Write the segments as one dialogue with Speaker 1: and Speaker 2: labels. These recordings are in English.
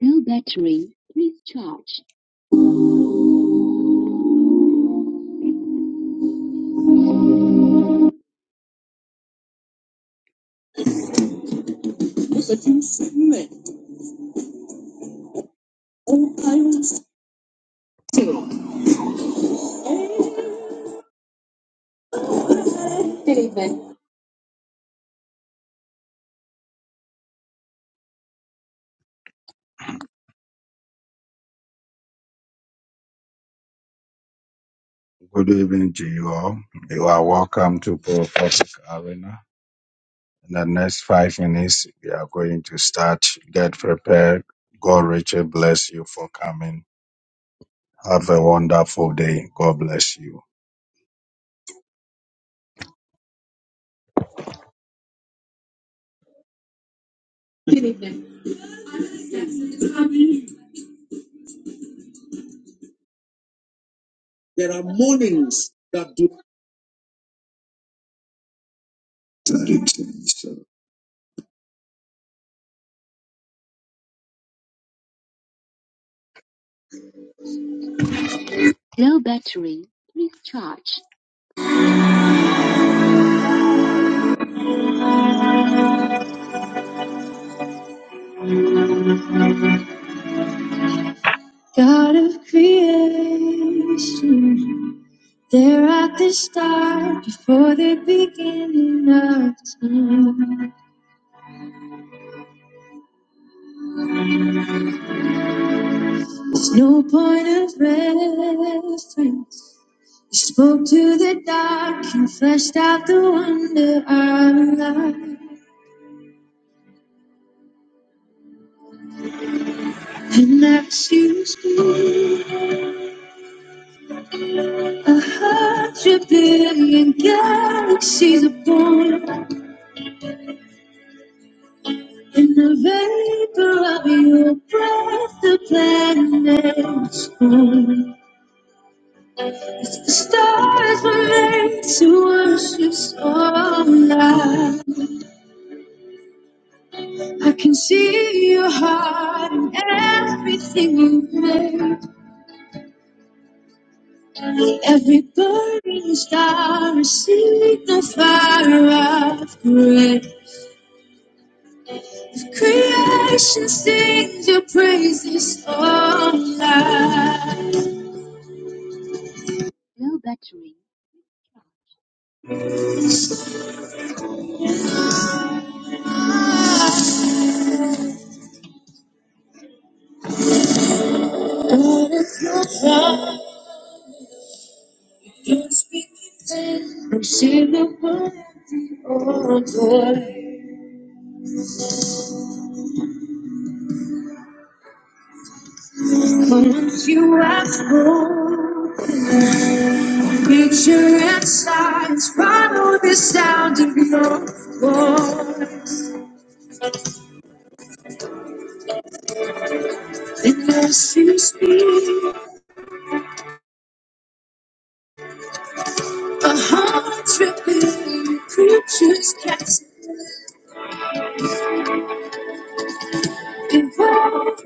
Speaker 1: No battery. Please charge. Good evening. Good evening to you all. You are welcome to Prophetic Arena. In the next five minutes, we are going to start. Get prepared. God richly bless you for coming. Have a wonderful day. God bless you. Good evening. There are mornings that do. No battery. Please charge. God of creation. They're at the start before the beginning of time. There's no point of reference. You spoke to the dark and fleshed out the wonder of life. And as you speak, a hundred billion galaxies are born. In the vapor of your breath, the planet is born. The stars were made to worship so now. I can see your heart in everything you made. Every burning star is the fire of great creation sings your praises all night. No battery. But it's not far, you're speaking. I'm singing one Once you ask for the picture and size, follow the sound of your voice. Unless you speak, a hundred billion creatures can't evolve.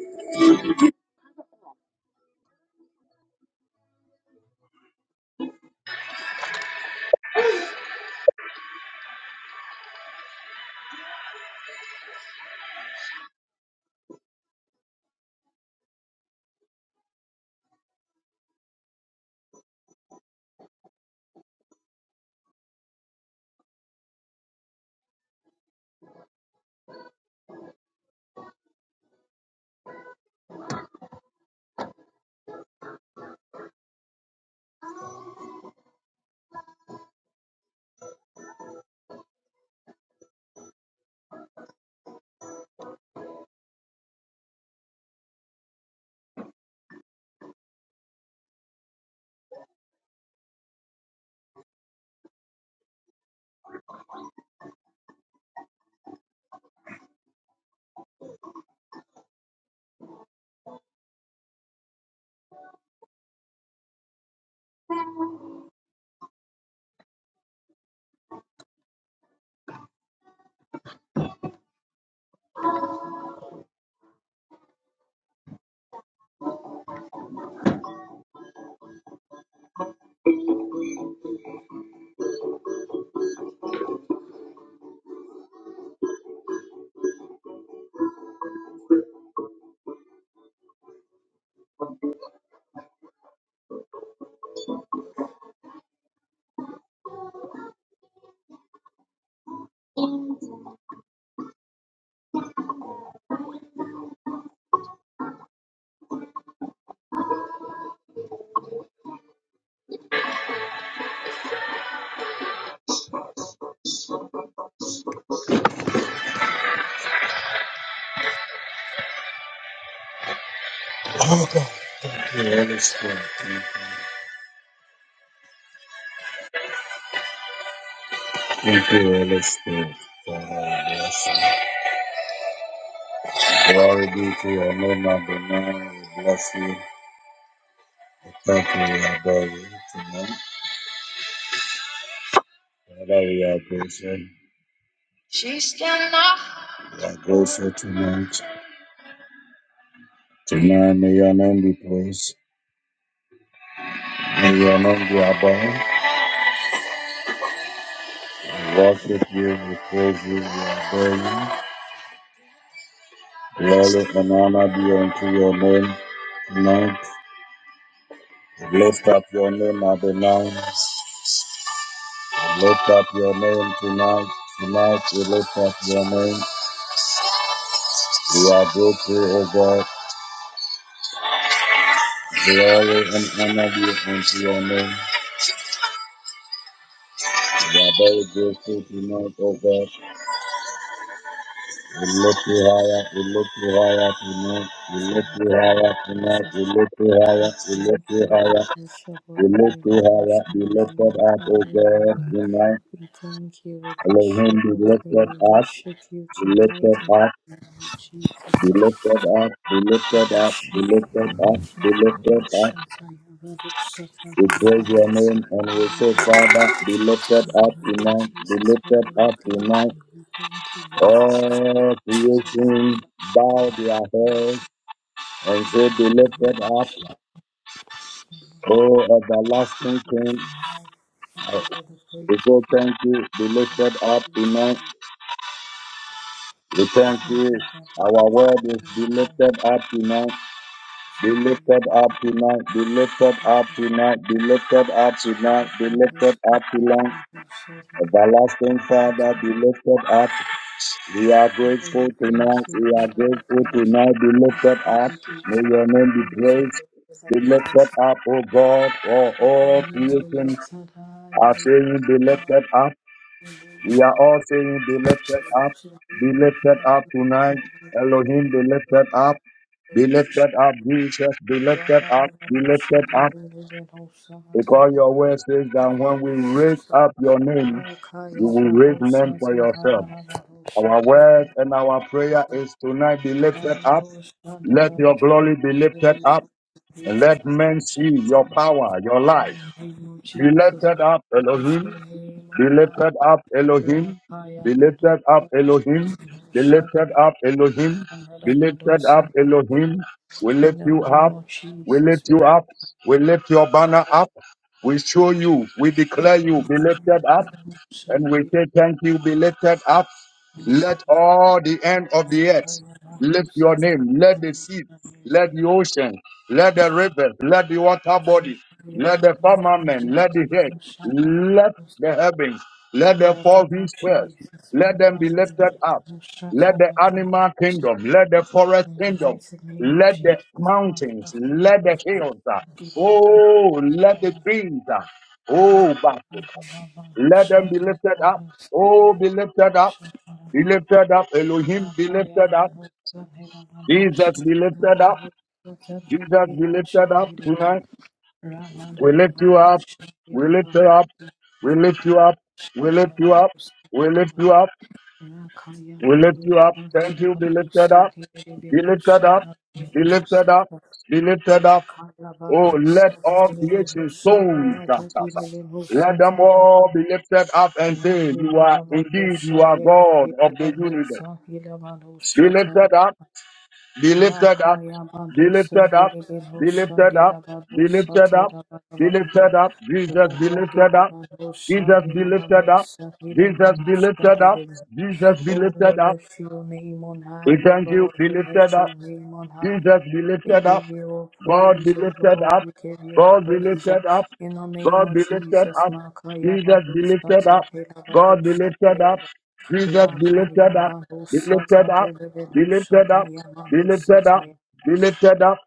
Speaker 1: Oh God, Holy Spirit, thank you, Holy Spirit. God, I bless you. Glory be to your name, Adonai. We bless you. We Thank you, we adore you tonight. Father, we are grateful. We are grateful tonight. Tonight may your name be praised. May your name be above. We Worship you, we praise you, we adore you. Glory and honor be unto your name tonight. We lift up your name, Adonai. We lift up your name tonight. Tonight we lift up your name. All Honor be unto you. We are very grateful tonight, O God. God, tonight we
Speaker 2: We
Speaker 1: lift
Speaker 2: thank
Speaker 1: up
Speaker 2: you,
Speaker 1: that we
Speaker 2: we bless your holy name,
Speaker 1: lift
Speaker 2: we lift
Speaker 1: up,
Speaker 2: your
Speaker 1: be lifted
Speaker 2: name on
Speaker 1: up, O
Speaker 2: high, O
Speaker 1: God.
Speaker 2: Lord.
Speaker 1: Tonight,
Speaker 2: We thank you, we
Speaker 1: for
Speaker 2: bless
Speaker 1: whom
Speaker 2: your
Speaker 1: be
Speaker 2: holy name,
Speaker 1: lifted
Speaker 2: we
Speaker 1: up,
Speaker 2: worship you
Speaker 1: be lifted
Speaker 2: tonight in
Speaker 1: up.
Speaker 2: the name of Jesus.
Speaker 1: Be lifted up, be
Speaker 2: We
Speaker 1: lifted up, be
Speaker 2: worship you,
Speaker 1: lifted
Speaker 2: we
Speaker 1: up,
Speaker 2: worship
Speaker 1: be lifted
Speaker 2: you,
Speaker 1: up.
Speaker 2: Shatta Yabado Sata
Speaker 1: We praise your
Speaker 2: Darabado
Speaker 1: name
Speaker 2: Sata
Speaker 1: and we say,
Speaker 2: Darabado.
Speaker 1: Father, be lifted
Speaker 2: In
Speaker 1: up
Speaker 2: the name of
Speaker 1: tonight, be
Speaker 2: Jesus, Father,
Speaker 1: lifted
Speaker 2: we
Speaker 1: up
Speaker 2: thank
Speaker 1: tonight.
Speaker 2: you, we thank you, we worship you, we
Speaker 1: All
Speaker 2: worship
Speaker 1: creation bow their
Speaker 2: you,
Speaker 1: heads and say, be
Speaker 2: we
Speaker 1: lifted up.
Speaker 2: worship you. We worship you,
Speaker 1: Oh,
Speaker 2: worship
Speaker 1: everlasting
Speaker 2: you
Speaker 1: King,
Speaker 2: tonight. We give
Speaker 1: uh,
Speaker 2: you all the
Speaker 1: we
Speaker 2: praise. We
Speaker 1: say
Speaker 2: give
Speaker 1: thank you, be
Speaker 2: you all
Speaker 1: lifted up
Speaker 2: the
Speaker 1: tonight.
Speaker 2: praise.
Speaker 1: We thank
Speaker 2: We give
Speaker 1: you.
Speaker 2: you all the praise. We give
Speaker 1: Our word is
Speaker 2: you
Speaker 1: be
Speaker 2: all the praise.
Speaker 1: lifted up tonight. Be
Speaker 2: Son, we love
Speaker 1: lifted up
Speaker 2: you,
Speaker 1: tonight, be lifted
Speaker 2: Jesus.
Speaker 1: up tonight, be lifted up
Speaker 2: We
Speaker 1: tonight,
Speaker 2: love
Speaker 1: be
Speaker 2: you,
Speaker 1: lifted
Speaker 2: Jesus.
Speaker 1: up
Speaker 2: We love
Speaker 1: tonight.
Speaker 2: you, Jesus. We love
Speaker 1: Everlasting
Speaker 2: you,
Speaker 1: Father, be
Speaker 2: Jesus.
Speaker 1: lifted up. We are
Speaker 2: Father,
Speaker 1: grateful
Speaker 2: we
Speaker 1: tonight,
Speaker 2: thank you.
Speaker 1: we are
Speaker 2: Father, we
Speaker 1: grateful
Speaker 2: thank you.
Speaker 1: tonight, be
Speaker 2: Thank
Speaker 1: lifted
Speaker 2: you.
Speaker 1: up.
Speaker 2: We give you
Speaker 1: May
Speaker 2: all
Speaker 1: your
Speaker 2: the
Speaker 1: name be
Speaker 2: praise, O Lord,
Speaker 1: praised.
Speaker 2: in
Speaker 1: Be
Speaker 2: the name of
Speaker 1: lifted
Speaker 2: Jesus.
Speaker 1: up, O God, for all
Speaker 2: Amen. The Lord
Speaker 1: creation
Speaker 2: said, "I, O
Speaker 1: are saying, be
Speaker 2: Lord,
Speaker 1: lifted up.
Speaker 2: in the name of
Speaker 1: We are
Speaker 2: Jesus."
Speaker 1: all saying, be lifted up,
Speaker 2: Lift your
Speaker 1: be
Speaker 2: name on
Speaker 1: lifted
Speaker 2: high,
Speaker 1: up
Speaker 2: for the
Speaker 1: tonight.
Speaker 2: God of the
Speaker 1: Elohim,
Speaker 2: glory,
Speaker 1: be
Speaker 2: the
Speaker 1: lifted up,
Speaker 2: God of
Speaker 1: be lifted up, Jesus, be lifted up, be lifted
Speaker 2: salvation.
Speaker 1: up. Because your word says that when we raise up your name,
Speaker 2: Rakaya
Speaker 1: you will raise men for yourself. Our word and our prayer is tonight be lifted up. Let your glory be lifted up and let men see your power, your life. Be
Speaker 2: Jesus,
Speaker 1: lifted up,
Speaker 2: we lift
Speaker 1: Elohim.
Speaker 2: your name
Speaker 1: Be
Speaker 2: on high.
Speaker 1: lifted up, Elohim.
Speaker 2: Rakaya
Speaker 1: Be lifted up, Elohim. Be
Speaker 2: Badosa,
Speaker 1: lifted up,
Speaker 2: In the
Speaker 1: Elohim.
Speaker 2: name
Speaker 1: Be
Speaker 2: of
Speaker 1: lifted
Speaker 2: Jesus,
Speaker 1: up,
Speaker 2: we lift up
Speaker 1: Elohim. We
Speaker 2: the
Speaker 1: lift you
Speaker 2: woman
Speaker 1: up.
Speaker 2: of
Speaker 1: We lift you up. We lift your banner up. We show you. We declare you. Be lifted up. And we
Speaker 2: Shalit,
Speaker 1: say, Thank you, be lifted up.
Speaker 2: and
Speaker 1: Let
Speaker 2: the
Speaker 1: all the end of the earth
Speaker 2: Nakaya
Speaker 1: lift
Speaker 2: Bahusa,
Speaker 1: your
Speaker 2: and the
Speaker 1: name. Let the sea,
Speaker 2: Bahusa, and
Speaker 1: let
Speaker 2: the
Speaker 1: the ocean, let the
Speaker 2: Bahusa,
Speaker 1: rivers, let the water bodies,
Speaker 2: Nakaya
Speaker 1: let the
Speaker 2: Bahusa, and
Speaker 1: firmament,
Speaker 2: the
Speaker 1: let the head,
Speaker 2: Bahusa, and the
Speaker 1: let
Speaker 2: Bahusa.
Speaker 1: the heavens, let
Speaker 2: In
Speaker 1: the
Speaker 2: the
Speaker 1: four
Speaker 2: name of
Speaker 1: winds spread.
Speaker 2: Jesus,
Speaker 1: Let them be
Speaker 2: Makaya
Speaker 1: lifted
Speaker 2: Bahusa,
Speaker 1: up. Let
Speaker 2: and
Speaker 1: the
Speaker 2: the
Speaker 1: animal
Speaker 2: Bahusa.
Speaker 1: kingdom, let the forest
Speaker 2: In the
Speaker 1: kingdom,
Speaker 2: mighty name of
Speaker 1: let the
Speaker 2: Jesus, Makaya
Speaker 1: mountains, let the
Speaker 2: Bahusa,
Speaker 1: hills, uh,
Speaker 2: and the
Speaker 1: oh, let the
Speaker 2: Bahusa,
Speaker 1: trees, uh, oh,
Speaker 2: Rakaya
Speaker 1: Basika.
Speaker 2: Rakala Babu
Speaker 1: Let them be lifted up. Oh, be lifted up. Be lifted up. Elohim, be lifted up. Jesus, be lifted up. Jesus, be lifted up tonight. We lift you up. We lift you up. We lift you up. We lift you up. We lift you up. We lift you up. Thank you. Be lifted up. Be lifted up. Be lifted up. Be lifted up. Oh, let all
Speaker 2: Sahara
Speaker 1: creation
Speaker 2: Hosha
Speaker 1: stones,
Speaker 2: Rada Dinele
Speaker 1: let them
Speaker 2: Musa
Speaker 1: all be lifted up and say,
Speaker 2: Rakaya
Speaker 1: You are indeed, you
Speaker 2: Badusa
Speaker 1: are God of the universe. Be lifted up, be lifted up, be lifted up, be
Speaker 2: Dilibusha
Speaker 1: lifted up, be
Speaker 2: Dilabadusa
Speaker 1: lifted up, be
Speaker 2: Tadababa
Speaker 1: lifted up, Jesus be
Speaker 2: Rada
Speaker 1: lifted up,
Speaker 2: Dilabadusa
Speaker 1: Jesus be
Speaker 2: dila
Speaker 1: lifted up, Jesus be
Speaker 2: Dilabadusa
Speaker 1: lifted up, Jesus be
Speaker 2: Oh,
Speaker 1: lifted
Speaker 2: we
Speaker 1: up.
Speaker 2: lift your name on
Speaker 1: We
Speaker 2: high, O
Speaker 1: thank you,
Speaker 2: Lord.
Speaker 1: be
Speaker 2: We
Speaker 1: lifted
Speaker 2: lift
Speaker 1: up,
Speaker 2: your name on high.
Speaker 1: Jesus be
Speaker 2: We
Speaker 1: lifted up.
Speaker 2: give you all
Speaker 1: God be
Speaker 2: praise, O
Speaker 1: lifted
Speaker 2: Lord.
Speaker 1: up.
Speaker 2: We give you all
Speaker 1: God be
Speaker 2: praise. uh,
Speaker 1: lifted up.
Speaker 2: In the name
Speaker 1: God
Speaker 2: of
Speaker 1: be lifted
Speaker 2: Jesus,
Speaker 1: up.
Speaker 2: Makaya
Speaker 1: Jesus be
Speaker 2: Balusa
Speaker 1: lifted up.
Speaker 2: Tatela
Speaker 1: God be
Speaker 2: Balusa
Speaker 1: lifted up.
Speaker 2: Tayaba.
Speaker 1: Jesus be lifted
Speaker 2: Rakaya
Speaker 1: up. Be
Speaker 2: Balusa
Speaker 1: lifted up. Be
Speaker 2: Tabelebelusa
Speaker 1: lifted up. Be
Speaker 3: Thank
Speaker 2: Tayabalusa
Speaker 1: lifted up.
Speaker 2: Tayaba.
Speaker 1: Be lifted up.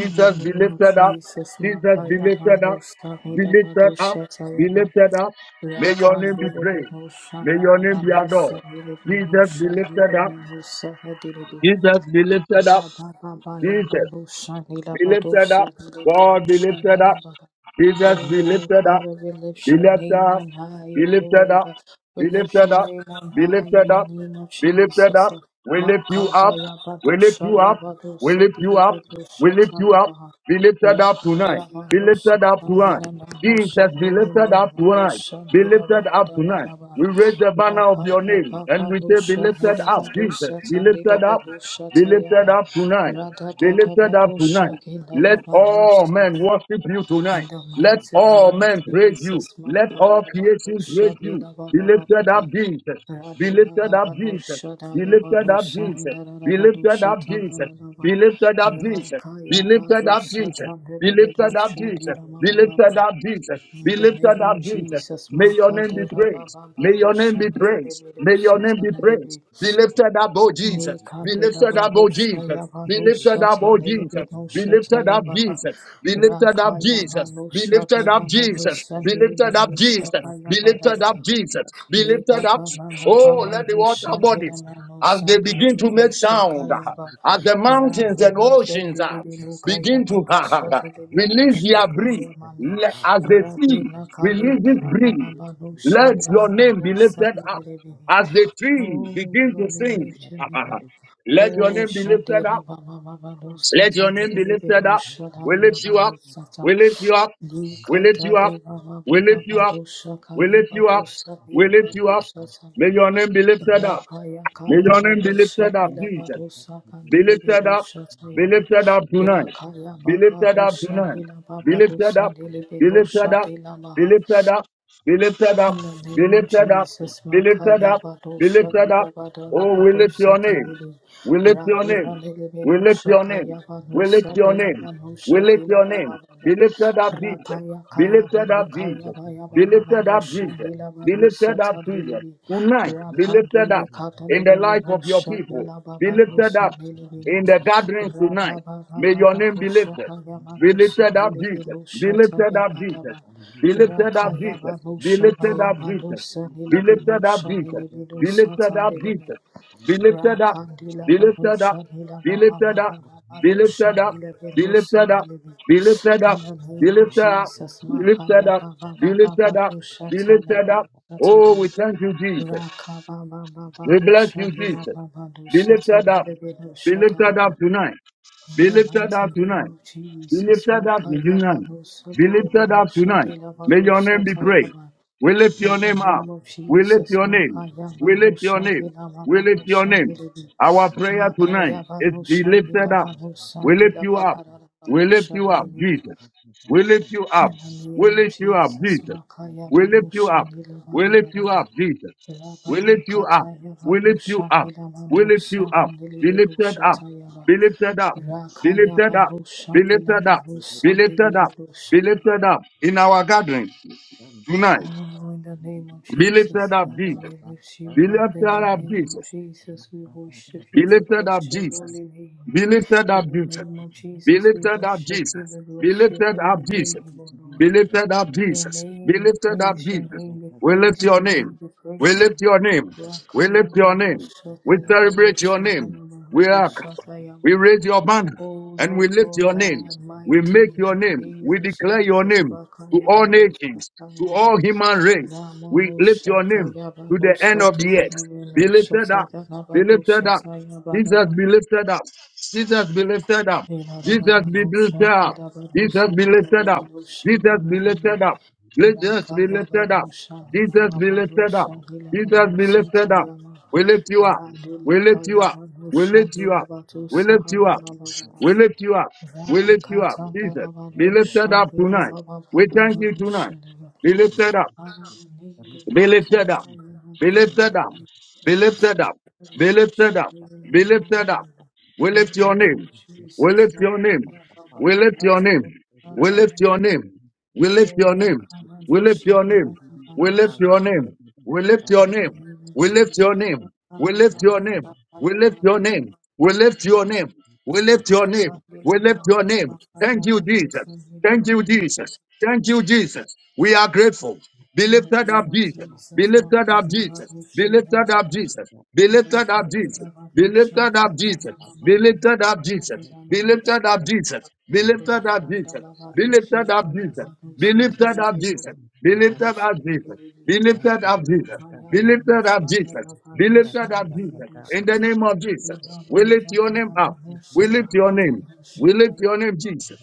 Speaker 2: In the
Speaker 1: be
Speaker 2: name of
Speaker 1: lifted up.
Speaker 2: Jesus,
Speaker 1: Jesus be
Speaker 2: Makaya
Speaker 1: lifted up.
Speaker 2: Balusa
Speaker 1: Be lifted up. Be
Speaker 2: Tayaba.
Speaker 1: lifted up. May your name be
Speaker 2: Rakandele
Speaker 1: praised.
Speaker 2: binu
Speaker 1: May your
Speaker 2: şanara
Speaker 1: name be
Speaker 2: banu
Speaker 1: adored.
Speaker 2: sanile binu
Speaker 1: Jesus be lifted
Speaker 2: şanile
Speaker 1: up.
Speaker 2: minu sahadile bi.
Speaker 1: Jesus be lifted up. Jesus. Be lifted up. God be lifted up.
Speaker 2: Ra-ba-ba-ba-ya-ba-do-sha-ni-la-ba-do-sha-ni-la-la-ba-ha.
Speaker 1: Jesus be
Speaker 2: Oh,
Speaker 1: lifted up.
Speaker 2: Father, we lift
Speaker 1: Be
Speaker 2: your
Speaker 1: lifted
Speaker 2: name
Speaker 1: up.
Speaker 2: on high,
Speaker 1: Be
Speaker 2: O
Speaker 1: lifted
Speaker 2: Lord.
Speaker 1: up.
Speaker 2: We
Speaker 1: Be
Speaker 2: lift
Speaker 1: lifted
Speaker 2: your
Speaker 1: up.
Speaker 2: name on
Speaker 1: Be
Speaker 2: high
Speaker 1: lifted
Speaker 2: in the
Speaker 1: up.
Speaker 2: name of
Speaker 1: Be lifted
Speaker 2: Jesus.
Speaker 1: up. We lift you up. We lift you up. We lift you up. We lift you up. Be
Speaker 2: Makadaya-ba-do-sha-ya-ba-do-sha-ni-la-ba-do-sha-ta-la-ba-ha.
Speaker 1: lifted up tonight. Be lifted up tonight. Jesus, be lifted up tonight. Be lifted up tonight.
Speaker 2: Ra-ka-ya-ba-do-sha-ta-ni-la-ba-do-sha-ni-la-ba-do-sha-ni-la-ba-ha-da-ba-da-ba.
Speaker 1: We raise the
Speaker 2: La
Speaker 1: banner of
Speaker 2: pa
Speaker 1: your
Speaker 2: pa pa
Speaker 1: name and
Speaker 2: pa
Speaker 1: we
Speaker 2: do
Speaker 1: say, Be
Speaker 2: sha ni
Speaker 1: lifted
Speaker 2: da
Speaker 1: up,
Speaker 2: ba do
Speaker 1: Jesus.
Speaker 2: sha
Speaker 1: Be
Speaker 2: ta ni le
Speaker 1: lifted
Speaker 2: be
Speaker 1: up.
Speaker 2: do sha
Speaker 1: Be
Speaker 2: ta ya
Speaker 1: lifted
Speaker 2: ba
Speaker 1: up tonight.
Speaker 2: ra da da
Speaker 1: Be
Speaker 2: da ba
Speaker 1: lifted up
Speaker 2: do sha
Speaker 1: tonight.
Speaker 2: ki la la
Speaker 1: Let
Speaker 2: ba do
Speaker 1: all
Speaker 2: sha
Speaker 1: men worship you
Speaker 2: in
Speaker 1: tonight.
Speaker 2: the
Speaker 1: Let
Speaker 2: mighty
Speaker 1: all
Speaker 2: name of
Speaker 1: men praise you.
Speaker 2: Jesus ma
Speaker 1: Let
Speaker 2: ka
Speaker 1: all
Speaker 2: ya ba do
Speaker 1: creation
Speaker 2: sha
Speaker 1: praise
Speaker 2: ni
Speaker 1: you.
Speaker 2: la ba
Speaker 1: Be
Speaker 2: ba ba ba
Speaker 1: lifted
Speaker 2: ba
Speaker 1: up, Jesus.
Speaker 2: ra
Speaker 1: Be
Speaker 2: di na
Speaker 1: lifted
Speaker 2: da
Speaker 1: up,
Speaker 2: ba do
Speaker 1: Jesus.
Speaker 2: sha da
Speaker 1: Be
Speaker 2: ya ba
Speaker 1: lifted
Speaker 2: do
Speaker 1: up,
Speaker 2: sha ni
Speaker 1: Jesus.
Speaker 2: da da da
Speaker 1: Be
Speaker 2: ba do
Speaker 1: lifted
Speaker 2: sha
Speaker 1: up,
Speaker 2: ta na
Speaker 1: Jesus.
Speaker 2: na na ba
Speaker 1: Be lifted up,
Speaker 2: ra
Speaker 1: Jesus.
Speaker 2: ka
Speaker 1: Be
Speaker 2: ya ba
Speaker 1: lifted
Speaker 2: do
Speaker 1: up,
Speaker 2: sha ta
Speaker 1: Jesus.
Speaker 2: ni
Speaker 1: Be
Speaker 2: le be do
Speaker 1: lifted up,
Speaker 2: sha di
Speaker 1: Jesus.
Speaker 2: ra ma
Speaker 1: Be
Speaker 2: ma ma ma
Speaker 1: lifted up, Jesus.
Speaker 2: in
Speaker 1: Be
Speaker 2: the
Speaker 1: lifted
Speaker 2: name
Speaker 1: up,
Speaker 2: of
Speaker 1: Jesus.
Speaker 2: Jesus,
Speaker 1: May your name be
Speaker 2: Makandela
Speaker 1: praised.
Speaker 2: Baba
Speaker 1: May your name be
Speaker 2: Balusha
Speaker 1: praised. May your
Speaker 2: Nerebelusa
Speaker 1: name be praised.
Speaker 2: Tanerebi,
Speaker 1: Be lifted up, oh Jesus. Be
Speaker 2: Nikandela
Speaker 1: lifted up, oh
Speaker 2: Balusha
Speaker 1: Jesus. Be
Speaker 2: Yamanusa
Speaker 1: lifted up, oh Jesus. Be
Speaker 2: Tanerebelusa
Speaker 1: lifted up,
Speaker 2: Tayabaha,
Speaker 1: Jesus. Be lifted up,
Speaker 2: Rakaya
Speaker 1: Jesus. Be
Speaker 2: Manusha
Speaker 1: lifted up, Jesus.
Speaker 2: Tayamanusa
Speaker 1: Be lifted up, Jesus.
Speaker 2: Niliminusha
Speaker 1: Be lifted up,
Speaker 2: Kayabada
Speaker 3: you.
Speaker 1: Jesus. Be
Speaker 2: Le
Speaker 1: lifted
Speaker 2: ba
Speaker 3: Thank
Speaker 1: up.
Speaker 2: ba
Speaker 3: you.
Speaker 2: ba ba ba
Speaker 1: Oh,
Speaker 2: ba
Speaker 1: let the
Speaker 2: no
Speaker 1: water
Speaker 2: sha ne la
Speaker 1: bodies
Speaker 2: la no
Speaker 1: as
Speaker 2: sha
Speaker 1: they
Speaker 2: ne le
Speaker 1: begin
Speaker 2: le
Speaker 1: to
Speaker 2: no
Speaker 1: make
Speaker 2: sha ka
Speaker 1: sound,
Speaker 2: ya ba
Speaker 1: as the
Speaker 2: ra
Speaker 1: mountains
Speaker 2: bo
Speaker 1: and
Speaker 2: ma ze
Speaker 1: oceans
Speaker 2: le
Speaker 1: uh,
Speaker 2: le le no ka ya
Speaker 1: begin
Speaker 2: ba
Speaker 1: to
Speaker 2: do sha le le le no
Speaker 1: release
Speaker 2: sha
Speaker 1: their
Speaker 2: ka
Speaker 1: breath,
Speaker 2: ya ma ne
Speaker 1: le- as the
Speaker 2: ra
Speaker 1: sea
Speaker 2: be na ka le na
Speaker 1: releases
Speaker 2: ra ba
Speaker 1: breath,
Speaker 2: ba ba no sha
Speaker 1: let
Speaker 2: ne la
Speaker 1: your
Speaker 2: ba
Speaker 1: name be
Speaker 2: do sha
Speaker 1: lifted
Speaker 2: le le
Speaker 1: up.
Speaker 2: le be ne
Speaker 1: As the trees
Speaker 2: oh
Speaker 1: begin to
Speaker 2: Lord we
Speaker 1: sing,
Speaker 2: lift your name in.
Speaker 1: let your
Speaker 2: oh
Speaker 1: name be
Speaker 2: sha de
Speaker 1: lifted
Speaker 2: ra
Speaker 1: up.
Speaker 2: ba ba ba no
Speaker 1: Let your name be lifted
Speaker 2: no
Speaker 1: up. We lift you up.
Speaker 2: no
Speaker 1: We lift you up. We lift you
Speaker 2: Yikatale
Speaker 1: up.
Speaker 2: baba
Speaker 1: We
Speaker 2: baba
Speaker 1: lift you up.
Speaker 2: badosha
Speaker 1: We
Speaker 2: kaya
Speaker 1: lift you up.
Speaker 2: badosha
Speaker 1: We
Speaker 2: bira
Speaker 1: lift you up.
Speaker 2: badosha
Speaker 1: May
Speaker 2: sanaba
Speaker 1: your name be lifted up.
Speaker 2: rapaya
Speaker 1: May
Speaker 2: kaya
Speaker 1: your name be
Speaker 2: badosha
Speaker 1: lifted up,
Speaker 2: bila
Speaker 1: Jesus.
Speaker 2: badosha
Speaker 1: Be
Speaker 2: kandile
Speaker 1: lifted up.
Speaker 2: bedosha
Speaker 1: Be
Speaker 2: sayaba
Speaker 1: lifted up tonight.
Speaker 2: rakaya
Speaker 1: Be
Speaker 2: baba
Speaker 1: lifted up
Speaker 2: dosha
Speaker 1: tonight.
Speaker 2: bila
Speaker 3: Thank
Speaker 1: Be
Speaker 2: baba
Speaker 1: lifted
Speaker 2: dosha
Speaker 1: up.
Speaker 2: dile
Speaker 1: Be
Speaker 2: bedosha
Speaker 1: lifted up.
Speaker 2: dila
Speaker 1: Be
Speaker 2: maha
Speaker 1: lifted up. Be lifted up.
Speaker 2: in the
Speaker 1: Be
Speaker 2: name of
Speaker 1: lifted up.
Speaker 2: Jesus,
Speaker 1: Be lifted
Speaker 2: Makaya
Speaker 1: up. Be
Speaker 2: Badosha,
Speaker 1: lifted up.
Speaker 2: Nidabada
Speaker 1: Oh, we lift your
Speaker 2: Rabadosa,
Speaker 1: name.
Speaker 2: Tinidi,
Speaker 1: We lift your name.
Speaker 2: Rabuna
Speaker 1: We lift
Speaker 2: Lebenosha,
Speaker 1: your name. We lift
Speaker 2: Kayabanosa,
Speaker 1: your name. We
Speaker 2: Nilabanosha,
Speaker 1: lift your name. Be
Speaker 2: Tilababa,
Speaker 1: lifted up, Jesus.
Speaker 2: Rapaya
Speaker 1: Be lifted up,
Speaker 2: Kayabano,
Speaker 1: Jesus.
Speaker 2: Kayabaya
Speaker 1: Be lifted up,
Speaker 2: Bayabanosha,
Speaker 1: Jesus. Be lifted
Speaker 2: Nilabanusa,
Speaker 1: up, Jesus.
Speaker 2: Tanilibi,
Speaker 1: Tonight, be lifted up
Speaker 2: Rapandule
Speaker 1: in the
Speaker 2: Catalini
Speaker 1: life of your
Speaker 2: Minosha,
Speaker 1: people. Be lifted
Speaker 2: Nilababanusa,
Speaker 1: up in
Speaker 2: Nilibinibi,
Speaker 1: the gathering tonight.
Speaker 2: Rababa
Speaker 1: May your name be
Speaker 2: Bababanosha,
Speaker 1: lifted. Be
Speaker 2: Kayamanusa,
Speaker 1: lifted up, Jesus. Be
Speaker 2: Nilibinosha,
Speaker 1: lifted up, Jesus.
Speaker 2: Tayabadaba.
Speaker 1: Be lifted up,
Speaker 2: Rakayaba
Speaker 1: Jesus.
Speaker 2: no
Speaker 1: Be lifted
Speaker 2: shabaya
Speaker 1: up,
Speaker 2: mando
Speaker 1: Jesus.
Speaker 2: sanile
Speaker 1: Be
Speaker 2: bino
Speaker 1: lifted up, Jesus.
Speaker 2: shanile bino
Speaker 1: Be lifted up,
Speaker 2: satanile bino.
Speaker 1: Jesus. Be lifted up.
Speaker 2: Rakandila
Speaker 1: Be
Speaker 2: bano
Speaker 1: lifted up.
Speaker 2: shanila
Speaker 1: Be
Speaker 2: baba
Speaker 1: lifted up.
Speaker 2: mama mama
Speaker 1: Be
Speaker 2: no
Speaker 1: lifted up.
Speaker 2: shanile
Speaker 1: Be
Speaker 2: bino
Speaker 1: lifted up.
Speaker 2: sanile bino.
Speaker 1: Be lifted
Speaker 2: In
Speaker 1: up.
Speaker 3: you.
Speaker 2: the
Speaker 1: Be
Speaker 2: name of
Speaker 1: lifted
Speaker 3: Thank
Speaker 1: up.
Speaker 2: Jesus,
Speaker 1: Be lifted
Speaker 2: Makaya
Speaker 1: up.
Speaker 2: baba
Speaker 1: Be
Speaker 2: baba
Speaker 1: lifted up.
Speaker 2: bado
Speaker 1: Be
Speaker 2: shatana
Speaker 1: lifted up.
Speaker 2: mero
Speaker 1: Oh, we
Speaker 2: satarama.
Speaker 1: thank you, Jesus.
Speaker 2: Rakaba baba
Speaker 1: We
Speaker 2: bado
Speaker 1: bless you,
Speaker 2: shanila
Speaker 1: Jesus.
Speaker 2: baba do
Speaker 1: Be lifted up.
Speaker 2: satanile bino
Speaker 1: Be lifted up
Speaker 2: shadarama.
Speaker 1: tonight.
Speaker 2: In
Speaker 1: Be
Speaker 2: the
Speaker 1: lifted
Speaker 2: mighty
Speaker 1: up tonight.
Speaker 2: name of
Speaker 1: Be
Speaker 2: Jesus,
Speaker 1: lifted up
Speaker 2: Makaya
Speaker 1: tonight.
Speaker 2: bado
Speaker 1: Be
Speaker 2: sadile
Speaker 1: lifted
Speaker 2: bino
Speaker 1: up tonight.
Speaker 2: shadila
Speaker 1: May
Speaker 2: bado
Speaker 1: your name be praised.
Speaker 2: satayaba.
Speaker 1: We lift
Speaker 2: In
Speaker 1: your
Speaker 2: the
Speaker 1: name up.
Speaker 2: name of
Speaker 1: We lift
Speaker 2: Jesus,
Speaker 1: your name.
Speaker 2: Makaya
Speaker 1: We lift your
Speaker 2: Banushan
Speaker 1: name.
Speaker 2: Dila
Speaker 1: We lift your
Speaker 2: Babanushan
Speaker 1: name.
Speaker 2: Dilibi,
Speaker 1: Our prayer tonight
Speaker 2: Makaya
Speaker 1: is be
Speaker 2: Banushan
Speaker 1: lifted
Speaker 2: Dila
Speaker 1: up.
Speaker 2: Banusan
Speaker 1: We lift
Speaker 2: Dila
Speaker 1: you up.
Speaker 2: Badara
Speaker 1: We lift
Speaker 2: Banushan
Speaker 1: you up,
Speaker 2: Dilibi.
Speaker 1: Jesus. We lift you up.
Speaker 2: In the
Speaker 1: We
Speaker 2: name of
Speaker 1: lift you up,
Speaker 2: Jesus,
Speaker 1: Jesus.
Speaker 2: Makaya
Speaker 1: We lift you
Speaker 2: Banushan
Speaker 1: up.
Speaker 2: Dila
Speaker 1: We lift you
Speaker 2: Badabadaba,
Speaker 1: up, Jesus. We lift
Speaker 2: Rabaya
Speaker 1: you up.
Speaker 2: Kataya
Speaker 1: We lift you
Speaker 2: Banushan
Speaker 1: up.
Speaker 2: Dila
Speaker 1: We lift you up.
Speaker 2: Banusan
Speaker 1: Be
Speaker 2: Dilibi
Speaker 1: lifted up.
Speaker 2: Dushatayaba,
Speaker 1: Be lifted up. Be
Speaker 2: Rakaya
Speaker 1: lifted up. Be
Speaker 2: Banushan Dila
Speaker 1: lifted up. Be
Speaker 2: Manusan
Speaker 1: lifted up.
Speaker 3: you.
Speaker 1: Be
Speaker 2: Dilibi
Speaker 1: lifted up in our
Speaker 3: Thank
Speaker 1: gatherings tonight.
Speaker 2: Oh, in the name of
Speaker 1: Be lifted
Speaker 2: Jesus,
Speaker 1: up,
Speaker 2: Father,
Speaker 1: Jesus.
Speaker 2: we lift you
Speaker 1: Be
Speaker 2: up.
Speaker 1: lifted
Speaker 2: In the
Speaker 1: up,
Speaker 2: name of
Speaker 1: Jesus.
Speaker 2: Jesus, we worship you.
Speaker 1: Be
Speaker 2: We
Speaker 1: lifted
Speaker 2: bless
Speaker 1: up,
Speaker 2: your
Speaker 1: Jesus.
Speaker 2: holy name.
Speaker 1: Be lifted
Speaker 2: In
Speaker 1: up,
Speaker 2: the
Speaker 1: Jesus.
Speaker 2: name of
Speaker 1: Be
Speaker 2: Jesus, we
Speaker 1: lifted up,
Speaker 2: worship you.
Speaker 1: Jesus.
Speaker 2: We
Speaker 1: Be
Speaker 2: bless your
Speaker 1: lifted
Speaker 2: holy
Speaker 1: up,
Speaker 2: name,
Speaker 1: Jesus.
Speaker 2: O Lord.
Speaker 1: Be lifted up,
Speaker 2: Your
Speaker 1: Jesus. Be
Speaker 2: name be
Speaker 1: lifted up,
Speaker 2: praised. Your
Speaker 1: Jesus.
Speaker 2: name be
Speaker 1: We lift
Speaker 2: praised.
Speaker 1: your
Speaker 2: Your name
Speaker 1: name.
Speaker 2: be
Speaker 1: We
Speaker 2: praised.
Speaker 1: lift your name. We lift
Speaker 2: Rakaya
Speaker 1: your name.
Speaker 2: Vanosa
Speaker 1: We celebrate your
Speaker 2: Vanosa
Speaker 1: name. We are.
Speaker 2: Vanosa
Speaker 1: We
Speaker 2: Tayama.
Speaker 1: raise your banner
Speaker 2: O
Speaker 1: and
Speaker 2: Lord
Speaker 1: we lift
Speaker 2: God,
Speaker 1: your
Speaker 2: thou
Speaker 1: name. We
Speaker 2: almighty,
Speaker 1: make your
Speaker 2: in the
Speaker 1: name.
Speaker 2: name
Speaker 1: We
Speaker 2: of
Speaker 1: declare your
Speaker 2: Jesus,
Speaker 1: name to
Speaker 2: Rakaya
Speaker 1: all
Speaker 2: Vanosa
Speaker 1: nations, to
Speaker 2: Tayama.
Speaker 1: all human race.
Speaker 2: Rakatanda
Speaker 1: We lift your
Speaker 2: Lavaroshan,
Speaker 1: name to the end of the earth. Be lifted up. Be lifted up.
Speaker 2: Vira
Speaker 1: Jesus be
Speaker 2: Baba
Speaker 1: lifted up. Jesus be lifted up. Jesus be lifted up. Jesus be lifted up. Jesus be lifted up. Jesus be
Speaker 3: you.
Speaker 1: lifted up.
Speaker 3: Shanda
Speaker 1: Jesus be lifted up. Jesus be lifted up. We lift you up. We lift you up. We lift you up. We lift you up. We lift you up. We lift you up. Jesus,
Speaker 2: Rakatandalaba no
Speaker 1: be lifted up
Speaker 2: Shandilaba
Speaker 1: tonight.
Speaker 2: Baba
Speaker 1: We thank you tonight.
Speaker 2: Varoshan,
Speaker 1: Be lifted up.
Speaker 2: In the name
Speaker 1: Be lifted up. Be lifted up. Be lifted up. Be lifted up. Be lifted up. We lift your name.
Speaker 2: of
Speaker 1: We
Speaker 2: Jesus,
Speaker 1: lift
Speaker 2: Maya
Speaker 1: your name.
Speaker 2: Baba,
Speaker 1: We lift
Speaker 2: Baba,
Speaker 1: your name. We lift your name. We lift
Speaker 2: oh,
Speaker 1: your name. We
Speaker 2: Rakamado
Speaker 1: lift your
Speaker 2: Shana,
Speaker 1: name. We
Speaker 2: Rakamado
Speaker 1: lift your
Speaker 2: Shana.
Speaker 1: name. We lift your
Speaker 2: In the
Speaker 1: name.
Speaker 2: name of
Speaker 1: We lift your
Speaker 2: Jesus,
Speaker 1: name. We
Speaker 2: Maya
Speaker 1: lift your
Speaker 2: Baba,
Speaker 1: name.
Speaker 2: Baba. Baba,
Speaker 1: We lift your name.
Speaker 2: Baba,
Speaker 1: We lift
Speaker 2: Oh,
Speaker 1: your
Speaker 3: Thank
Speaker 1: name. We
Speaker 2: Jesus,
Speaker 1: lift your name.
Speaker 2: Rokata
Speaker 1: We
Speaker 2: Lila
Speaker 1: lift your name.
Speaker 2: Manusa
Speaker 1: Thank you,
Speaker 2: Payava
Speaker 1: Jesus. Thank you,
Speaker 2: Nusa
Speaker 1: Jesus. Thank you, Jesus. We are grateful. Be
Speaker 2: In the
Speaker 1: lifted
Speaker 2: name
Speaker 1: up,
Speaker 2: of
Speaker 1: Jesus. Be
Speaker 2: Jesus,
Speaker 1: lifted up,
Speaker 2: Makaya
Speaker 1: Jesus.
Speaker 2: Rabu
Speaker 1: Be
Speaker 2: Shinda
Speaker 1: lifted up,
Speaker 2: Mamaha.
Speaker 1: Jesus. Be lifted up,
Speaker 2: Rapate
Speaker 1: Jesus. Be
Speaker 2: Ravanu
Speaker 1: lifted up,
Speaker 2: Shakaya
Speaker 1: Jesus.
Speaker 2: Mama
Speaker 1: Be
Speaker 2: Mama
Speaker 1: lifted
Speaker 2: Manu
Speaker 1: up, Jesus.
Speaker 2: Shatila
Speaker 1: Be
Speaker 2: Manu
Speaker 1: lifted up,
Speaker 2: Shaka.
Speaker 1: Jesus. Be lifted up,
Speaker 2: Rayanda
Speaker 1: Jesus. Be
Speaker 2: Lavadu
Speaker 1: lifted up,
Speaker 2: Shakaya
Speaker 1: Jesus.
Speaker 2: Manu
Speaker 1: Be lifted up,
Speaker 2: Sitili
Speaker 1: Jesus. Be lifted
Speaker 2: Manu
Speaker 1: up, Jesus.
Speaker 2: Sitili
Speaker 1: Be lifted up, Jesus. Be
Speaker 2: Rukaya Manu
Speaker 1: lifted up,
Speaker 2: Shanda
Speaker 1: Jesus. Be
Speaker 2: Lavadu
Speaker 1: lifted up,
Speaker 2: Shamili
Speaker 1: Jesus. In the
Speaker 2: Dusasa.
Speaker 1: name of Jesus, we
Speaker 2: Inalu
Speaker 1: lift your name
Speaker 2: Zatana
Speaker 1: up.
Speaker 2: Manu
Speaker 1: We lift your
Speaker 2: Shakaya
Speaker 1: name.
Speaker 2: Manu
Speaker 1: We lift
Speaker 2: Shataya
Speaker 1: your name, Jesus.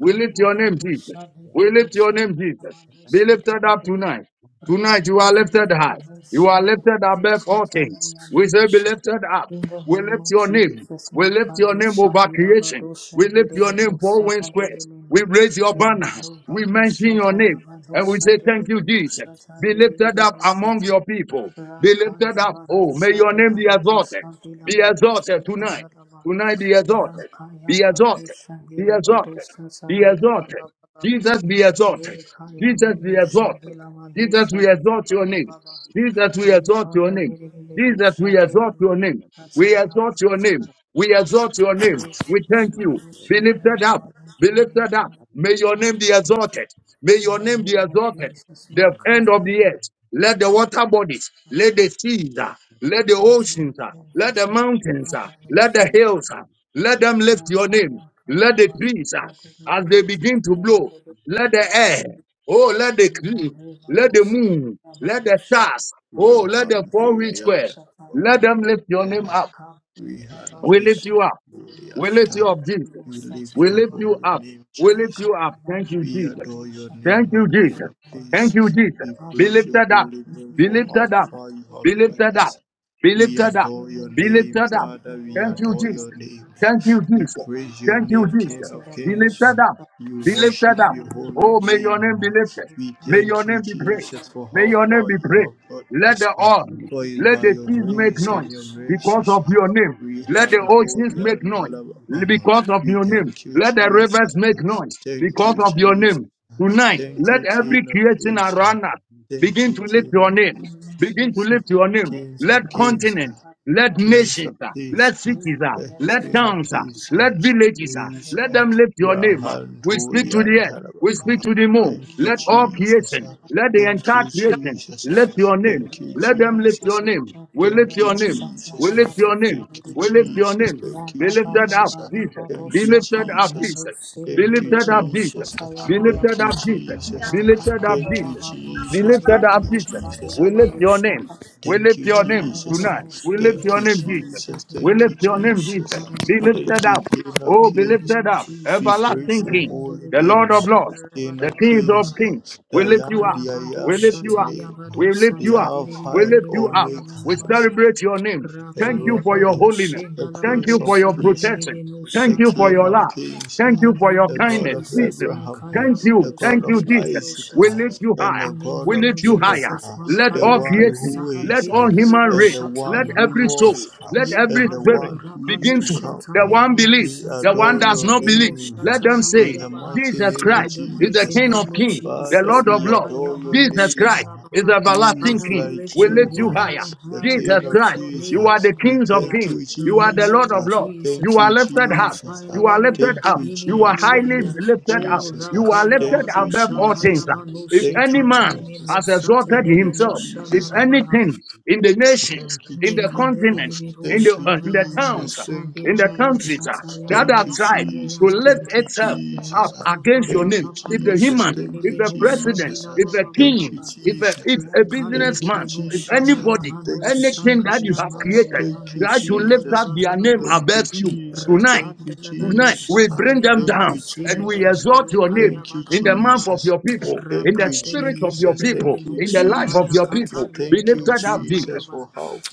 Speaker 1: We lift your name, Jesus.
Speaker 2: Badosa
Speaker 1: We lift your
Speaker 2: Devadosa
Speaker 1: name, Jesus. Be
Speaker 2: Kayamadosi
Speaker 1: lifted up
Speaker 2: Devidi
Speaker 1: tonight. Tonight you are
Speaker 2: Rapandu
Speaker 1: lifted high. You are
Speaker 2: Shaya
Speaker 1: lifted above all things. We say, Be
Speaker 2: Satanayamanusha.
Speaker 1: lifted up.
Speaker 2: In the
Speaker 1: We
Speaker 2: name
Speaker 1: lift
Speaker 2: of
Speaker 1: your name.
Speaker 2: Jesus,
Speaker 1: We lift your
Speaker 2: Makado
Speaker 1: name over
Speaker 2: Shahila
Speaker 1: creation.
Speaker 2: Bado
Speaker 1: We lift your
Speaker 2: Shangerele no
Speaker 1: name for winds squares. We
Speaker 2: Sahadelele,
Speaker 1: raise your
Speaker 2: in
Speaker 1: banner. We
Speaker 2: Narubado
Speaker 1: mention your name.
Speaker 2: Shataya Bado
Speaker 1: And we say, Thank you,
Speaker 2: Sadelele no
Speaker 1: Jesus. Be lifted up among
Speaker 2: Shatanelele
Speaker 1: your people. Be lifted
Speaker 2: Rakaya
Speaker 1: up.
Speaker 2: Bado
Speaker 1: Oh, may your name
Speaker 2: Shadila
Speaker 1: be
Speaker 2: Manu
Speaker 1: exalted.
Speaker 2: Sadila
Speaker 1: Be
Speaker 2: Manu
Speaker 1: exalted tonight.
Speaker 2: Sandalaba
Speaker 1: Tonight be exalted. Be
Speaker 2: Rakaya Bado
Speaker 1: exalted. Be
Speaker 2: Shadila Bado
Speaker 1: exalted. Be
Speaker 2: Sandila
Speaker 1: exalted.
Speaker 2: Baba Baba
Speaker 1: Jesus be exalted.
Speaker 2: Rekaya
Speaker 1: Jesus be
Speaker 2: Manu
Speaker 1: exalted.
Speaker 2: Shadila
Speaker 1: See
Speaker 2: Manu
Speaker 1: that we
Speaker 2: Sadila
Speaker 1: exalt your
Speaker 2: Baba
Speaker 1: name.
Speaker 2: Baba
Speaker 1: See
Speaker 3: you.
Speaker 1: that we exalt your
Speaker 2: Rekata
Speaker 1: name.
Speaker 2: Nidile
Speaker 1: See
Speaker 3: Thank
Speaker 1: that we
Speaker 2: Shadila
Speaker 1: exalt
Speaker 2: Manu
Speaker 1: your name. We
Speaker 2: Sataya
Speaker 1: exalt your
Speaker 2: Manu
Speaker 1: name. We
Speaker 2: Sadila
Speaker 1: exalt your name. We
Speaker 2: Rekata
Speaker 1: thank you.
Speaker 2: Bado
Speaker 1: Be lifted
Speaker 2: Shataya
Speaker 1: up.
Speaker 2: Manu
Speaker 1: Be lifted up.
Speaker 2: Sadila
Speaker 1: May your
Speaker 2: Manu
Speaker 1: name be
Speaker 2: Sadila
Speaker 1: exalted. May
Speaker 2: In
Speaker 1: your
Speaker 2: the
Speaker 1: name be
Speaker 2: name of
Speaker 1: exalted.
Speaker 2: Jesus,
Speaker 1: The end of
Speaker 2: Makaya
Speaker 1: the
Speaker 2: Manu
Speaker 1: earth. Let the water bodies, let the seas, ah, let the
Speaker 2: Father,
Speaker 1: oceans, ah, let the mountains, ah, let the hills, ah, let them lift your name. Let the trees, ah, as they begin to blow, let the air, oh, let the creep. Let the moon, let the stars, oh, let the four wheel square, let them lift your name up. We lift you up. We lift you up, Jesus. We lift you up. We lift you up. Thank you, Jesus.
Speaker 3: you.
Speaker 1: Thank you, Jesus. Thank
Speaker 3: Thank you.
Speaker 1: you, Jesus. Be
Speaker 2: we
Speaker 1: lifted up.
Speaker 2: thank you, we
Speaker 1: Be
Speaker 2: thank
Speaker 1: lifted up.
Speaker 2: you,
Speaker 1: Be
Speaker 2: Lord.
Speaker 1: lifted up. Be
Speaker 2: Thank
Speaker 1: lifted up.
Speaker 2: you,
Speaker 1: Be
Speaker 2: Lord. Thank
Speaker 1: lifted up.
Speaker 2: you,
Speaker 1: Thank you,
Speaker 2: Lord. In the
Speaker 1: Jesus.
Speaker 2: name of
Speaker 1: Thank you,
Speaker 2: Jesus.
Speaker 1: Jesus.
Speaker 2: I am a
Speaker 1: Thank you,
Speaker 2: Lord. I
Speaker 1: Jesus.
Speaker 2: see the
Speaker 1: Be
Speaker 2: Lord.
Speaker 1: lifted up. Be
Speaker 2: I
Speaker 1: lifted up.
Speaker 2: am a Lord. I
Speaker 1: Oh, may
Speaker 2: see the
Speaker 1: your name be lifted.
Speaker 2: Lord. I am a
Speaker 1: May your name be praised. May your name be praised. Let the earth, let the seas
Speaker 2: Lord. I see the Lord. I am a
Speaker 1: make
Speaker 2: Lord. I
Speaker 1: noise
Speaker 2: see the Lord.
Speaker 1: because of your name.
Speaker 2: I am
Speaker 1: Let the
Speaker 2: a Lord. I
Speaker 1: oceans
Speaker 2: see the Lord. I am a
Speaker 1: make noise because of your name. Let the rivers make noise because of your name. Tonight, let every
Speaker 2: Lord.
Speaker 1: creation around us begin to lift your name. Begin to lift your name. Let continents, let nations, ah, let cities, ah, let towns, ah, let villages, ah,
Speaker 2: I
Speaker 1: let them
Speaker 2: see
Speaker 1: lift your
Speaker 2: the Lord.
Speaker 1: name. ah. We speak to the earth. We speak to the moon. Let all creation, let the entire creation lift your name. Let
Speaker 3: Thank
Speaker 1: them lift your name. We lift your name. We lift your name. We lift your name. Be lifted up, Jesus. Be lifted up, Jesus. Be lifted up, Jesus. Be lifted up,
Speaker 2: Rakadabadabadusha,
Speaker 1: Jesus. Be lifted up, Jesus. Be lifted up, Jesus. We lift your name. We lift your name tonight. We lift your name, Jesus. We lift your name, Jesus. Be lifted up. Oh,
Speaker 2: in
Speaker 1: be
Speaker 2: the
Speaker 1: lifted
Speaker 2: name of
Speaker 1: up.
Speaker 2: Jesus,
Speaker 1: Everlasting
Speaker 2: Makaya
Speaker 1: King, the
Speaker 2: Delibero
Speaker 1: Lord of Lords, the Kings of
Speaker 2: Shabarabarabara.
Speaker 1: Kings. We lift you up.
Speaker 2: Rakaya Bado
Speaker 1: We lift you up.
Speaker 2: Shataya
Speaker 1: We
Speaker 2: Bado
Speaker 1: lift you
Speaker 2: Sata
Speaker 1: up. We lift
Speaker 2: Delibero
Speaker 1: you up. We
Speaker 2: Kayabarabaraba.
Speaker 1: celebrate your name. Thank you
Speaker 2: Rakaya
Speaker 1: for your
Speaker 2: Bado
Speaker 1: holiness. Thank you
Speaker 2: Shehalabado
Speaker 1: for your protection.
Speaker 2: Sanelibeno
Speaker 3: you.
Speaker 1: Thank you for your
Speaker 2: Shatayaba.
Speaker 1: love. Thank
Speaker 2: In
Speaker 3: Thank
Speaker 1: you
Speaker 2: the
Speaker 1: for your
Speaker 2: name of
Speaker 1: kindness,
Speaker 2: Jesus,
Speaker 1: Jesus.
Speaker 2: Makaya
Speaker 1: Thank you.
Speaker 2: Bado
Speaker 1: Thank you, Jesus.
Speaker 2: Sanelibero
Speaker 1: We
Speaker 2: Shataya.
Speaker 1: lift you higher.
Speaker 2: In the
Speaker 1: We
Speaker 2: name
Speaker 1: lift
Speaker 2: of
Speaker 1: you higher.
Speaker 2: Jesus,
Speaker 1: Let all
Speaker 2: Makaya
Speaker 1: creation,
Speaker 2: dosa
Speaker 1: let all human
Speaker 2: delibero
Speaker 1: race, let
Speaker 2: shataya
Speaker 1: every
Speaker 2: baha.
Speaker 1: soul, let every
Speaker 2: Likado
Speaker 1: spirit
Speaker 2: Rabano
Speaker 1: begin to.
Speaker 2: Shata
Speaker 1: The one
Speaker 2: Yabano
Speaker 1: believes, the one does not
Speaker 2: Satandelebe no
Speaker 1: believe. Let them
Speaker 2: Shatanama
Speaker 1: say,
Speaker 2: Yabaha.
Speaker 1: Jesus Christ
Speaker 2: In the
Speaker 1: is the
Speaker 2: mighty
Speaker 1: King
Speaker 2: name
Speaker 1: of
Speaker 2: of
Speaker 1: kings, the
Speaker 2: Jesus,
Speaker 1: Lord of lords.
Speaker 2: Makayahano
Speaker 1: Jesus Christ is the
Speaker 2: Shanarabaha.
Speaker 1: everlasting
Speaker 2: Father, we
Speaker 1: King.
Speaker 2: lift
Speaker 1: We
Speaker 2: your
Speaker 1: lift you
Speaker 2: name
Speaker 1: higher.
Speaker 2: on high, we
Speaker 1: Jesus
Speaker 2: lift
Speaker 1: Christ,
Speaker 2: your
Speaker 1: you
Speaker 2: name
Speaker 1: are the
Speaker 2: on
Speaker 1: King of
Speaker 2: high,
Speaker 1: kings.
Speaker 2: In
Speaker 1: You
Speaker 2: the
Speaker 1: are the Lord
Speaker 2: name
Speaker 1: of
Speaker 2: of
Speaker 1: lords. You
Speaker 2: Jesus,
Speaker 1: are
Speaker 2: uh,
Speaker 1: lifted
Speaker 2: our
Speaker 1: up.
Speaker 2: final
Speaker 1: You are lifted
Speaker 2: Omega,
Speaker 1: up.
Speaker 2: beginning
Speaker 1: You are
Speaker 2: and the
Speaker 1: highly
Speaker 2: end. uh,
Speaker 1: lifted up.
Speaker 2: Go
Speaker 1: You are lifted
Speaker 2: Rakayabado
Speaker 1: above all things.
Speaker 2: Shakayabano
Speaker 1: If any
Speaker 2: Shetana
Speaker 1: man
Speaker 2: Lemeno
Speaker 1: has exalted
Speaker 2: Satanebe no
Speaker 1: himself, if
Speaker 3: you.
Speaker 2: Shanarabaha.
Speaker 1: anything in the nations, in
Speaker 2: Ne
Speaker 1: the continent,
Speaker 2: kandelili bir
Speaker 1: in the,
Speaker 2: uşa
Speaker 1: uh, in the
Speaker 2: dalaban
Speaker 1: towns, uh,
Speaker 2: uşa
Speaker 1: in the
Speaker 2: binaban uşa
Speaker 1: countries, uh, the
Speaker 2: sayaman
Speaker 1: other
Speaker 2: uşa
Speaker 1: tribes to lift
Speaker 2: yeyamanaba.
Speaker 1: itself
Speaker 2: Ra
Speaker 1: up
Speaker 2: kapa
Speaker 1: against your
Speaker 2: pa
Speaker 1: name.
Speaker 2: pa pa
Speaker 1: If the
Speaker 2: doşa
Speaker 1: human,
Speaker 2: nili
Speaker 1: if
Speaker 2: bir
Speaker 1: the
Speaker 2: uşa
Speaker 1: president,
Speaker 2: nila
Speaker 1: if
Speaker 2: ba
Speaker 1: the
Speaker 2: ba ba ba
Speaker 1: king,
Speaker 2: ba.
Speaker 1: if a, if
Speaker 2: Ra
Speaker 1: a
Speaker 2: kandili
Speaker 1: businessman,
Speaker 2: bir
Speaker 1: if
Speaker 2: uşa
Speaker 1: anybody,
Speaker 2: nayaman uşa
Speaker 1: anything that you have
Speaker 2: kayaman
Speaker 1: created,
Speaker 2: mamaman
Speaker 1: try to
Speaker 2: uşa
Speaker 1: lift up
Speaker 2: dalaba da
Speaker 1: their
Speaker 2: ba.
Speaker 1: name
Speaker 2: da ba.
Speaker 1: above you
Speaker 2: Ra
Speaker 1: tonight.
Speaker 2: pandelaba
Speaker 1: Tonight,
Speaker 2: doşa
Speaker 1: we bring them
Speaker 2: kayaban
Speaker 1: down
Speaker 2: uşa
Speaker 1: and we
Speaker 2: hidili bir
Speaker 1: exalt your name
Speaker 2: ukayaba
Speaker 1: in
Speaker 2: daba
Speaker 1: the
Speaker 2: daba.
Speaker 1: mouth of your people, in the
Speaker 2: Rapadele
Speaker 1: spirit of your
Speaker 2: kendele
Speaker 1: people,
Speaker 2: libeno
Speaker 1: in the life of
Speaker 2: shavaya
Speaker 1: your people.
Speaker 2: katan
Speaker 1: Be
Speaker 2: libero
Speaker 1: lifted up deep.
Speaker 2: shavaya ba.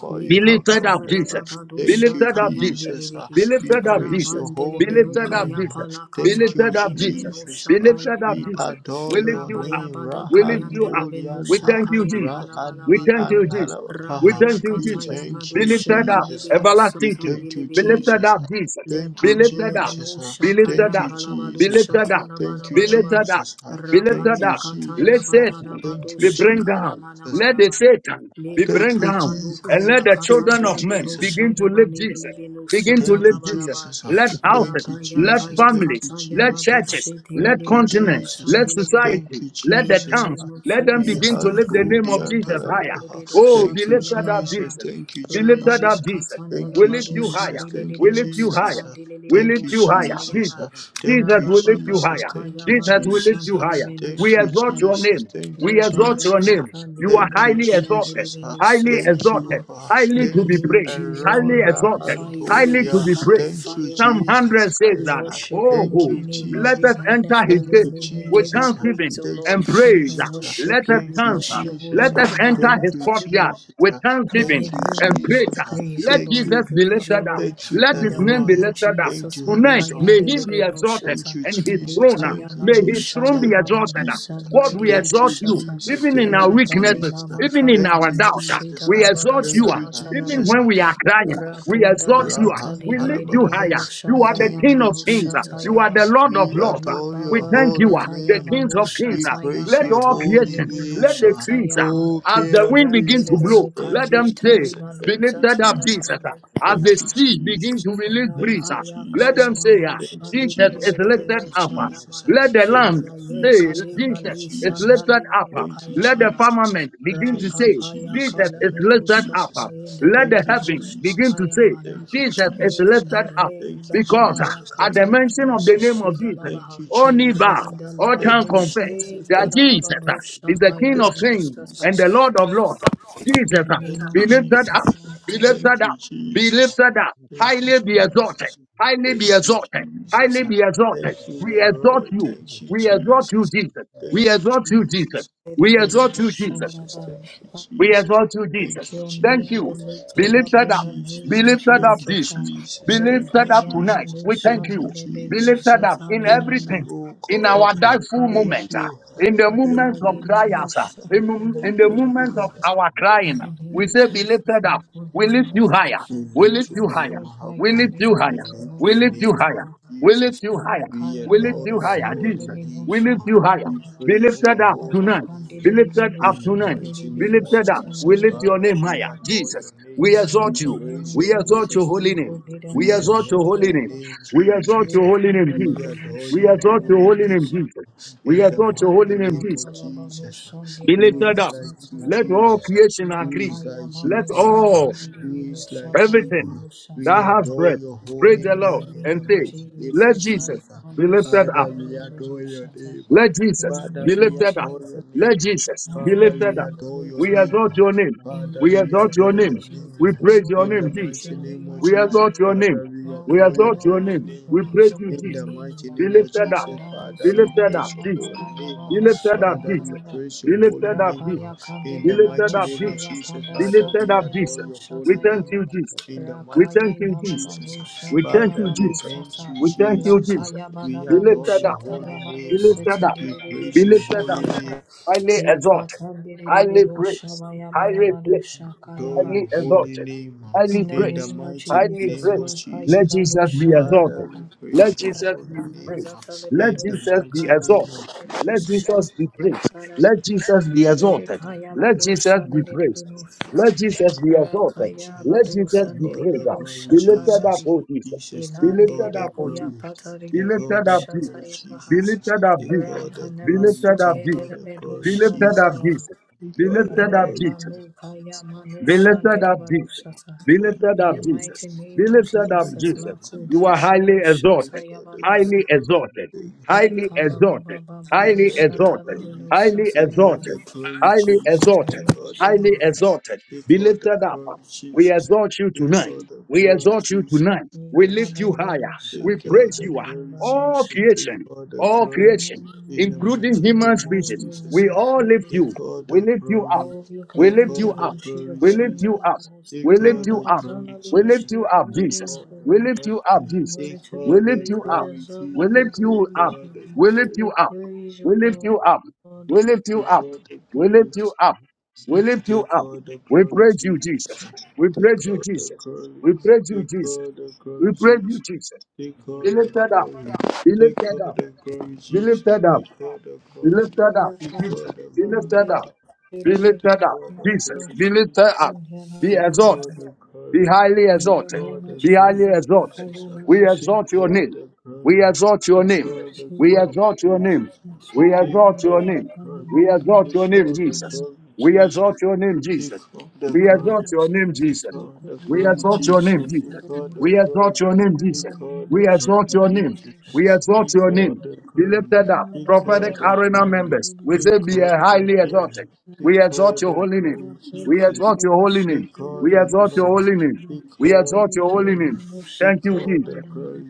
Speaker 2: Le
Speaker 1: Be
Speaker 2: papa
Speaker 1: lifted up, Jesus.
Speaker 2: narabado
Speaker 1: Be lifted
Speaker 2: shaka
Speaker 1: up, Jesus.
Speaker 2: yandelebehi.
Speaker 1: Be lifted up, Jesus. Be
Speaker 2: Rabandelebe no
Speaker 1: lifted up,
Speaker 2: kaya
Speaker 1: Jesus.
Speaker 2: pala
Speaker 1: Be
Speaker 2: katala
Speaker 1: lifted up,
Speaker 2: delebe
Speaker 1: Jesus.
Speaker 2: no
Speaker 1: Be
Speaker 2: shapa
Speaker 1: lifted
Speaker 2: yaba
Speaker 1: up, Jesus.
Speaker 2: yaba.
Speaker 1: We lift you up.
Speaker 2: Rabaya bada
Speaker 1: We lift you up.
Speaker 2: kayandelebe no
Speaker 1: We thank
Speaker 2: shaka
Speaker 1: you, Jesus.
Speaker 2: yambala bala
Speaker 1: We
Speaker 2: bala
Speaker 1: thank
Speaker 2: ba.
Speaker 1: you, Jesus. We
Speaker 2: Rabaya
Speaker 1: thank you,
Speaker 2: kata
Speaker 1: Jesus. Be
Speaker 2: yamado she
Speaker 1: lifted up,
Speaker 3: Thank
Speaker 2: delebe no
Speaker 1: everlasting
Speaker 2: sata
Speaker 1: King.
Speaker 2: delebe
Speaker 1: Be
Speaker 2: delebe
Speaker 1: lifted
Speaker 2: delebe.
Speaker 1: up, Jesus.
Speaker 2: Le
Speaker 1: Be lifted
Speaker 2: pandulebe
Speaker 1: up.
Speaker 2: no
Speaker 1: Be
Speaker 2: shaka
Speaker 1: lifted up.
Speaker 2: yambala bado
Speaker 1: Be lifted
Speaker 2: shata
Speaker 1: up.
Speaker 2: la bada
Speaker 1: Be
Speaker 2: bada ba.
Speaker 1: lifted up. Be lifted
Speaker 2: Rapaya
Speaker 1: up.
Speaker 2: kata
Speaker 1: Let's say
Speaker 2: yabada
Speaker 1: it
Speaker 2: bado
Speaker 1: be bring
Speaker 2: shaka
Speaker 1: down.
Speaker 2: yamana
Speaker 1: Let
Speaker 2: bada
Speaker 1: the
Speaker 2: ba.
Speaker 1: Satan
Speaker 2: Le
Speaker 1: be
Speaker 2: pa
Speaker 1: bring
Speaker 2: pa pa
Speaker 1: down.
Speaker 2: lu ka
Speaker 1: And
Speaker 2: ya
Speaker 1: let the
Speaker 2: ka tan
Speaker 1: children
Speaker 2: de
Speaker 1: of
Speaker 2: li be do
Speaker 1: men
Speaker 2: sha
Speaker 1: begin to
Speaker 2: ya ba
Speaker 1: live
Speaker 2: ni li li
Speaker 1: Jesus.
Speaker 2: be no sha
Speaker 1: Begin to
Speaker 2: ta da
Speaker 1: live
Speaker 2: ba da
Speaker 1: Jesus.
Speaker 2: ba.
Speaker 1: Let
Speaker 2: Ra
Speaker 1: houses,
Speaker 2: pa ya
Speaker 1: let
Speaker 2: ka ya ka
Speaker 1: families,
Speaker 2: ta ya ba
Speaker 1: let
Speaker 2: do
Speaker 1: churches,
Speaker 2: she te li
Speaker 1: let
Speaker 2: li li be do
Speaker 1: continent,
Speaker 2: sha
Speaker 1: let
Speaker 2: ni li be.
Speaker 1: society, let
Speaker 2: In
Speaker 1: the
Speaker 2: the
Speaker 1: towns,
Speaker 2: name of
Speaker 1: let them
Speaker 2: Jesus,
Speaker 1: begin to live the name
Speaker 2: Makaya
Speaker 1: of Jesus higher.
Speaker 2: Bodazandele Bedo
Speaker 1: Oh, be
Speaker 2: Shata
Speaker 1: lifted
Speaker 2: Yaba
Speaker 1: up,
Speaker 2: Yaba.
Speaker 1: Jesus. Be lifted up,
Speaker 2: Rabaya
Speaker 1: Jesus.
Speaker 2: Katandela
Speaker 1: We lift
Speaker 2: Bado
Speaker 1: you higher.
Speaker 2: Shadele
Speaker 1: We lift
Speaker 2: Libino
Speaker 1: you higher.
Speaker 2: Satan Dele
Speaker 1: We lift
Speaker 2: Bedo
Speaker 1: you
Speaker 2: Shata
Speaker 1: higher,
Speaker 2: Yaba.
Speaker 1: Jesus. Jesus, we lift
Speaker 2: Rababa
Speaker 1: you
Speaker 2: Baba
Speaker 1: higher.
Speaker 2: Kayaba no
Speaker 1: Jesus, we lift you
Speaker 2: Shandele
Speaker 1: higher.
Speaker 2: Meno
Speaker 1: We exalt your
Speaker 2: Shantalaba.
Speaker 1: name. We exalt
Speaker 2: Libaya
Speaker 1: your name. You
Speaker 2: Katandele
Speaker 1: are
Speaker 2: Beno
Speaker 1: highly exalted,
Speaker 2: Shandele Beno
Speaker 1: highly
Speaker 2: Sata
Speaker 1: exalted,
Speaker 2: Yaba.
Speaker 1: highly
Speaker 2: In the
Speaker 1: to be
Speaker 2: name of
Speaker 1: praised,
Speaker 2: Jesus, we
Speaker 1: highly exalted,
Speaker 2: magnify your
Speaker 1: highly
Speaker 2: name,
Speaker 1: to
Speaker 2: we
Speaker 1: be praised.
Speaker 2: magnify your
Speaker 1: Psalm
Speaker 2: name,
Speaker 1: 100 says
Speaker 2: we
Speaker 1: that,
Speaker 2: worship your
Speaker 1: Oh,
Speaker 2: holy name, uh,
Speaker 1: let
Speaker 2: we
Speaker 1: us enter
Speaker 2: magnify
Speaker 1: his
Speaker 2: your
Speaker 1: gate
Speaker 2: name, we
Speaker 1: with
Speaker 2: give you praise,
Speaker 1: thanksgiving
Speaker 2: O Lord.
Speaker 1: and praise.
Speaker 2: We
Speaker 1: Let
Speaker 2: worship
Speaker 1: us
Speaker 2: you, we
Speaker 1: answer.
Speaker 2: bless your holy
Speaker 1: Let us
Speaker 2: name, O
Speaker 3: you.
Speaker 1: enter
Speaker 2: Lord.
Speaker 1: his courtyard with
Speaker 2: We
Speaker 1: thanksgiving
Speaker 2: give you, O
Speaker 1: and praise.
Speaker 2: Lord, praise, O
Speaker 1: Let
Speaker 2: Lord,
Speaker 1: Jesus be
Speaker 2: praise, O
Speaker 1: lifted up.
Speaker 2: Lord.
Speaker 1: Let
Speaker 2: In
Speaker 1: his
Speaker 2: the
Speaker 1: name be
Speaker 2: name of
Speaker 1: lifted up.
Speaker 2: Jesus,
Speaker 1: Tonight, may he be
Speaker 2: Makayandelebe no
Speaker 1: exalted
Speaker 2: shata,
Speaker 1: and his throne, uh, may
Speaker 2: Likayamano
Speaker 1: his throne
Speaker 2: shada
Speaker 1: be exalted.
Speaker 2: lamano san
Speaker 1: God, we
Speaker 2: lidibido
Speaker 1: exalt you,
Speaker 2: shata,
Speaker 1: even in our
Speaker 2: Radale
Speaker 1: weaknesses,
Speaker 2: mama
Speaker 1: even in our
Speaker 2: kayamano
Speaker 1: doubts. ah,
Speaker 2: shida
Speaker 1: We
Speaker 2: labada
Speaker 1: exalt you. ah. Even
Speaker 2: sahata
Speaker 1: when we are crying, we
Speaker 2: Rapundala
Speaker 1: exalt you. ah.
Speaker 2: katali
Speaker 1: We lift you
Speaker 3: Thank
Speaker 2: nedededebero
Speaker 1: higher. You
Speaker 2: shaka
Speaker 1: are the King of
Speaker 2: yamano
Speaker 1: kings. ah.
Speaker 2: shata
Speaker 1: You are the
Speaker 2: yaba.
Speaker 1: Lord of lords. ah.
Speaker 2: Riba
Speaker 1: We
Speaker 2: baba
Speaker 1: thank you, ah,
Speaker 2: baka
Speaker 1: the kings
Speaker 2: yamano
Speaker 1: of kings. ah.
Speaker 2: shata
Speaker 1: Let all
Speaker 2: yakatali
Speaker 1: creation,
Speaker 2: mimino
Speaker 1: let the
Speaker 2: shata
Speaker 1: trees, ah,
Speaker 2: yama.
Speaker 1: as the wind begin to blow,
Speaker 2: Randelebeno
Speaker 1: let
Speaker 2: kaye
Speaker 1: them say,
Speaker 2: tali
Speaker 1: be
Speaker 2: manu
Speaker 1: lifted up,
Speaker 2: zatendala
Speaker 1: Jesus. ah.
Speaker 2: manu.
Speaker 1: As the sea begin to release breeze, ah,
Speaker 2: Rapaya
Speaker 1: let
Speaker 2: kaya
Speaker 1: them say, ah,
Speaker 2: manusha
Speaker 1: Jesus
Speaker 2: libere
Speaker 1: is
Speaker 2: bere
Speaker 1: lifted
Speaker 2: bere
Speaker 1: up. ah.
Speaker 2: shaya mani
Speaker 1: Let the land.
Speaker 2: raye
Speaker 1: Say,
Speaker 2: kali
Speaker 1: Jesus
Speaker 2: bali
Speaker 1: is
Speaker 2: sana
Speaker 1: lifted up.
Speaker 2: limanu kaya
Speaker 1: Let the
Speaker 2: malaba
Speaker 3: you.
Speaker 1: firmament begin to say,
Speaker 3: Thank
Speaker 2: rapapaya
Speaker 1: Jesus
Speaker 2: kala
Speaker 1: is
Speaker 2: bedo
Speaker 1: lifted up.
Speaker 2: shaya
Speaker 1: Let
Speaker 2: delele
Speaker 1: the
Speaker 2: bedo
Speaker 1: heavens begin to
Speaker 2: shaya
Speaker 1: say,
Speaker 2: mana
Speaker 1: Jesus is
Speaker 2: in
Speaker 1: lifted
Speaker 2: her
Speaker 1: up.
Speaker 2: rei baba
Speaker 1: Because
Speaker 2: baya
Speaker 1: uh, at the
Speaker 2: kataya
Speaker 1: mention of the name
Speaker 2: manushi
Speaker 1: of Jesus,
Speaker 2: dalabaha
Speaker 1: all knee bow,
Speaker 2: randa
Speaker 1: all tongue confess
Speaker 2: labanushi
Speaker 1: that Jesus uh, is
Speaker 2: dalalabanusha
Speaker 1: the
Speaker 2: kaya
Speaker 1: King of kings
Speaker 2: manusasa
Speaker 1: and the Lord of lords. uh.
Speaker 2: in
Speaker 1: Jesus, uh,
Speaker 2: the
Speaker 1: be
Speaker 2: name of
Speaker 1: lifted up,
Speaker 2: Jesus my
Speaker 1: be
Speaker 2: family.
Speaker 1: lifted up be lifted up, highly be exalted, highly be exalted, highly be exalted. We exalt you, we exalt you, Jesus. We exalt you, Jesus. We exalt you, Jesus.
Speaker 2: Shadabah.
Speaker 1: We exalt you, Jesus.
Speaker 2: Your
Speaker 1: Thank
Speaker 2: name be
Speaker 1: you. Be
Speaker 2: lifted up
Speaker 1: lifted
Speaker 2: in
Speaker 1: up.
Speaker 2: the
Speaker 3: you.
Speaker 2: name
Speaker 1: Be
Speaker 2: of
Speaker 1: lifted up,
Speaker 3: Oh,
Speaker 2: Jesus.
Speaker 1: Jesus. Be lifted up
Speaker 2: Lukaya
Speaker 1: tonight. We
Speaker 2: manusha
Speaker 1: thank you. Be
Speaker 2: nilebelu
Speaker 1: lifted up in
Speaker 2: sataya mana.
Speaker 1: everything, in our joyful
Speaker 2: Lukaya
Speaker 1: moment, ah, in the moments of
Speaker 2: kali
Speaker 1: trials, ah,
Speaker 2: manusha
Speaker 1: in, mom- in the moments
Speaker 2: narabaha.
Speaker 1: of our
Speaker 2: In
Speaker 1: crying. ah.
Speaker 2: the name
Speaker 1: We
Speaker 2: of
Speaker 1: say, Be
Speaker 2: Jesus,
Speaker 1: lifted up.
Speaker 2: Makula
Speaker 1: We lift you higher.
Speaker 2: Nanamusha,
Speaker 1: We lift you higher.
Speaker 2: Ramasu
Speaker 1: We
Speaker 2: Haya
Speaker 1: lift you higher. We
Speaker 2: Niliminusha
Speaker 1: lift you higher.
Speaker 2: Nanaba,
Speaker 1: We lift you higher.
Speaker 2: Rakaya
Speaker 1: We lift you
Speaker 2: Manusa
Speaker 1: higher, Jesus. We
Speaker 2: Niliminusha
Speaker 1: lift you
Speaker 2: Kaya
Speaker 1: higher.
Speaker 2: Nanaba,
Speaker 1: Be lifted up tonight. Be lifted up
Speaker 2: Rapandiliminusha
Speaker 1: tonight. Be lifted
Speaker 2: Niliminusha
Speaker 1: up. We lift your name
Speaker 2: Tananusha
Speaker 1: higher.
Speaker 2: Raba.
Speaker 1: Jesus,
Speaker 2: In
Speaker 1: we
Speaker 2: the
Speaker 1: exalt
Speaker 2: mighty
Speaker 1: you.
Speaker 2: name of
Speaker 1: We exalt your
Speaker 2: Jesus,
Speaker 1: holy name.
Speaker 2: Makula
Speaker 1: We exalt your
Speaker 2: Manusha
Speaker 1: holy name.
Speaker 2: Deraba,
Speaker 1: We exalt your holy
Speaker 2: Rika
Speaker 1: name, Jesus. We
Speaker 2: Niliminusha
Speaker 3: Thank you.
Speaker 1: exalt
Speaker 2: Haya
Speaker 1: your holy name,
Speaker 2: Manusha.
Speaker 1: Jesus. We exalt your
Speaker 2: Rapaya
Speaker 1: holy name, Jesus.
Speaker 2: Patalabano
Speaker 1: Be
Speaker 2: Shandilabano
Speaker 1: lifted up. Let
Speaker 2: Satalaba
Speaker 1: all creation agree.
Speaker 2: Rapaya
Speaker 1: Let
Speaker 2: Manusa
Speaker 1: all,
Speaker 2: Hadidino
Speaker 1: everything
Speaker 2: Shatalibano
Speaker 1: that has
Speaker 2: Shatayaba
Speaker 1: breath, praise
Speaker 2: in
Speaker 1: the Lord
Speaker 2: the
Speaker 1: and
Speaker 2: name
Speaker 1: say,
Speaker 2: of
Speaker 1: let
Speaker 2: Jesus, I
Speaker 1: Jesus
Speaker 2: am
Speaker 1: be
Speaker 2: on
Speaker 1: lifted up.
Speaker 2: Shata.
Speaker 1: Let
Speaker 2: In
Speaker 1: Jesus
Speaker 2: the
Speaker 1: be
Speaker 2: name of
Speaker 1: lifted up.
Speaker 2: Jesus,
Speaker 1: Let Jesus be
Speaker 2: honor your
Speaker 1: lifted up.
Speaker 2: name,
Speaker 1: We
Speaker 2: lifted
Speaker 1: exalt
Speaker 2: up.
Speaker 1: your name.
Speaker 2: In the
Speaker 1: We
Speaker 2: mighty
Speaker 1: exalt your
Speaker 2: name
Speaker 1: name.
Speaker 2: of
Speaker 1: We
Speaker 2: Jesus,
Speaker 1: praise your
Speaker 2: Lord, we
Speaker 1: name,
Speaker 2: lift
Speaker 1: Jesus.
Speaker 2: your name on
Speaker 1: We exalt your
Speaker 2: higher.
Speaker 1: name. We
Speaker 2: Oh
Speaker 1: exalt your
Speaker 2: Lord,
Speaker 1: name.
Speaker 2: we
Speaker 1: We
Speaker 2: praise
Speaker 1: praise
Speaker 2: your
Speaker 1: you,
Speaker 2: holy
Speaker 1: Jesus.
Speaker 2: name.
Speaker 1: Be lifted
Speaker 2: We
Speaker 1: up.
Speaker 2: adore
Speaker 1: Be lifted up,
Speaker 2: Sahita
Speaker 1: Jesus.
Speaker 2: Namakaya
Speaker 1: Be lifted up,
Speaker 2: Banoshaya
Speaker 1: Jesus.
Speaker 2: Baraba.
Speaker 1: Be lifted up, Jesus.
Speaker 2: Rapaya
Speaker 1: Be
Speaker 2: Kandileba
Speaker 1: lifted up,
Speaker 2: Noshaya
Speaker 1: Jesus.
Speaker 2: Panda
Speaker 1: Be lifted up,
Speaker 2: Satele
Speaker 1: Jesus.
Speaker 2: Mino
Speaker 1: We thank
Speaker 3: Thank
Speaker 2: Shatayaba.
Speaker 1: you, Jesus. We thank
Speaker 2: Rakaye
Speaker 1: you, Jesus.
Speaker 2: Nalabadu
Speaker 1: We thank
Speaker 2: Shabdina
Speaker 1: you,
Speaker 2: Badu
Speaker 1: Jesus.
Speaker 2: Sata
Speaker 1: We thank you, Jesus.
Speaker 2: Lakaya
Speaker 1: Be
Speaker 2: Badabadu
Speaker 1: lifted up.
Speaker 2: Shata
Speaker 1: Be
Speaker 2: Yabadu
Speaker 1: lifted
Speaker 2: Seti
Speaker 1: up. Be
Speaker 2: Diribiru
Speaker 1: lifted up
Speaker 2: Shabayaba
Speaker 1: highly exalted,
Speaker 2: Lekatan
Speaker 1: highly
Speaker 2: Diribiru
Speaker 1: praised, highly
Speaker 2: Shabayabarabadu
Speaker 1: placed,
Speaker 2: Shakayaba
Speaker 1: highly exalted,
Speaker 2: In
Speaker 1: highly
Speaker 2: the
Speaker 1: praised,
Speaker 2: name of
Speaker 1: highly
Speaker 2: Jesus,
Speaker 1: praised.
Speaker 2: Makaye
Speaker 1: Let
Speaker 2: Badu
Speaker 1: Jesus be exalted.
Speaker 2: Shandarabaha
Speaker 1: Let Jesus be
Speaker 2: Rakani
Speaker 1: praised. Let
Speaker 2: Zatalemedu
Speaker 1: Jesus be
Speaker 2: Shakayata
Speaker 1: exalted. Let
Speaker 2: Diribiru
Speaker 1: Jesus be praised.
Speaker 2: Shataraba
Speaker 1: Let Jesus be exalted.
Speaker 2: Rekaya
Speaker 1: Let
Speaker 2: balo
Speaker 1: Jesus be
Speaker 2: sandele
Speaker 1: praised.
Speaker 2: bino
Speaker 1: Let
Speaker 2: sasa.
Speaker 1: Jesus be exalted.
Speaker 2: Rakaya
Speaker 1: Let
Speaker 2: balo
Speaker 1: Jesus be
Speaker 2: sandele
Speaker 1: praised. Be lifted up,
Speaker 2: karadi.
Speaker 1: O Jesus. Be
Speaker 2: Ilan Ilandele
Speaker 1: lifted up, O
Speaker 2: beko ya
Speaker 1: Jesus.
Speaker 2: patari
Speaker 1: Be
Speaker 2: de bino
Speaker 1: lifted up,
Speaker 2: shata
Speaker 1: Jesus.
Speaker 2: ya
Speaker 1: Be
Speaker 2: baha.
Speaker 1: lifted up, Jesus.
Speaker 2: Rakana
Speaker 1: Be lifted up,
Speaker 2: basuke dele
Speaker 1: Jesus.
Speaker 2: bino
Speaker 1: Be lifted up,
Speaker 2: shanaraba.
Speaker 1: Jesus. Be lifted up,
Speaker 2: Reba
Speaker 1: Jesus.
Speaker 2: nukaya manu
Speaker 1: Be lifted
Speaker 2: shandela
Speaker 1: up,
Speaker 2: balo
Speaker 1: Jesus.
Speaker 2: shata.
Speaker 1: Be
Speaker 3: you.
Speaker 1: lifted
Speaker 2: In
Speaker 1: up,
Speaker 2: the
Speaker 1: Jesus.
Speaker 2: mighty
Speaker 1: Be
Speaker 2: name of
Speaker 3: Thank you.
Speaker 1: lifted up,
Speaker 2: Jesus,
Speaker 1: Jesus.
Speaker 2: Maku
Speaker 1: You are highly
Speaker 2: Darabado Shata
Speaker 1: exalted,
Speaker 2: Yabado
Speaker 1: highly
Speaker 2: Saha,
Speaker 1: exalted, highly
Speaker 2: Nikababa
Speaker 1: exalted,
Speaker 2: Babado
Speaker 1: highly
Speaker 2: Shata
Speaker 1: exalted,
Speaker 2: Labado
Speaker 1: highly
Speaker 2: Shata
Speaker 1: exalted, highly exalted, highly
Speaker 2: Jesus.
Speaker 1: exalted. Be lifted up, we exalt you tonight. We exalt you tonight. We lift you higher.
Speaker 2: Ikalaburusha
Speaker 1: We praise you. All
Speaker 2: Kirandaravanosha.
Speaker 1: creation, all creation,
Speaker 2: We
Speaker 1: including
Speaker 2: come
Speaker 1: human
Speaker 2: before
Speaker 1: species,
Speaker 2: you and
Speaker 1: we
Speaker 2: we
Speaker 1: all
Speaker 2: say,
Speaker 1: lift you. We lift you up.
Speaker 2: Glory,
Speaker 1: We
Speaker 2: glory
Speaker 1: lift you
Speaker 2: be
Speaker 1: up.
Speaker 2: unto your
Speaker 1: We
Speaker 2: holy
Speaker 1: lift you
Speaker 2: name.
Speaker 1: up. We lift
Speaker 2: Hosanna,
Speaker 1: you up.
Speaker 2: Hosanna be
Speaker 1: We lift
Speaker 2: unto
Speaker 1: you
Speaker 2: your
Speaker 1: up,
Speaker 2: holy name,
Speaker 1: Jesus.
Speaker 2: O
Speaker 1: We
Speaker 2: Lord.
Speaker 1: lift you up,
Speaker 2: In
Speaker 1: Jesus.
Speaker 2: order to be
Speaker 1: We lift
Speaker 2: praised,
Speaker 1: you
Speaker 2: you
Speaker 1: up.
Speaker 2: deserve
Speaker 1: We
Speaker 2: all the
Speaker 1: lift you up.
Speaker 2: grace, O Lord.
Speaker 1: We lift you
Speaker 2: You
Speaker 1: up.
Speaker 2: praise, O
Speaker 1: We lift you up.
Speaker 2: Lord.
Speaker 1: We lift you up. We lift you up. We lift you up. We praise you, Jesus. We praise you, Jesus. We praise you, Jesus. We praise you, Jesus. Be lifted up. Be lifted up. Be lifted up. Be
Speaker 2: I
Speaker 1: lifted up,
Speaker 2: have
Speaker 1: Jesus. Be
Speaker 2: found
Speaker 1: lifted up.
Speaker 2: It
Speaker 1: Be
Speaker 2: is
Speaker 1: lifted up,
Speaker 2: in the
Speaker 1: Jesus. Be
Speaker 2: Lord's
Speaker 1: lifted up. Be exalted. Be highly
Speaker 2: In the
Speaker 1: exalted.
Speaker 2: name of
Speaker 1: Be highly
Speaker 2: Jesus,
Speaker 1: exalted.
Speaker 2: Makayana
Speaker 1: We
Speaker 2: Moshe,
Speaker 1: exalt your name. We exalt your name. We
Speaker 2: Jesus,
Speaker 1: exalt your name. We exalt
Speaker 2: Makayana in the
Speaker 1: your
Speaker 2: name
Speaker 1: name. We
Speaker 2: of
Speaker 1: exalt your
Speaker 2: Jesus,
Speaker 1: name, Jesus.
Speaker 2: Makayana Moshe,
Speaker 1: We exalt your name, Jesus. We exalt
Speaker 2: Makayana
Speaker 1: your name,
Speaker 2: Moshe,
Speaker 1: Jesus. We
Speaker 2: Makayana
Speaker 1: exalt your name, Jesus. We exalt your name, Jesus. We exalt your name. We exalt your name. Be lifted up. Prophetic arena members, we say be highly exalted. We exalt your holy name. We exalt your holy name.
Speaker 2: Moshe,
Speaker 1: We exalt your holy name.
Speaker 2: Makayana
Speaker 1: We exalt your holy name.
Speaker 2: Moshe,
Speaker 1: Thank you, Jesus.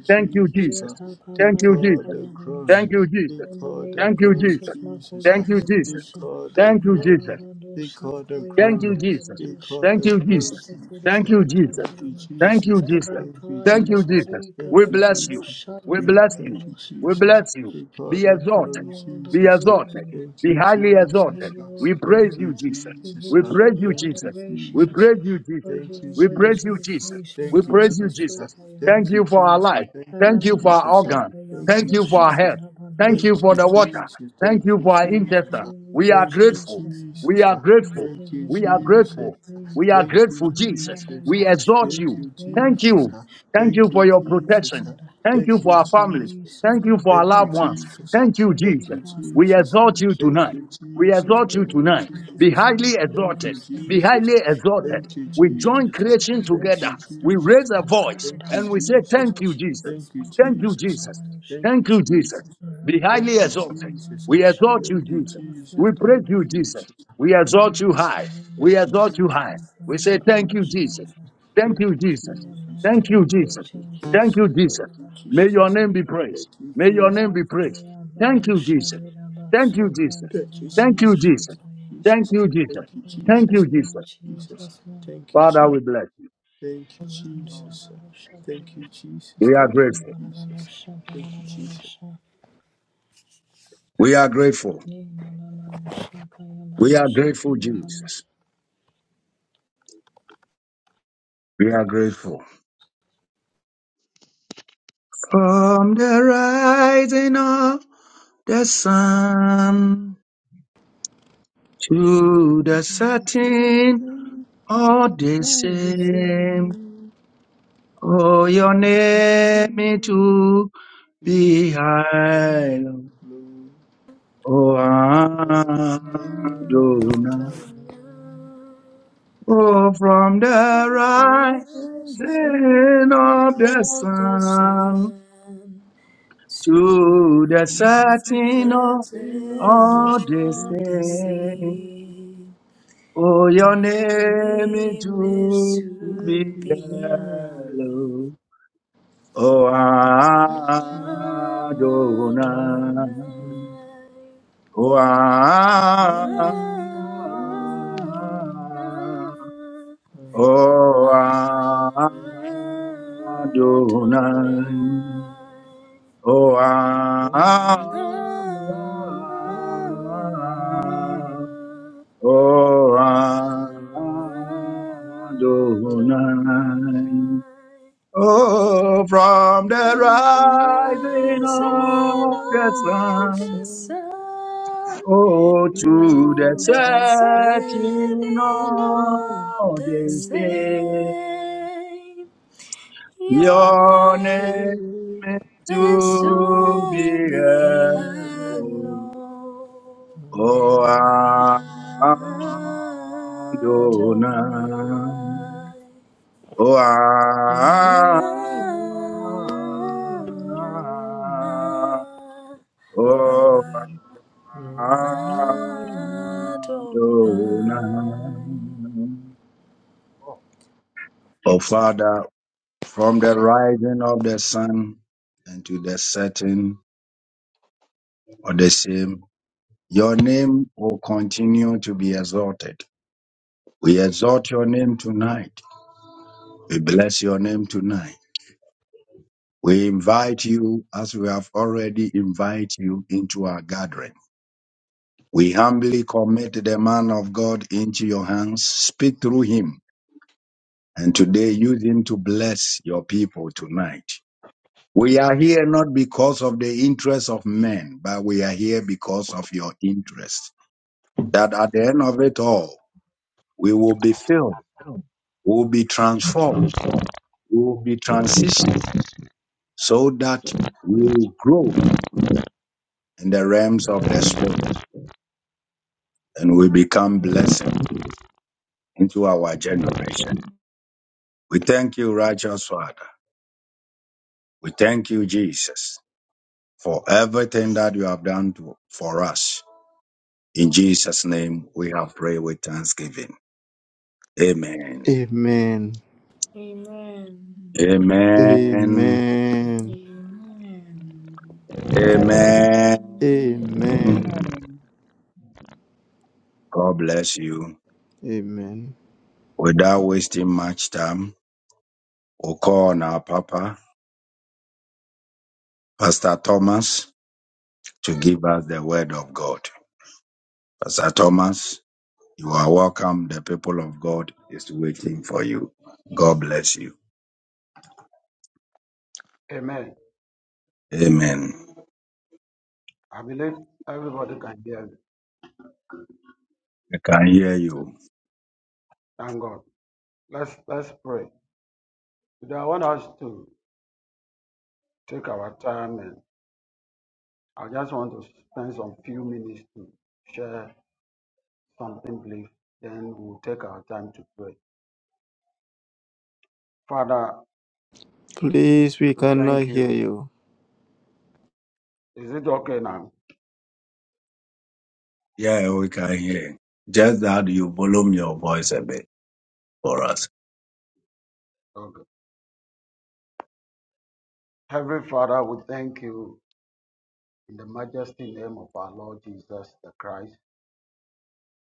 Speaker 1: Thank you,
Speaker 2: Yeah,
Speaker 1: Jesus.
Speaker 2: pa- pa-
Speaker 1: Thank
Speaker 2: pa-
Speaker 1: you,
Speaker 2: ra-
Speaker 1: Jesus.
Speaker 2: pa- ya- ma- no-
Speaker 1: Thank
Speaker 2: sha.
Speaker 1: you, Jesus.
Speaker 2: In the name
Speaker 1: Thank
Speaker 2: of
Speaker 1: you, Jesus.
Speaker 2: Jesus, Makoya
Speaker 1: Thank you, Jesus.
Speaker 2: Nurabasa,
Speaker 1: Thank you, Jesus.
Speaker 2: Yababa Dosa, Kaya
Speaker 1: Thank you, Jesus.
Speaker 2: Nurabadosha,
Speaker 1: Thank you, Jesus.
Speaker 2: Yamanasa,
Speaker 1: Thank you,
Speaker 2: Terebirosa,
Speaker 1: Jesus.
Speaker 2: Taraba,
Speaker 1: Thank you, Jesus.
Speaker 2: Rapa, in
Speaker 1: Thank
Speaker 2: the
Speaker 1: you,
Speaker 2: Hare,
Speaker 1: Jesus. We
Speaker 2: Kadalala
Speaker 1: bless you.
Speaker 2: Rosa,
Speaker 1: We bless you.
Speaker 2: Nurabirosa,
Speaker 1: We
Speaker 2: Taraba.
Speaker 1: bless you. Be
Speaker 2: We give
Speaker 1: exalted.
Speaker 2: you all the
Speaker 1: Be exalted.
Speaker 2: glory,
Speaker 1: Be highly
Speaker 2: we give
Speaker 1: exalted.
Speaker 2: you all
Speaker 1: We
Speaker 2: the
Speaker 1: praise
Speaker 2: honor,
Speaker 1: you, Jesus.
Speaker 2: we give
Speaker 1: We
Speaker 2: you all
Speaker 1: praise you,
Speaker 2: the
Speaker 1: Jesus. We
Speaker 2: adoration,
Speaker 1: praise you,
Speaker 2: for
Speaker 1: Jesus.
Speaker 2: you are
Speaker 1: We
Speaker 2: worthy
Speaker 1: praise
Speaker 2: to
Speaker 1: you,
Speaker 2: be
Speaker 1: Jesus.
Speaker 2: praised,
Speaker 1: We praise you, Jesus.
Speaker 2: Nurabasuka,
Speaker 1: Thank you for our life. Thank
Speaker 2: Thank
Speaker 1: you for our organ.
Speaker 2: you,
Speaker 1: Thank you for our health. Thank you for the water. Thank you for our intestine. We are grateful.
Speaker 2: Jesus.
Speaker 1: We are
Speaker 2: Thank you
Speaker 1: grateful.
Speaker 2: for the
Speaker 1: We are
Speaker 2: name
Speaker 1: grateful.
Speaker 2: of the
Speaker 1: We
Speaker 2: great,
Speaker 1: are
Speaker 2: for
Speaker 1: grateful,
Speaker 2: the
Speaker 1: Jesus.
Speaker 2: blood that
Speaker 1: We
Speaker 2: runs
Speaker 1: exalt
Speaker 2: through
Speaker 1: you.
Speaker 2: our
Speaker 1: Thank
Speaker 2: veins.
Speaker 1: you. Thank you
Speaker 2: Thank
Speaker 1: for your
Speaker 2: you,
Speaker 1: protection.
Speaker 2: Lord,
Speaker 1: Thank you
Speaker 2: for
Speaker 1: for our
Speaker 2: the
Speaker 1: families.
Speaker 2: grace that
Speaker 1: Thank you
Speaker 2: you
Speaker 1: for our
Speaker 2: have
Speaker 1: loved
Speaker 2: given
Speaker 1: ones.
Speaker 2: us.
Speaker 1: Thank you,
Speaker 2: Thank you
Speaker 1: Jesus.
Speaker 2: for our
Speaker 1: We
Speaker 2: lives.
Speaker 1: exalt
Speaker 2: Thank
Speaker 1: you
Speaker 2: you.
Speaker 1: tonight. We exalt you
Speaker 2: Oh,
Speaker 1: tonight.
Speaker 2: thank you
Speaker 1: Be
Speaker 2: for your
Speaker 1: highly exalted.
Speaker 2: guidance.
Speaker 1: Be
Speaker 2: Thank you
Speaker 1: highly
Speaker 2: for
Speaker 1: exalted.
Speaker 2: your
Speaker 1: We
Speaker 2: provisions,
Speaker 1: join
Speaker 2: for your
Speaker 1: creation together.
Speaker 2: directions. uh,
Speaker 1: We raise a
Speaker 2: And
Speaker 1: voice
Speaker 2: guide us
Speaker 1: and we
Speaker 2: in the
Speaker 1: say,
Speaker 2: name
Speaker 1: Thank
Speaker 2: of
Speaker 1: you, Jesus.
Speaker 2: Jesus, my
Speaker 1: Thank you,
Speaker 2: Lord and
Speaker 1: Jesus.
Speaker 2: our Lord.
Speaker 1: Thank you, Jesus. Be highly
Speaker 2: Rabbi
Speaker 1: exalted.
Speaker 2: Yakama
Speaker 1: We
Speaker 2: Moshe
Speaker 1: exalt you,
Speaker 2: Dilera
Speaker 1: Jesus. We praise you,
Speaker 2: Masakinaraba.
Speaker 1: Jesus. We
Speaker 2: In the
Speaker 1: exalt you
Speaker 2: mighty
Speaker 1: high.
Speaker 2: name of
Speaker 1: We exalt
Speaker 2: Jesus,
Speaker 1: you
Speaker 2: my
Speaker 1: high.
Speaker 2: Lord
Speaker 1: We
Speaker 2: and
Speaker 1: say
Speaker 2: our
Speaker 1: thank you, Jesus.
Speaker 2: Lord.
Speaker 1: Thank you, Jesus.
Speaker 2: In the mighty
Speaker 1: Thank you,
Speaker 2: name of
Speaker 1: Jesus.
Speaker 2: Jesus,
Speaker 1: Thank
Speaker 2: my
Speaker 1: you,
Speaker 2: God
Speaker 1: Jesus.
Speaker 2: and our
Speaker 1: May your name be
Speaker 2: Lord.
Speaker 1: praised. May your name be praised.
Speaker 2: Rakaya
Speaker 3: Father,
Speaker 1: Thank you,
Speaker 3: thank
Speaker 2: Badosha
Speaker 1: Jesus.
Speaker 2: Dilaba
Speaker 1: Thank you,
Speaker 2: Suka
Speaker 1: Jesus.
Speaker 2: Dilaba
Speaker 1: Thank you,
Speaker 2: Nosha
Speaker 1: Jesus. Thank you, Jesus.
Speaker 2: in the
Speaker 1: Thank you,
Speaker 2: name of
Speaker 1: Jesus.
Speaker 2: Jesus,
Speaker 1: Father,
Speaker 2: Makuranda
Speaker 1: we bless you.
Speaker 3: you, Lord.
Speaker 2: Lavanosha
Speaker 1: We are grateful.
Speaker 2: Nidalabanosha, Dalalabanosha,
Speaker 1: We are grateful.
Speaker 2: Nidalabanosha,
Speaker 1: We are
Speaker 2: Kayamanosha,
Speaker 1: grateful, Jesus.
Speaker 2: Sayamanosha.
Speaker 1: We are grateful. From the rising of the sun To the certain, all the same. Oh, your name is to be high. Oh, Adonai. Oh, from the rising
Speaker 2: I shall
Speaker 1: of the
Speaker 2: not
Speaker 1: sun
Speaker 2: descend to
Speaker 1: to the setting
Speaker 2: the
Speaker 1: of
Speaker 2: fountain
Speaker 1: all the
Speaker 2: of the
Speaker 1: same.
Speaker 2: sea.
Speaker 1: Oh, your
Speaker 2: Your
Speaker 1: name is
Speaker 2: name is
Speaker 1: to be
Speaker 2: to be high,
Speaker 1: hallowed. O
Speaker 2: Adonai.
Speaker 1: Adonai, O Adonai, O
Speaker 2: Adonai.
Speaker 1: Adonai, O Adonai, O
Speaker 2: Adonai.
Speaker 1: Oh, from
Speaker 2: The
Speaker 1: the
Speaker 2: rising
Speaker 1: rising of the
Speaker 2: of
Speaker 1: sun
Speaker 2: the sun
Speaker 1: Oh, to the
Speaker 2: to the
Speaker 1: searching
Speaker 2: setting of
Speaker 1: of
Speaker 2: the
Speaker 1: the day,
Speaker 2: same. Your
Speaker 1: your
Speaker 2: name
Speaker 1: name is
Speaker 2: is
Speaker 1: to be
Speaker 2: to be hallowed.
Speaker 1: hallowed. Oh, Adonai.
Speaker 2: Adonai.
Speaker 1: Oh,
Speaker 2: Ah, ah,
Speaker 1: O
Speaker 2: Adonai.
Speaker 4: Oh,
Speaker 1: Father, from the rising of the sun and to the setting of the same, your name will continue to be exalted. We exalt your name tonight. We bless your name tonight. We invite you, as we have already invited you, into our gathering. We humbly commit the man of God into your hands. Speak through him And today, use him to bless your people tonight. We are here not because of the interest of men, but we are here because of your interest. That at the end of it all, we will be filled, we will be transformed, we will be transitioned so that we will grow in the realms of the spirit and we become blessing into our generation. We thank you, righteous Father. We thank you, Jesus, for everything that you have done to, for us. In Jesus' name, we have prayed with thanksgiving. Amen.
Speaker 5: Amen.
Speaker 2: Amen.
Speaker 3: Amen.
Speaker 1: Amen.
Speaker 5: Amen.
Speaker 2: Amen.
Speaker 3: Amen.
Speaker 1: Amen.
Speaker 3: Amen.
Speaker 2: Amen.
Speaker 3: Lord,
Speaker 5: Amen.
Speaker 3: thank
Speaker 1: God bless you.
Speaker 5: Amen.
Speaker 1: Without wasting much time, we'll call on our Papa, Pastor Thomas, to give us the word of God. Pastor Thomas, you are welcome. The people of God is waiting for you. God bless you.
Speaker 4: Amen.
Speaker 1: Amen.
Speaker 4: I believe everybody can hear me.
Speaker 1: We can hear you.
Speaker 4: Thank God. Let's let's pray. Today I want us to take our time and I just want to spend some few minutes to share something brief. Then we'll take our time to pray. Father,
Speaker 5: Please, we
Speaker 4: we
Speaker 5: cannot
Speaker 4: thank
Speaker 5: hear
Speaker 4: you.
Speaker 5: you.
Speaker 4: Is it okay now?
Speaker 1: Yeah, we can hear. Just that you volume your voice a bit for us.
Speaker 4: Okay. Heavenly Father, we thank you in the majesty name of our Lord Jesus the Christ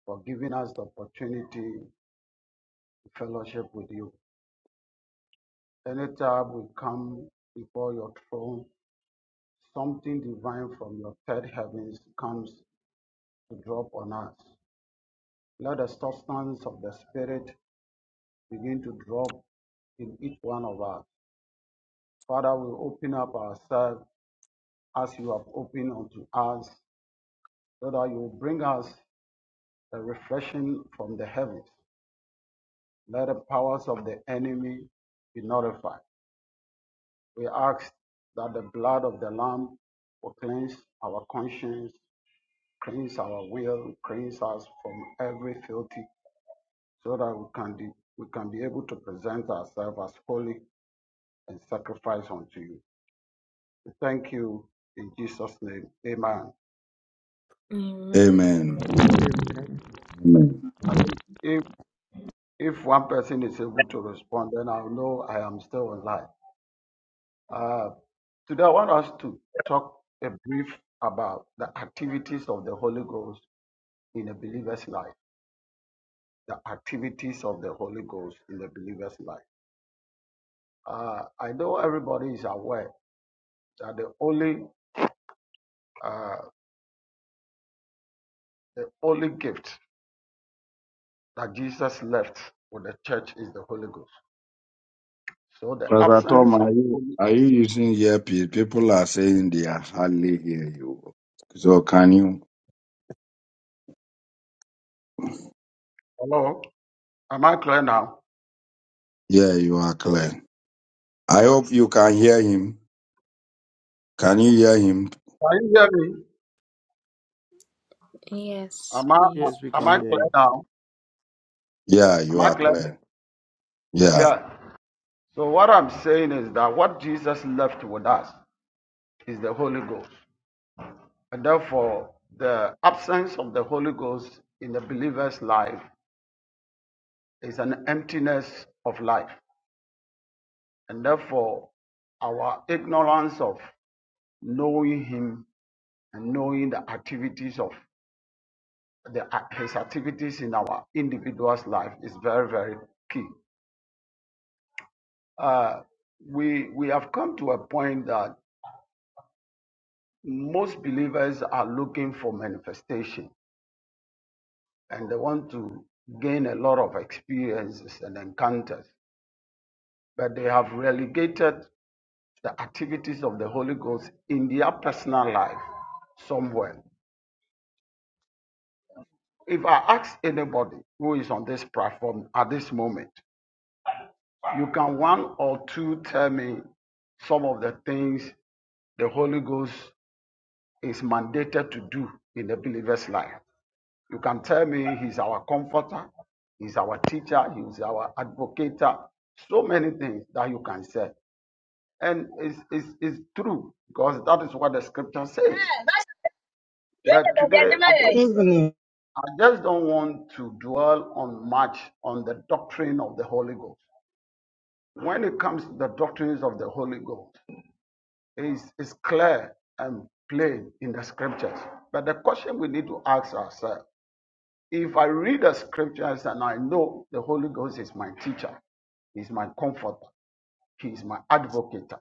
Speaker 4: for giving us the opportunity to fellowship with you Anytime we come before your throne, something divine from your third heavens comes to drop on us. Let the substance of the Spirit begin to drop in each one of us. Father, we open up ourselves as you have opened unto us, so that you will bring us the refreshing from the heavens. Let the powers of the enemy be nullified. We ask that the blood of the Lamb will cleanse our conscience cleanse our will, cleanse us from every filthy, so that we can be, we can be able to present ourselves as holy and sacrifice unto you. We thank you in Jesus' name. Amen.
Speaker 2: Amen.
Speaker 1: Amen. Amen.
Speaker 4: At least if if one person is able to respond, then I'll know I am still online. Uh, today I want us to talk a brief about the activities of the Holy Ghost in a believer's life. The activities of the Holy Ghost in the believer's life. Uh, I know everybody is aware that the only uh, the only gift that Jesus left with the church is the Holy Ghost. So the
Speaker 1: Pastor
Speaker 4: absence
Speaker 1: Tom, are
Speaker 4: of the
Speaker 1: you,
Speaker 4: Holy
Speaker 1: are you using earpiece? People are saying they are hardly hear you. So can you?
Speaker 4: Hello, am I clear now?
Speaker 1: Yeah, you are clear. I hope you can hear him. Can you hear him?
Speaker 4: Can you hear me?
Speaker 2: Yes,
Speaker 4: Am I
Speaker 5: Yes,
Speaker 2: please.
Speaker 5: we
Speaker 4: am
Speaker 5: can
Speaker 4: I
Speaker 5: hear you.
Speaker 4: clear now?
Speaker 1: Yeah, you
Speaker 4: Am I
Speaker 1: are
Speaker 4: clear?
Speaker 1: clear. Yeah.
Speaker 4: Yeah. So what I'm saying is that what Jesus left with us is the Holy Ghost, and therefore the absence of the Holy Ghost in the believer's life is an emptiness of life, and therefore our ignorance of knowing him and knowing the activities of the uh, his activities in our individual's life is very very key uh, we we have come to a point that most believers are looking for manifestation and they want to gain a lot of experiences and encounters but they have relegated the activities of the holy ghost in their personal life somewhere if i ask anybody who is on this platform at this moment You can one or two tell me some of the things the Holy Ghost is mandated to do in the believer's life. You can tell me he's our comforter, he's our teacher, he's our advocator, so many things that you can say. And it's, it's, it's true because that is what the scripture
Speaker 6: That's
Speaker 4: says.
Speaker 6: better,
Speaker 4: But
Speaker 6: but they're
Speaker 4: today, I, don't-
Speaker 6: different. Even if-
Speaker 4: I just don't want to dwell on much on the doctrine of the Holy Ghost. When it comes to the doctrines of the Holy Ghost, is, is clear and plain in the scriptures. But the question we need to ask ourselves if I read the scriptures and I know the Holy Ghost is my teacher, he's my comforter, he's my advocate,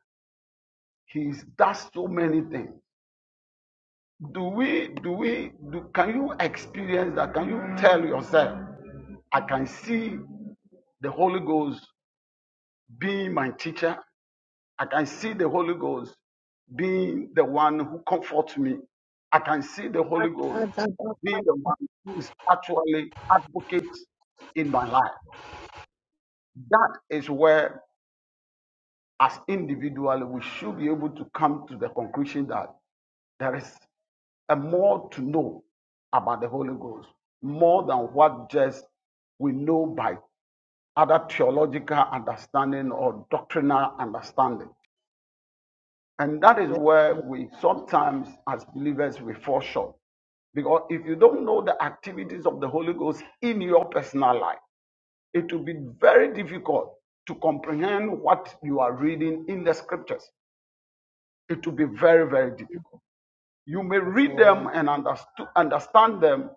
Speaker 4: he does so many things. Do we, do we, do, can you experience that? Can you tell yourself, I can see the Holy Ghost being my teacher? I can see the Holy Ghost being the one who comforts me. I can see the Holy Ghost
Speaker 7: Adaba
Speaker 4: being the one who is actually advocate in my life. That is where, as individually, we should be able to come to the conclusion that there is a more to know about the Holy Ghost, more than what just we know by other theological understanding or doctrinal understanding. And that is
Speaker 8: Yes,
Speaker 4: where
Speaker 8: the
Speaker 4: we sometimes, as believers, we fall short. Because if you don't know the activities of the Holy Ghost in your personal life, it will be very difficult to comprehend what you are reading in the scriptures. It will be very, very difficult. You may read them and understu- understand them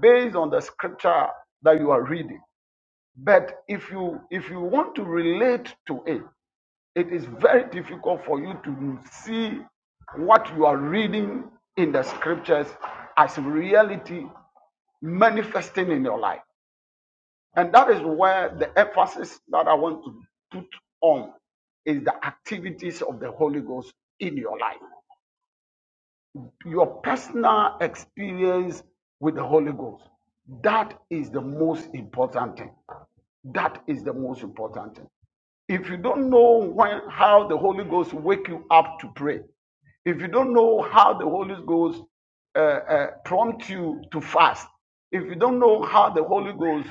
Speaker 4: based on the scripture that you are reading. But if you if you want to relate to it, it is very difficult for you to see what you are reading in the scriptures as reality manifesting in your life. And that is where the emphasis that I want to put on is the activities of the Holy Ghost in your life your personal experience with the Holy Ghost. That is the most important thing. That is the most important thing. If you don't know when how the Holy Ghost wake you up to pray, if you don't know how the Holy Ghost uh, uh, prompt you to fast, if you don't know how the Holy Ghost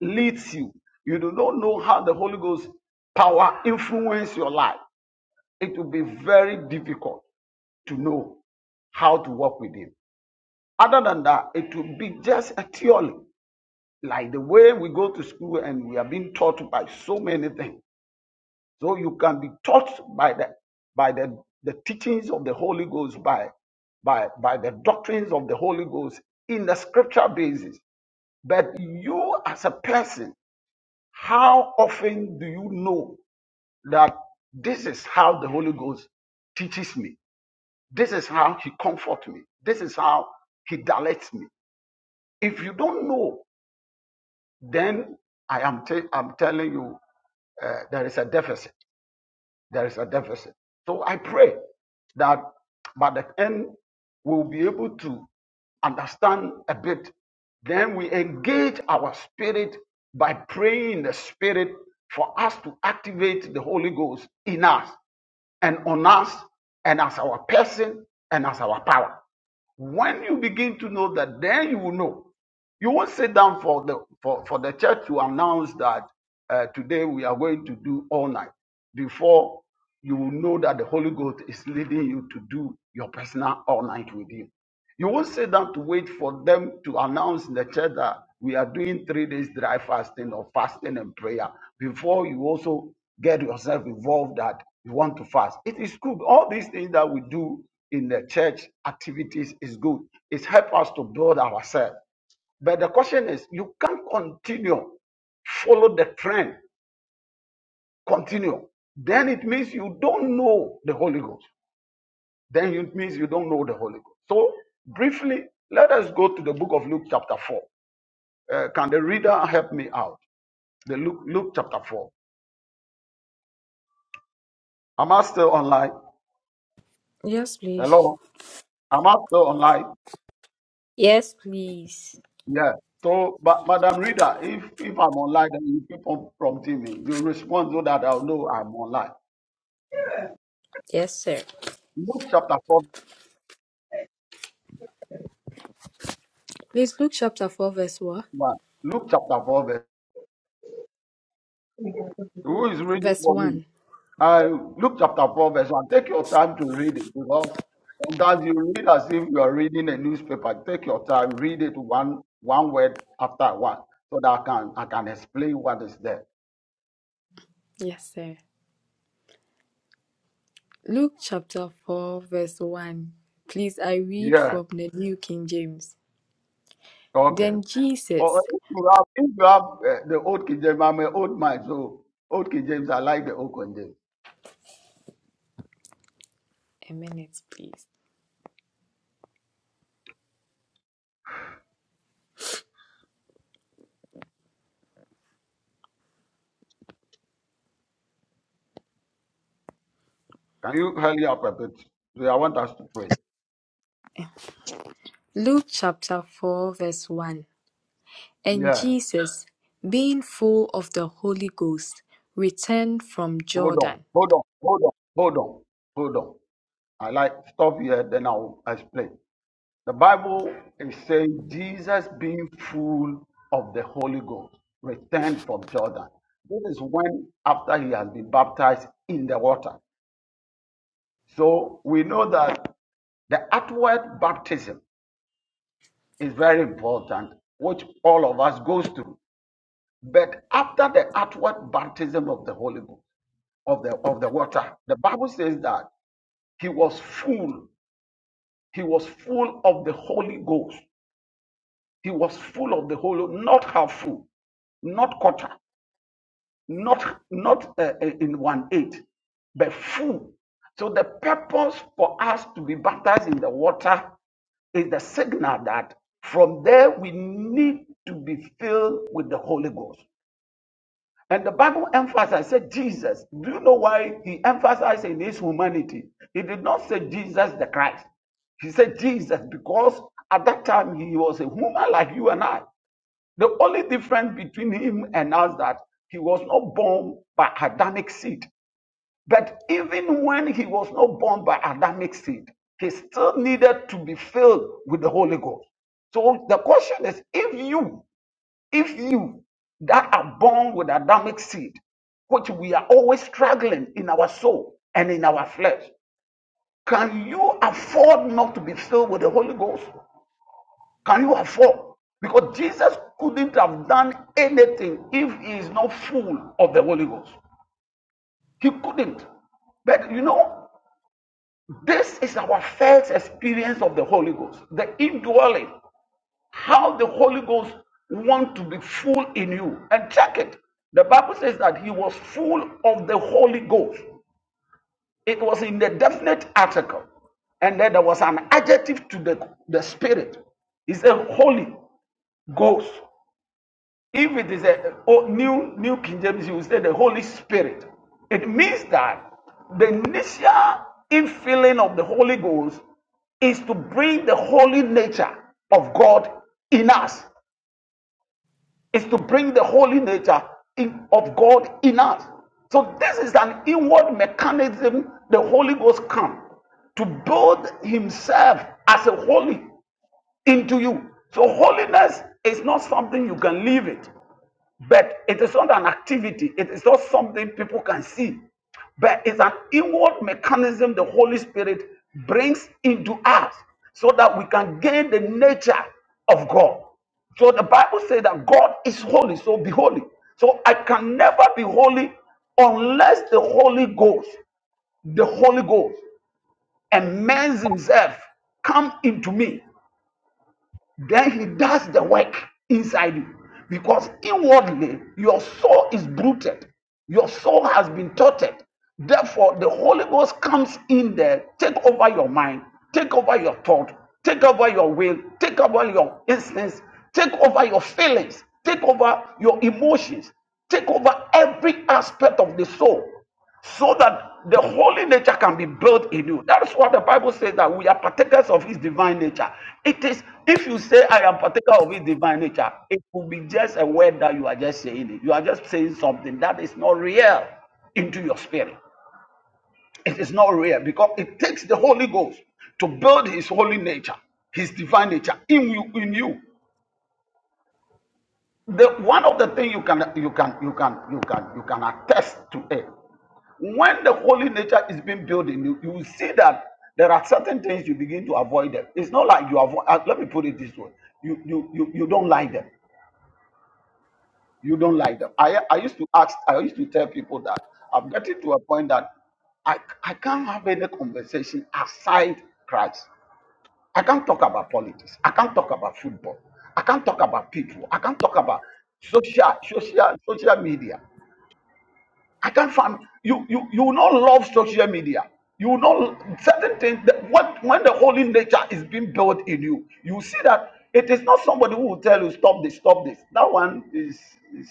Speaker 4: leads you, you do not know how the Holy Ghost power influences your life, it will be very difficult to know how to walk with Him. Other than that, it will be just a theory, like the way we go to school and we are being taught by so many things. So you can be taught by the by the, the teachings of the Holy Ghost, by by by the doctrines of the Holy Ghost in the scripture basis. But you as a person, how often do you know that this is how the Holy Ghost teaches me? This is how he comforts me. This is how he directs me. If you don't know, then I am i am telling you uh, there is a deficit. There is a deficit. So I pray that by the end we'll be able to understand a bit. Then we engage our spirit by praying in the spirit for us to activate the Holy Ghost in us and on us and as our person and as our power. When you begin to know that, then you will know. You won't sit down for the for, for the church to announce that uh, today we are going to do all night before you will know that the Holy Ghost is leading you to do your personal all night with Him. You won't sit down to wait for them to announce in the church that we are doing three days dry fasting or fasting and prayer before you also get yourself involved that you want to fast. It is good. All these things that we do in the church activities is good. It helps us to build ourselves. But the question is, you can't continue, follow the trend, continue. Then it means you don't know the Holy Ghost. Then it means you don't know the Holy Ghost. So, briefly, let us go to the book of Luke, chapter 4. Uh, can the reader help me out? The Luke, Luke chapter 4. Am I still online?
Speaker 2: Yes, please.
Speaker 4: Hello? Am I still online?
Speaker 2: Yes, please.
Speaker 4: Yeah. So, but Madam Reader, if, if I'm online then you keep on prompting me, you respond so that I'll know I'm online.
Speaker 2: Yes, sir.
Speaker 4: Luke chapter 4, verse
Speaker 2: Please, Luke chapter 4, verse what?
Speaker 4: 1. Luke chapter 4, verse Who is reading
Speaker 2: Verse
Speaker 4: for me?
Speaker 2: 1.
Speaker 4: I Luke chapter 4, verse 1. Take your time to read it because sometimes you read as if you are reading a newspaper. Take your time, read it one one word after one so that I can I can explain what is there.
Speaker 2: Yes, sir. Luke chapter 4, verse 1. Please, I read
Speaker 4: Yeah.
Speaker 2: from the New King James.
Speaker 4: Okay.
Speaker 2: Then
Speaker 4: Or
Speaker 2: Jesus.
Speaker 4: if you have, if you have uh, the old King James, I'm an old man, so old King James, I like the old King James.
Speaker 2: A minute, please.
Speaker 4: Can you hurry up a bit? So I want us to pray.
Speaker 2: Luke chapter 4, verse 1. And
Speaker 4: Yeah.
Speaker 2: Jesus, being full of the Holy Ghost, returned from
Speaker 4: Hold on.
Speaker 2: Jordan
Speaker 4: Hold on. Hold on. Hold on. Hold on. I like stop here, then I'll explain. The Bible is saying Jesus, being full of the Holy Ghost, returned from Jordan. This is when, after he has been baptized in the water. So we know that the outward baptism is very important, which all of us goes through. But after the outward baptism of the Holy Ghost, of the of the water, the Bible says that he was full. He was full of the Holy Ghost. He was full of the Holy, not half full, not quarter. not not uh, uh, in one eight, but full. So the purpose for us to be baptized in the water is the signal that from there we need to be filled with the Holy Ghost. And the Bible emphasized, said Jesus. Do you know why he emphasized in his humanity? He did not say Jesus the Christ. He said Jesus because at that time he was a human like you and I. The only difference between him and us is that he was not born by Adamic seed. But even when he was not born by Adamic seed, he still needed to be filled with the Holy Ghost. So the question is if you, if you that are born with Adamic seed, which we are always struggling in our soul and in our flesh, can you afford not to be filled with the Holy Ghost? Can you afford? Because Jesus couldn't have done anything if he is not full of the Holy Ghost. He couldn't. But you know, this is our first experience of the Holy Ghost, the indwelling, how the Holy Ghost wants to be full in you. And check it. The Bible says that he was full of the Holy Ghost. It was in the definite article. And then there was an adjective to the, the spirit. He said, Holy Ghost. If it is a oh, new New King James, you will say the Holy Spirit. It means that the initial infilling of the Holy Ghost is to bring the holy nature of God in us. Is to bring the holy nature in, of God in us. So this is an inward mechanism the Holy Ghost comes to build himself as a holy into you. So holiness is not something you can leave it. But it is not an activity, it is not something people can see. But it's an inward mechanism the Holy Spirit brings into us so that we can gain the nature of God. So the Bible says that God is holy, so be holy. So I can never be holy unless the Holy Ghost, the Holy Ghost, and man's himself come into me. Then he does the work inside you. Because inwardly, your soul is bruited, your soul has been tortured. Therefore, the Holy Ghost comes in there, take over your mind, take over your thought, take over your will, take over your instincts, take over your feelings, take over your emotions, take over every aspect of the soul so that the holy nature can be built in you. That is what the Bible says that we are partakers of His divine nature. It is, if you say, I am partaker of His divine nature, it will be just a word that you are just saying it. You are just saying something that is not real into your spirit. It is not real because it takes the Holy Ghost to build His holy nature, His divine nature in you. In you, the one of the things you can you can you can you can you can attest to it When the holy nature is being built in you, you will see that there are certain things you begin to avoid them. It's not like you avoid. uh, Let me put it this way: you you you you don't like them. You don't like them. I I used to ask. I used to tell people that I'm getting to a point that I, I can't have any conversation aside Christ. I can't talk about politics. I can't talk about football. I can't talk about people. I can't talk about social social social media. I can't find you. You you will not love social media. You will not certain things that what when the holy nature is being built in you, you see that it is not somebody who will tell you stop this, stop this. That one is is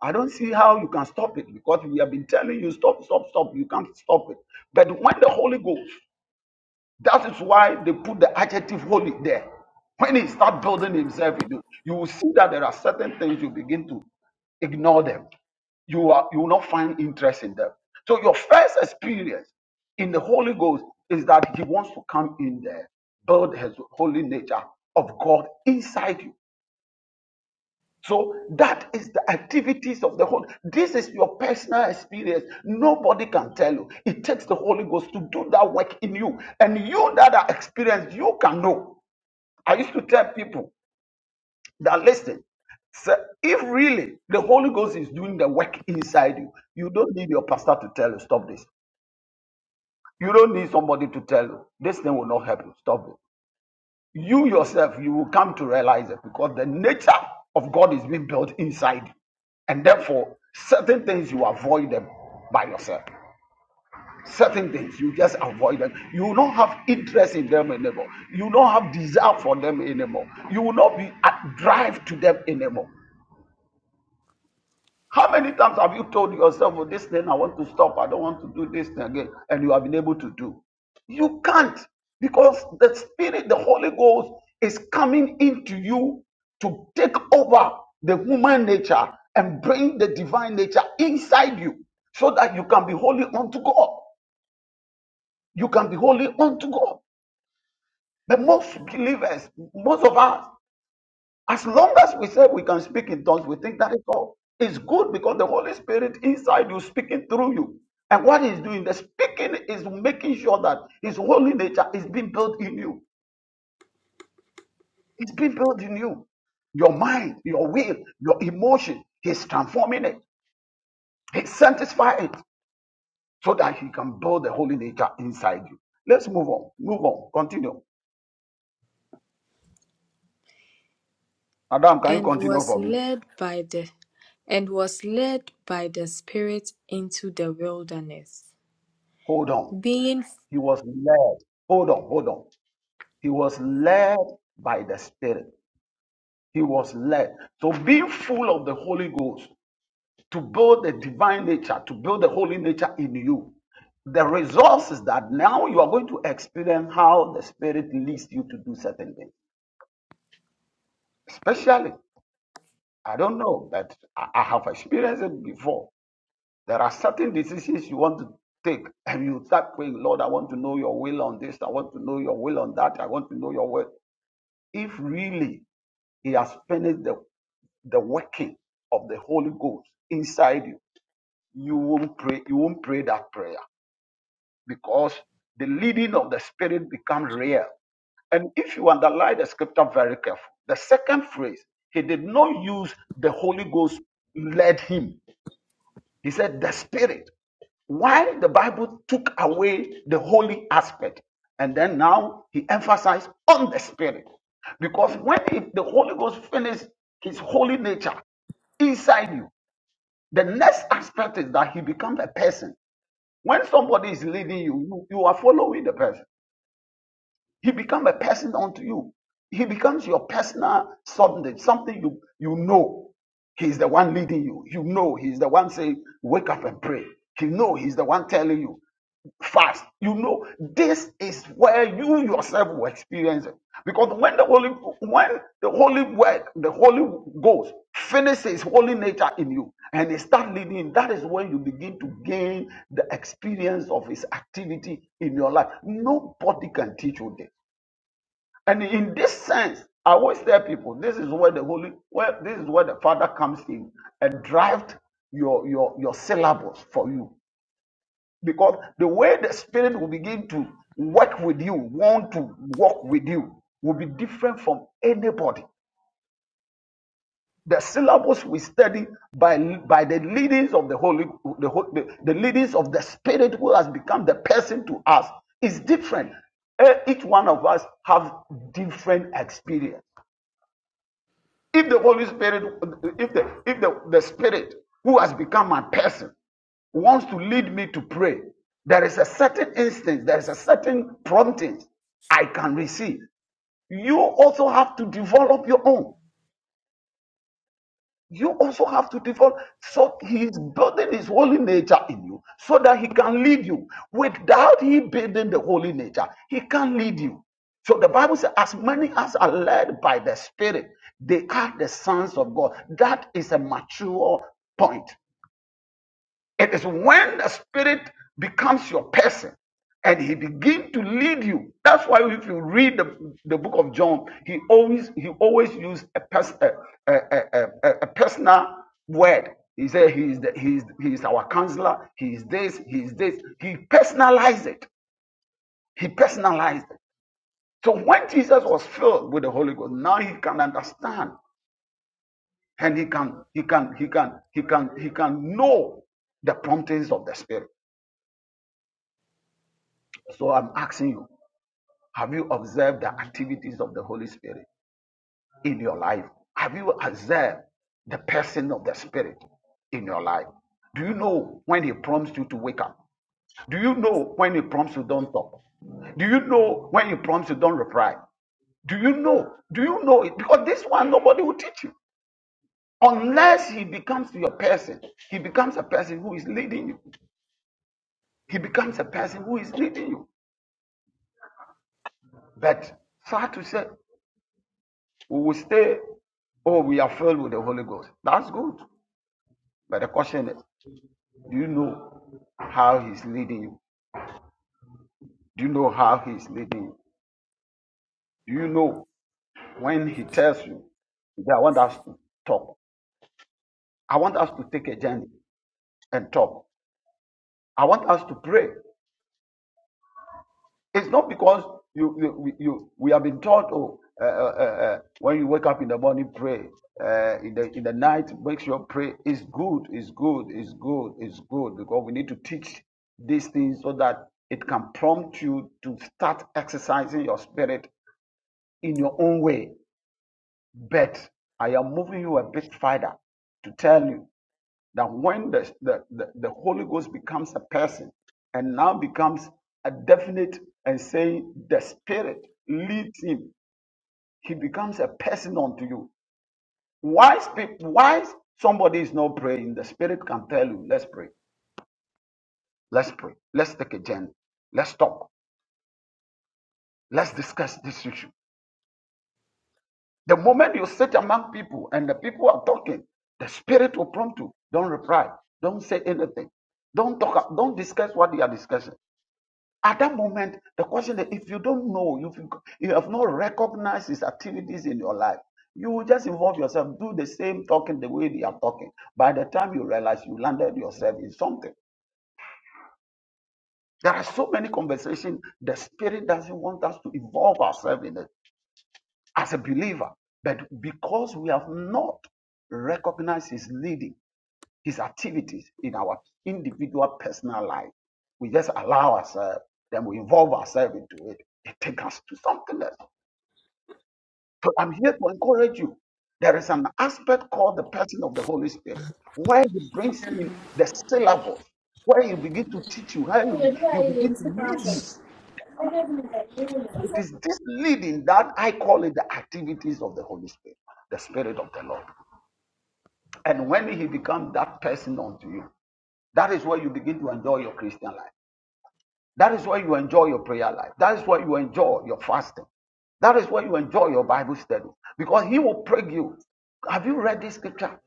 Speaker 4: I don't see how you can stop it because we have been telling you stop, stop, stop. You can't stop it. But when the Holy Ghost, that is why they put the adjective holy there. When he start building himself in you, you will see that there are certain things you begin to Ignore them. You are you will not find interest in them. So your first experience in the Holy Ghost is that He wants to come in there, build His holy nature of God inside you. So that is the activities of the Holy. This is your personal experience. Nobody can tell you. It takes the Holy Ghost to do that work in you, and you that are experienced, you can know. I used to tell people that listen so if really the holy ghost is doing the work inside you you don't need your pastor to tell you stop this you don't need somebody to tell you this thing will not help you stop it you yourself you will come to realize it because the nature of god is being built inside you and therefore certain things you avoid them by yourself certain things you just avoid them you don't have interest in them anymore you don't have desire for them anymore you will not be at drive to them anymore How many times have you told yourself, oh, this thing, I want to stop. I don't want to do this thing again. And you have been able to do. You can't because the Spirit, the Holy Ghost is coming into you to take over the human nature and bring the divine nature inside you so that you can be holy unto God. You can be holy unto God. But most believers, most of us, As long as we say we can speak in tongues, we think that is all. It's good because the Holy Spirit inside you speaking through you. And what he's doing, the speaking is making sure that his holy nature is being built in you. It's being built in you. Your mind, your will, your emotion. He's transforming it. He's sanctifying it so that he can build the holy nature inside you. Let's move on. Move on. Continue. Adam, can you
Speaker 2: and
Speaker 4: continue
Speaker 2: was
Speaker 4: for me?
Speaker 2: led by the and was led by the Spirit into the wilderness,
Speaker 4: Hold on.
Speaker 2: being
Speaker 4: He was led. Hold on. Hold on. He was led by the Spirit. He was led. So being full of the Holy Ghost to build the divine nature, to build the holy nature in you. The result is that now you are going to experience how the Spirit leads you to do certain things. Especially, I don't know, but I I have experienced it before. There are certain decisions you want to take, and you start praying, Lord, I want to know your will on this, I want to know your will on that, I want to know your will. If really he has finished the the working of the Holy Ghost inside you, you won't pray, you won't pray that prayer because the leading of the Spirit becomes real. And if you underline the scripture very careful, the second phrase, he did not use the Holy Ghost led him. He said the Spirit. Why the Bible took away the holy aspect, and then now he emphasized on the Spirit. Because when the Holy Ghost finished his holy nature inside you, The next aspect is that he becomes a person. When somebody is leading you, you, you are following the person. He becomes a person unto you. He becomes your personal subject, something you, you know. He's the one leading you. You know he's the one saying, wake up and pray. You know he's the one telling you fast. You know, this is where you yourself will experience it. Because when the holy when the holy work, the holy ghost finishes holy nature in you and it start leading, that is when you begin to gain the experience of his activity in your life. Nobody can teach you this. And in this sense, I always tell people this is where the holy where this is where the father comes in and drives your your your syllabus for you because the way the Spirit will begin to work with you, want to work with you, will be different from anybody. The syllabus we study by, by the leadings of the Holy, the, the, the leadings of the Spirit who has become the person to us is different. Eh, Each one of us have different experience. If the Holy Spirit, if the if the, the Spirit who has become my person wants to lead me to pray, there is a certain instinct, there is a certain prompting I can receive. You also have to develop your own you also have to develop so he's building his holy nature in you so that he can lead you without he building the holy nature he can not lead you so the bible says as many as are led by the spirit they are the sons of god that is a mature point it is when the Spirit becomes your person and He begins to lead you. That's why if you read the, the book of John, he always he always used a, pers- a, a, a, a, a personal word. He said he is the, he is he is our counselor. He is this. He is this. He personalized it. He personalized it. So when Jesus was filled with the Holy Ghost, now he can understand and he can he can he can he can he can know the promptings of the Spirit. So I'm asking you, have you observed the activities of the Holy Spirit in your life? Have you observed the person of the Spirit in your life? Do you know when He prompts you to wake up? Do you know when He prompts you don't talk? Do you know when He prompts you don't reply? Do you know? Do you know it? Because this one nobody will teach you unless He becomes your person. He becomes a person who is leading you. He becomes a person who is leading you. But sad to say, We will stay, oh, we are filled with the Holy Ghost. That's good. But the question is, do you know how He's leading you? Do you know how He's leading you? Do you know when He tells you that I want us to talk? I want us to take a journey and talk. I want us to pray. It's not because you, you, we- you we have been taught, oh, uh, uh, uh, uh, when you wake up in the morning, pray. Uh, in the in the night, make sure pray. It's good, it's good, it's good, it's good because we need to teach these things so that it can prompt you to start exercising your spirit in your own way. But I am moving you a bit further to tell you that when the, the, the, the Holy Ghost becomes a person and now becomes a definite and saying the Spirit leads him, he becomes a person unto you. Why, why somebody is not praying? The Spirit can tell you, let's pray, let's pray, let's take a journey, let's talk, let's discuss this issue. The moment you sit among people and the people are talking, the Spirit will prompt you, don't reply, don't say anything, don't talk, don't discuss what they are discussing. At that moment, the question is: if you don't know, if you, you have not recognized his activities in your life, you will just involve yourself, do the same talking the way they are talking. By the time you realize you landed yourself in something, there are so many conversations the spirit doesn't want us to involve ourselves in it as a believer. But because we have not recognized his leading, his activities in our individual personal life. We just allow ourselves, then we involve ourselves into it. It takes us to something else. So I'm here to encourage you. There is an aspect called the person of the Holy Spirit, where he brings in the syllables, where he begin to teach you, where He
Speaker 9: i ay
Speaker 4: begin to
Speaker 9: yirmisi
Speaker 4: lead
Speaker 9: bazen.
Speaker 4: you.
Speaker 9: O da bir de yirmi.
Speaker 4: It is this leading that I call it the activities of the Holy Spirit, the Spirit of the Lord. And when he becomes that person unto you, that is where you begin to enjoy your Christian life. That is where you enjoy your prayer life. That is where you enjoy your fasting. That is where you enjoy your Bible study. Because he will pray you. Have you read this scripture?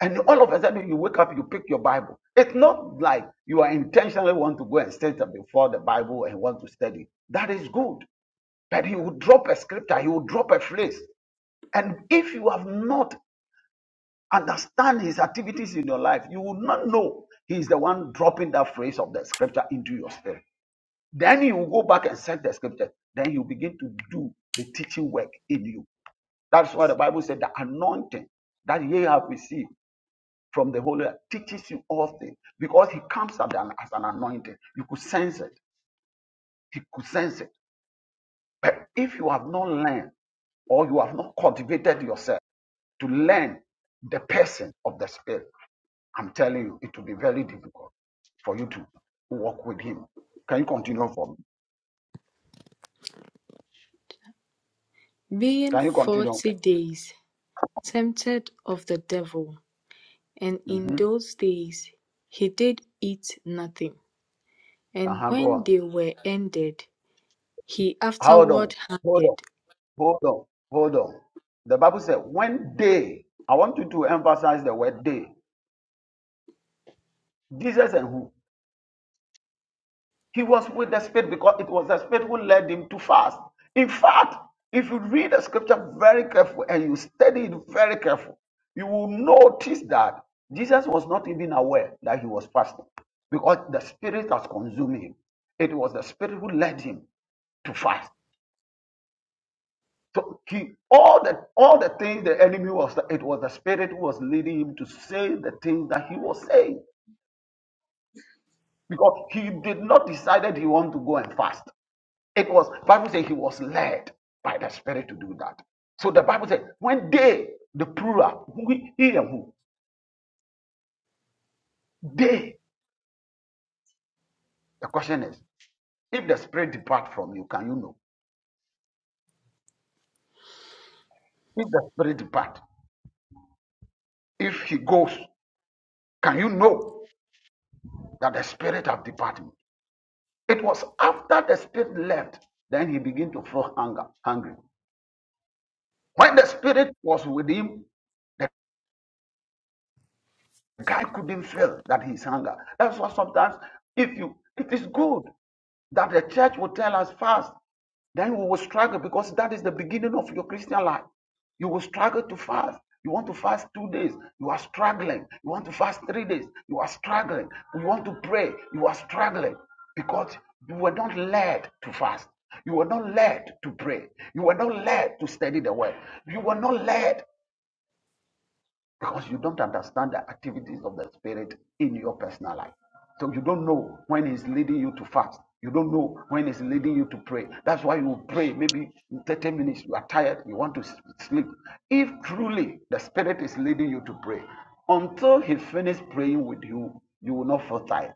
Speaker 4: And all of a sudden you wake up, you pick your Bible. It's not like you are intentionally want to go and sit before the Bible and want to study. That is good. But he will drop a scripture, he will drop a phrase. And if you have not understand his activities in your life, you will not know he is the one dropping that phrase of the scripture into your spirit. Then you go back and search the scriptures. Then you begin to do the teaching work in you. That's why the Bible said the anointing that ye have received from the Holy Ghost teaches you all things because He comes as an, as an anointing. You could sense it. He could sense it. But if you have not learned or you have not cultivated yourself to learn the person of the Spirit, I'm telling you, it will be very difficult for you to walk with Him. Can you continue for me?
Speaker 2: being
Speaker 4: Can you continue?
Speaker 2: forty days tempted of the devil, and in
Speaker 4: hmm
Speaker 2: those days he did eat nothing. And
Speaker 4: Uh-huh, go
Speaker 2: when
Speaker 4: on.
Speaker 2: they were ended, he
Speaker 4: Hold on,
Speaker 2: afterward
Speaker 4: hold on,
Speaker 2: hungered.
Speaker 4: hold on, hold on. The Bible said, when they, I want you to emphasize the word they, Jesus and who? He was with the Spirit because it was the Spirit who led him to fast. In fact, if you read the scripture very careful and you study it very careful, you will notice that Jesus was not even aware that he was fasting because the Spirit has consumed him. It was the Spirit who led him to fast. to keep all the all the things the enemy was it was the spirit who was leading him to say the things that he was saying because he did not decided he wanted to go and fast it was bible says he was led by the spirit to do that so the bible says when they the plural who he and who they the question is if the spirit depart from you can you know if the spirit depart if he goes can you know that the spirit have departed It was after the spirit left, then he began to feel hunger, hungry. When the spirit was with him, the The guy couldn't feel that he's hunger. That's why sometimes if you it is good that the church will tell us fast, then we will struggle because that is the beginning of your Christian life. You will struggle to fast. You want to fast two days, you are struggling. You want to fast three days, you are struggling. You want to pray, you are struggling because you were not led to fast. You were not led to pray. You were not led to study the word. You were not led because you don't understand the activities of the Spirit in your personal life. So you don't know when He's leading you to fast. You don't know when He's leading you to pray. That's why you pray maybe in 30 minutes. You are tired. You want to sleep. If truly the Spirit is leading you to pray, until He finishes praying with you, you will not feel tired.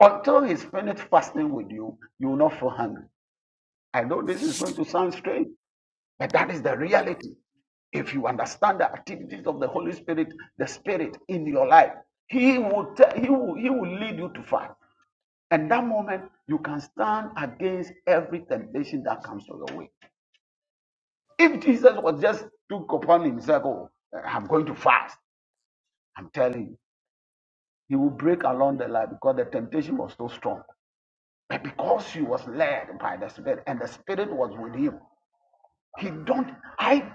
Speaker 4: Until He's finished fasting with you, you will not feel hungry. I know this is going to sound strange. But that is the reality. If you understand the activities of the Holy Spirit, the Spirit in your life, He will tell, He will He will lead you to fight. And that moment, you can stand against every temptation that comes your way. If Jesus was just took upon himself, oh, eh, I'm going to fast. I'm telling you, he will break along the line because the temptation was so strong. But because he was led by the Spirit and the Spirit was with him, He don't. I,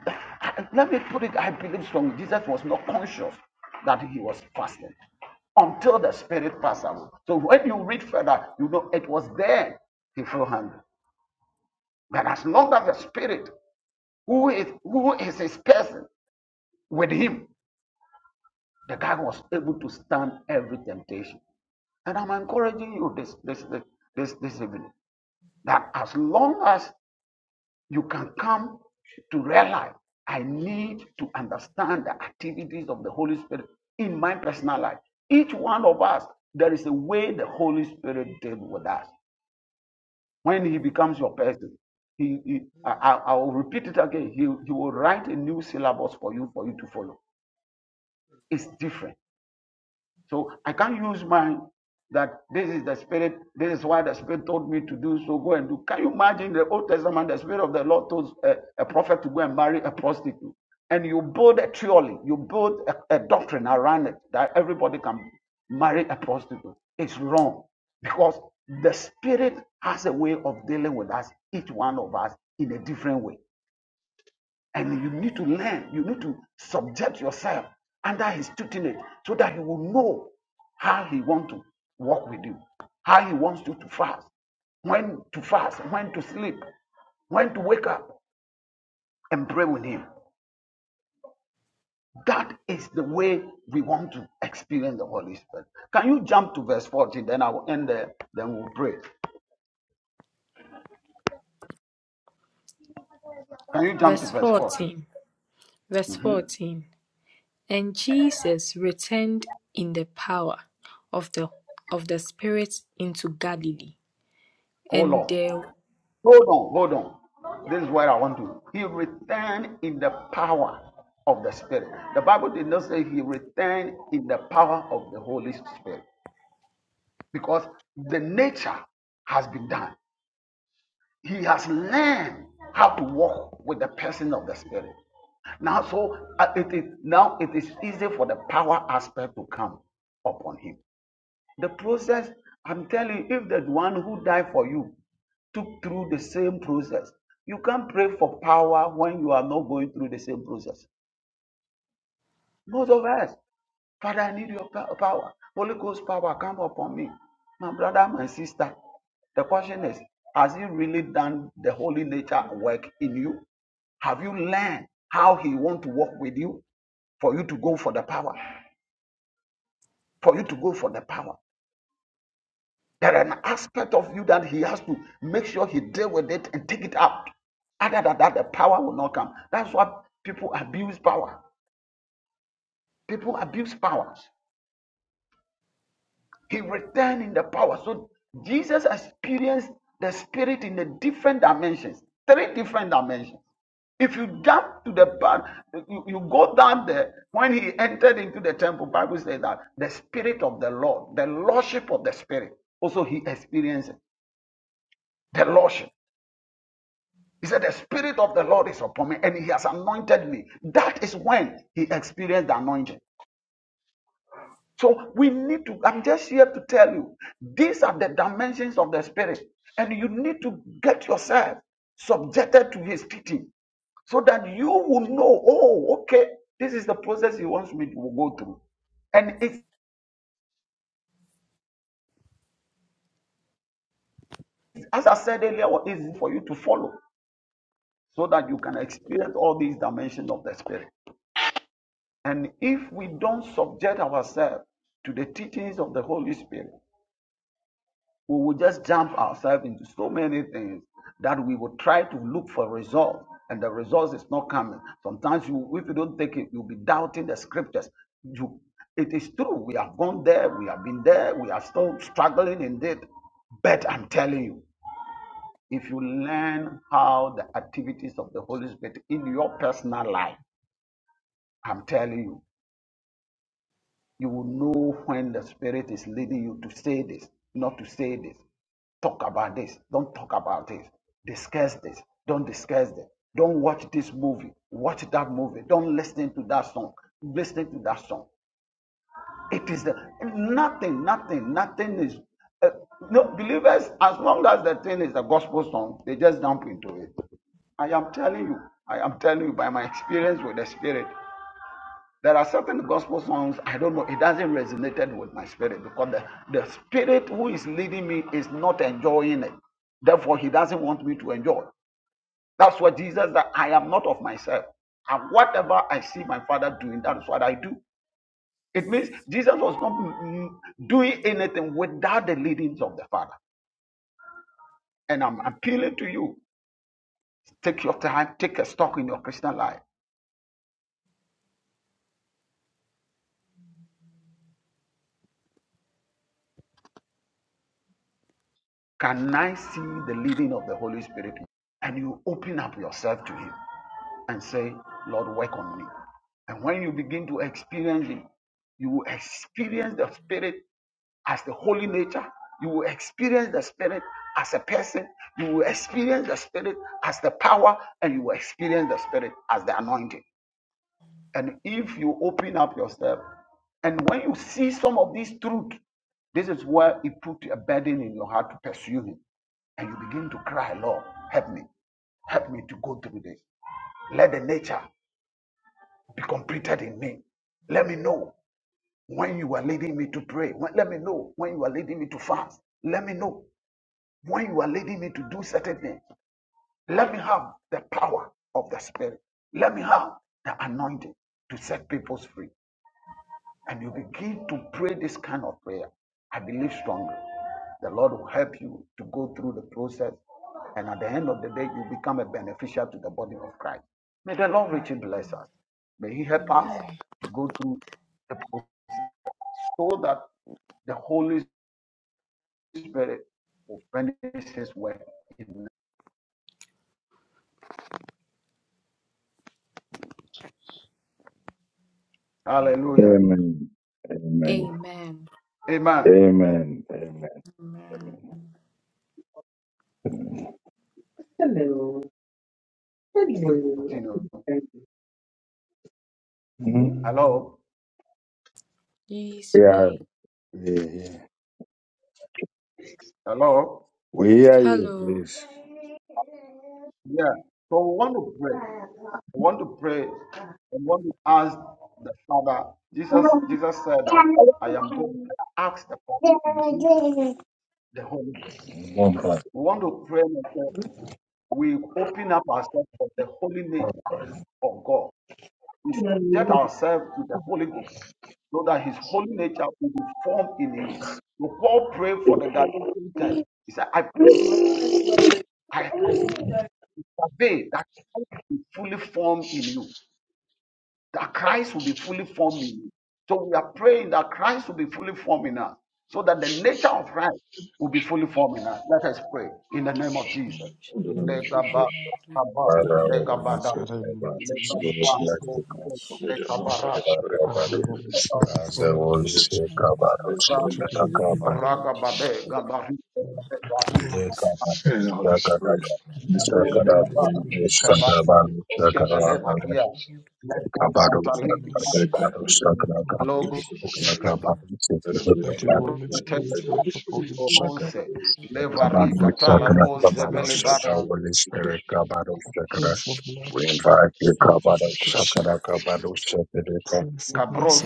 Speaker 4: I- let me put it. I believe strongly. Jesus was not conscious that he was fasting until the spirit passed away. So when you read further, you know it was then he felt hungry. But as long as the spirit, who is who is his person, with him, the guy was able to stand every temptation. And I'm encouraging you this this this this, this evening that as long as you can come to realize I need to understand the activities of the Holy Spirit in my personal life. Each one of us, there is a way the Holy Spirit deals with us. When He becomes your person, He, he I, I I will repeat it again. He, he will write a new syllabus for you for you to follow. It's different. So I can't use mine that this is the spirit, this is why the spirit told me to do so, go and do. Can you imagine the Old Testament, the spirit of the Lord told a, a prophet to go and marry a prostitute? And you build a theory, you build a, a doctrine around it that everybody can marry a prostitute. It's wrong because the spirit has a way of dealing with us, each one of us, in a different way. And you need to learn, you need to subject yourself under his tutelage so that you will know how he wants to walk with you, how he wants you to fast, when to fast, when to sleep, when to wake up and pray with him. That is the way we want to experience the Holy Spirit. Can you jump to verse 40? Then I will end there, then we'll pray. Can you jump to
Speaker 2: Verse
Speaker 4: verse 40?
Speaker 2: 14. Verse 14 And Jesus returned in the power of the of the Spirit into Galilee.
Speaker 4: Hold
Speaker 2: And
Speaker 4: on.
Speaker 2: there
Speaker 4: Hold on, hold on. This is where I want to. He returned in the power of the Spirit. The Bible did not say he returned in the power of the Holy Spirit because the nature has been done. He has learned how to walk with the person of the Spirit. Now, so uh, it is now it is easy for the power aspect to come upon him. The process, I'm telling you, if the one who died for you took through the same process, you can't pray for power when you are not going through the same process. Most of us, Father, I need your pa- power. Holy Ghost power, come upon me. My brother, my sister, the question is, has he really done the holy nature work in you? Have you learned how he want to work with you for you to go for the power? For you to go for the power. There are an aspect of you that he has to make sure he deal with it and take it out. Other than that, the power will not come. That's why people abuse power. People abuse power. He returned in the power. So Jesus experienced the spirit in the different dimensions, three different dimensions. If you jump to the part, you, you go down there. When he entered into the temple, Bible says that the spirit of the Lord, the lordship of the spirit, also he experienced it, the lordship. He said, The Spirit of the Lord is upon me and He has anointed me. That is when He experienced the anointing. So we need to, I'm just here to tell you, these are the dimensions of the Spirit. And you need to get yourself subjected to His teaching so that you will know, oh, okay, this is the process He wants me to go through. And it's, as I said earlier, it's for you to follow so that you can experience all these dimensions of the Spirit. And if we don't subject ourselves to the teachings of the Holy Spirit, we will just jump ourselves into so many things that we will try to look for results, and the results is not coming. Sometimes you, if you don't take it, you'll be doubting the scriptures. You, it is true, we have gone there, we have been there, we are still struggling in it. But I'm telling you, if you learn how the activities of the Holy Spirit in your personal life, I'm telling you, You will know when the Spirit is leading you to say this, not to say this. Talk about this. Don't talk about this. Discuss this. Don't discuss this. Don't watch this movie. Watch that movie. Don't listen to that song. Listen to that song. It is the nothing, nothing, nothing is. Uh, no believers, as long as the thing is a gospel song, they just jump into it. I am telling you, I am telling you by my experience with the Spirit. There are certain gospel songs, I don't know, it doesn't resonate with my spirit because the, the spirit who is leading me is not enjoying it. Therefore, he doesn't want me to enjoy. That's what Jesus that I am not of myself. And whatever I see my father doing, that is what I do. It means Jesus was not mm, doing anything without the leadings of the Father. And I'm appealing to you take your time, take a stock in your Christian life. Can I see the leading of the Holy Spirit? And you open up yourself to Him. and say, Lord, work on me. And when you begin to experience Him, you will experience the Spirit as the holy nature. You will experience the Spirit as a person. You will experience the Spirit as the power, and you will experience the Spirit as the anointing. And if you open up yourself, and when you see some of these truths, this is where it put a burden in your heart to pursue Him. And you begin to cry, Lord, help me. Help me to go through this. Let the nature be completed in me. Let me know when you are leading me to pray. When- Let me know when you are leading me to fast. Let me know when you are leading me to do certain things. Let me have the power of the Spirit. Let me have the anointing to set people free and you begin to pray this kind of prayer, I believe strongly the Lord will help you to go through the process. And at the end of the day, you become a beneficiary to the body of Christ. May the Lord richly bless us. May He help us
Speaker 2: Amen.
Speaker 4: to go through the process so that the Holy Spirit will finish His work. in us. Hallelujah.
Speaker 1: Amen. Amen.
Speaker 2: Amen.
Speaker 4: Amen.
Speaker 1: Amen. Amen.
Speaker 2: Amen.
Speaker 4: Continue. Hello.
Speaker 2: Yes, we are
Speaker 1: Yeah,
Speaker 2: here.
Speaker 1: yeah, yeah.
Speaker 4: Hello.
Speaker 1: We hear you,
Speaker 2: Hello.
Speaker 1: please.
Speaker 4: Yeah. So we want to pray. I want to pray. I want to ask the Father. Jesus, Jesus said that I am going to ask the Father to give the Holy Ghost. We want to pray and say, we open up ourselves for the holy nature of God. We subject ourselves to the Holy Ghost so that His holy nature will be formed in you. So Paul prayed for the Galatian church. He said, I pray, I survey that Christ be fully formed in you. that Christ will be fully formed in you. So we are praying that Christ will be fully formed in us, so that the nature of Christ will be fully formed in us. Let us pray in the name of Jesus.
Speaker 10: Adonai
Speaker 4: Legaba,
Speaker 10: Jesus,
Speaker 4: legaba,
Speaker 10: let the cup of
Speaker 4: legabada,
Speaker 10: the
Speaker 11: Father, in the name
Speaker 10: Jesus.
Speaker 11: of Jesus,
Speaker 4: legabanto,
Speaker 10: and the mouth of
Speaker 4: legabara,
Speaker 10: your spirit
Speaker 11: I
Speaker 10: be
Speaker 11: humble myself
Speaker 4: legabrando,
Speaker 11: before
Speaker 10: Let
Speaker 11: you
Speaker 10: us
Speaker 11: this
Speaker 10: forgive.
Speaker 11: is
Speaker 10: Let us
Speaker 11: to
Speaker 10: forgive.
Speaker 11: my
Speaker 10: forgive me.
Speaker 11: holy
Speaker 4: ragabade, gabari,
Speaker 11: God, and
Speaker 4: gabari,
Speaker 11: holy
Speaker 10: And the Holy Spirit, before you
Speaker 4: gabado,
Speaker 10: in a
Speaker 11: mercy,
Speaker 10: minute, in
Speaker 11: holy
Speaker 10: the name
Speaker 4: gabari,
Speaker 10: of
Speaker 11: Spirit, come
Speaker 10: Jesus,
Speaker 11: upon
Speaker 10: in
Speaker 4: gabari,
Speaker 11: me,
Speaker 10: the name of Jesus, in
Speaker 4: skebele,
Speaker 10: the
Speaker 2: I'm
Speaker 10: name of
Speaker 2: not
Speaker 4: maria,
Speaker 10: Jesus.
Speaker 4: lego,
Speaker 11: with
Speaker 4: katalik,
Speaker 11: fullness,
Speaker 10: Let kindly do
Speaker 11: Lord,
Speaker 10: the Holy
Speaker 11: come
Speaker 10: Spirit be
Speaker 11: upon me.
Speaker 10: free. Let the Holy
Speaker 11: Let your
Speaker 10: Spirit be
Speaker 11: Holy
Speaker 10: free.
Speaker 4: logo,
Speaker 11: Spirit
Speaker 10: Let the Holy
Speaker 11: rest
Speaker 10: Spirit
Speaker 11: upon
Speaker 10: be
Speaker 11: me.
Speaker 10: free.
Speaker 1: Shaka,
Speaker 4: Bohose,
Speaker 10: Let the Holy Spirit be
Speaker 4: Levari,
Speaker 11: I
Speaker 1: Kabado,
Speaker 10: free.
Speaker 11: pray
Speaker 4: Katala,
Speaker 1: Shaka,
Speaker 11: for
Speaker 4: Bos,
Speaker 10: In the name of Jesus, in the name of
Speaker 1: Kabado,
Speaker 11: forgiveness of
Speaker 1: Shaka,
Speaker 10: Jesus.
Speaker 11: sin.
Speaker 4: Zevelebara,
Speaker 10: in the name
Speaker 1: Holy
Speaker 10: of
Speaker 1: Spirit,
Speaker 10: Jesus.
Speaker 1: Kabado,
Speaker 11: I
Speaker 1: Shaka.
Speaker 11: pray for blood
Speaker 1: We invite you,
Speaker 10: He was also
Speaker 1: Kabada
Speaker 11: sanctification.
Speaker 1: Shakada
Speaker 10: a
Speaker 1: Kabado Shakada
Speaker 11: Pray for blood
Speaker 4: Kabros,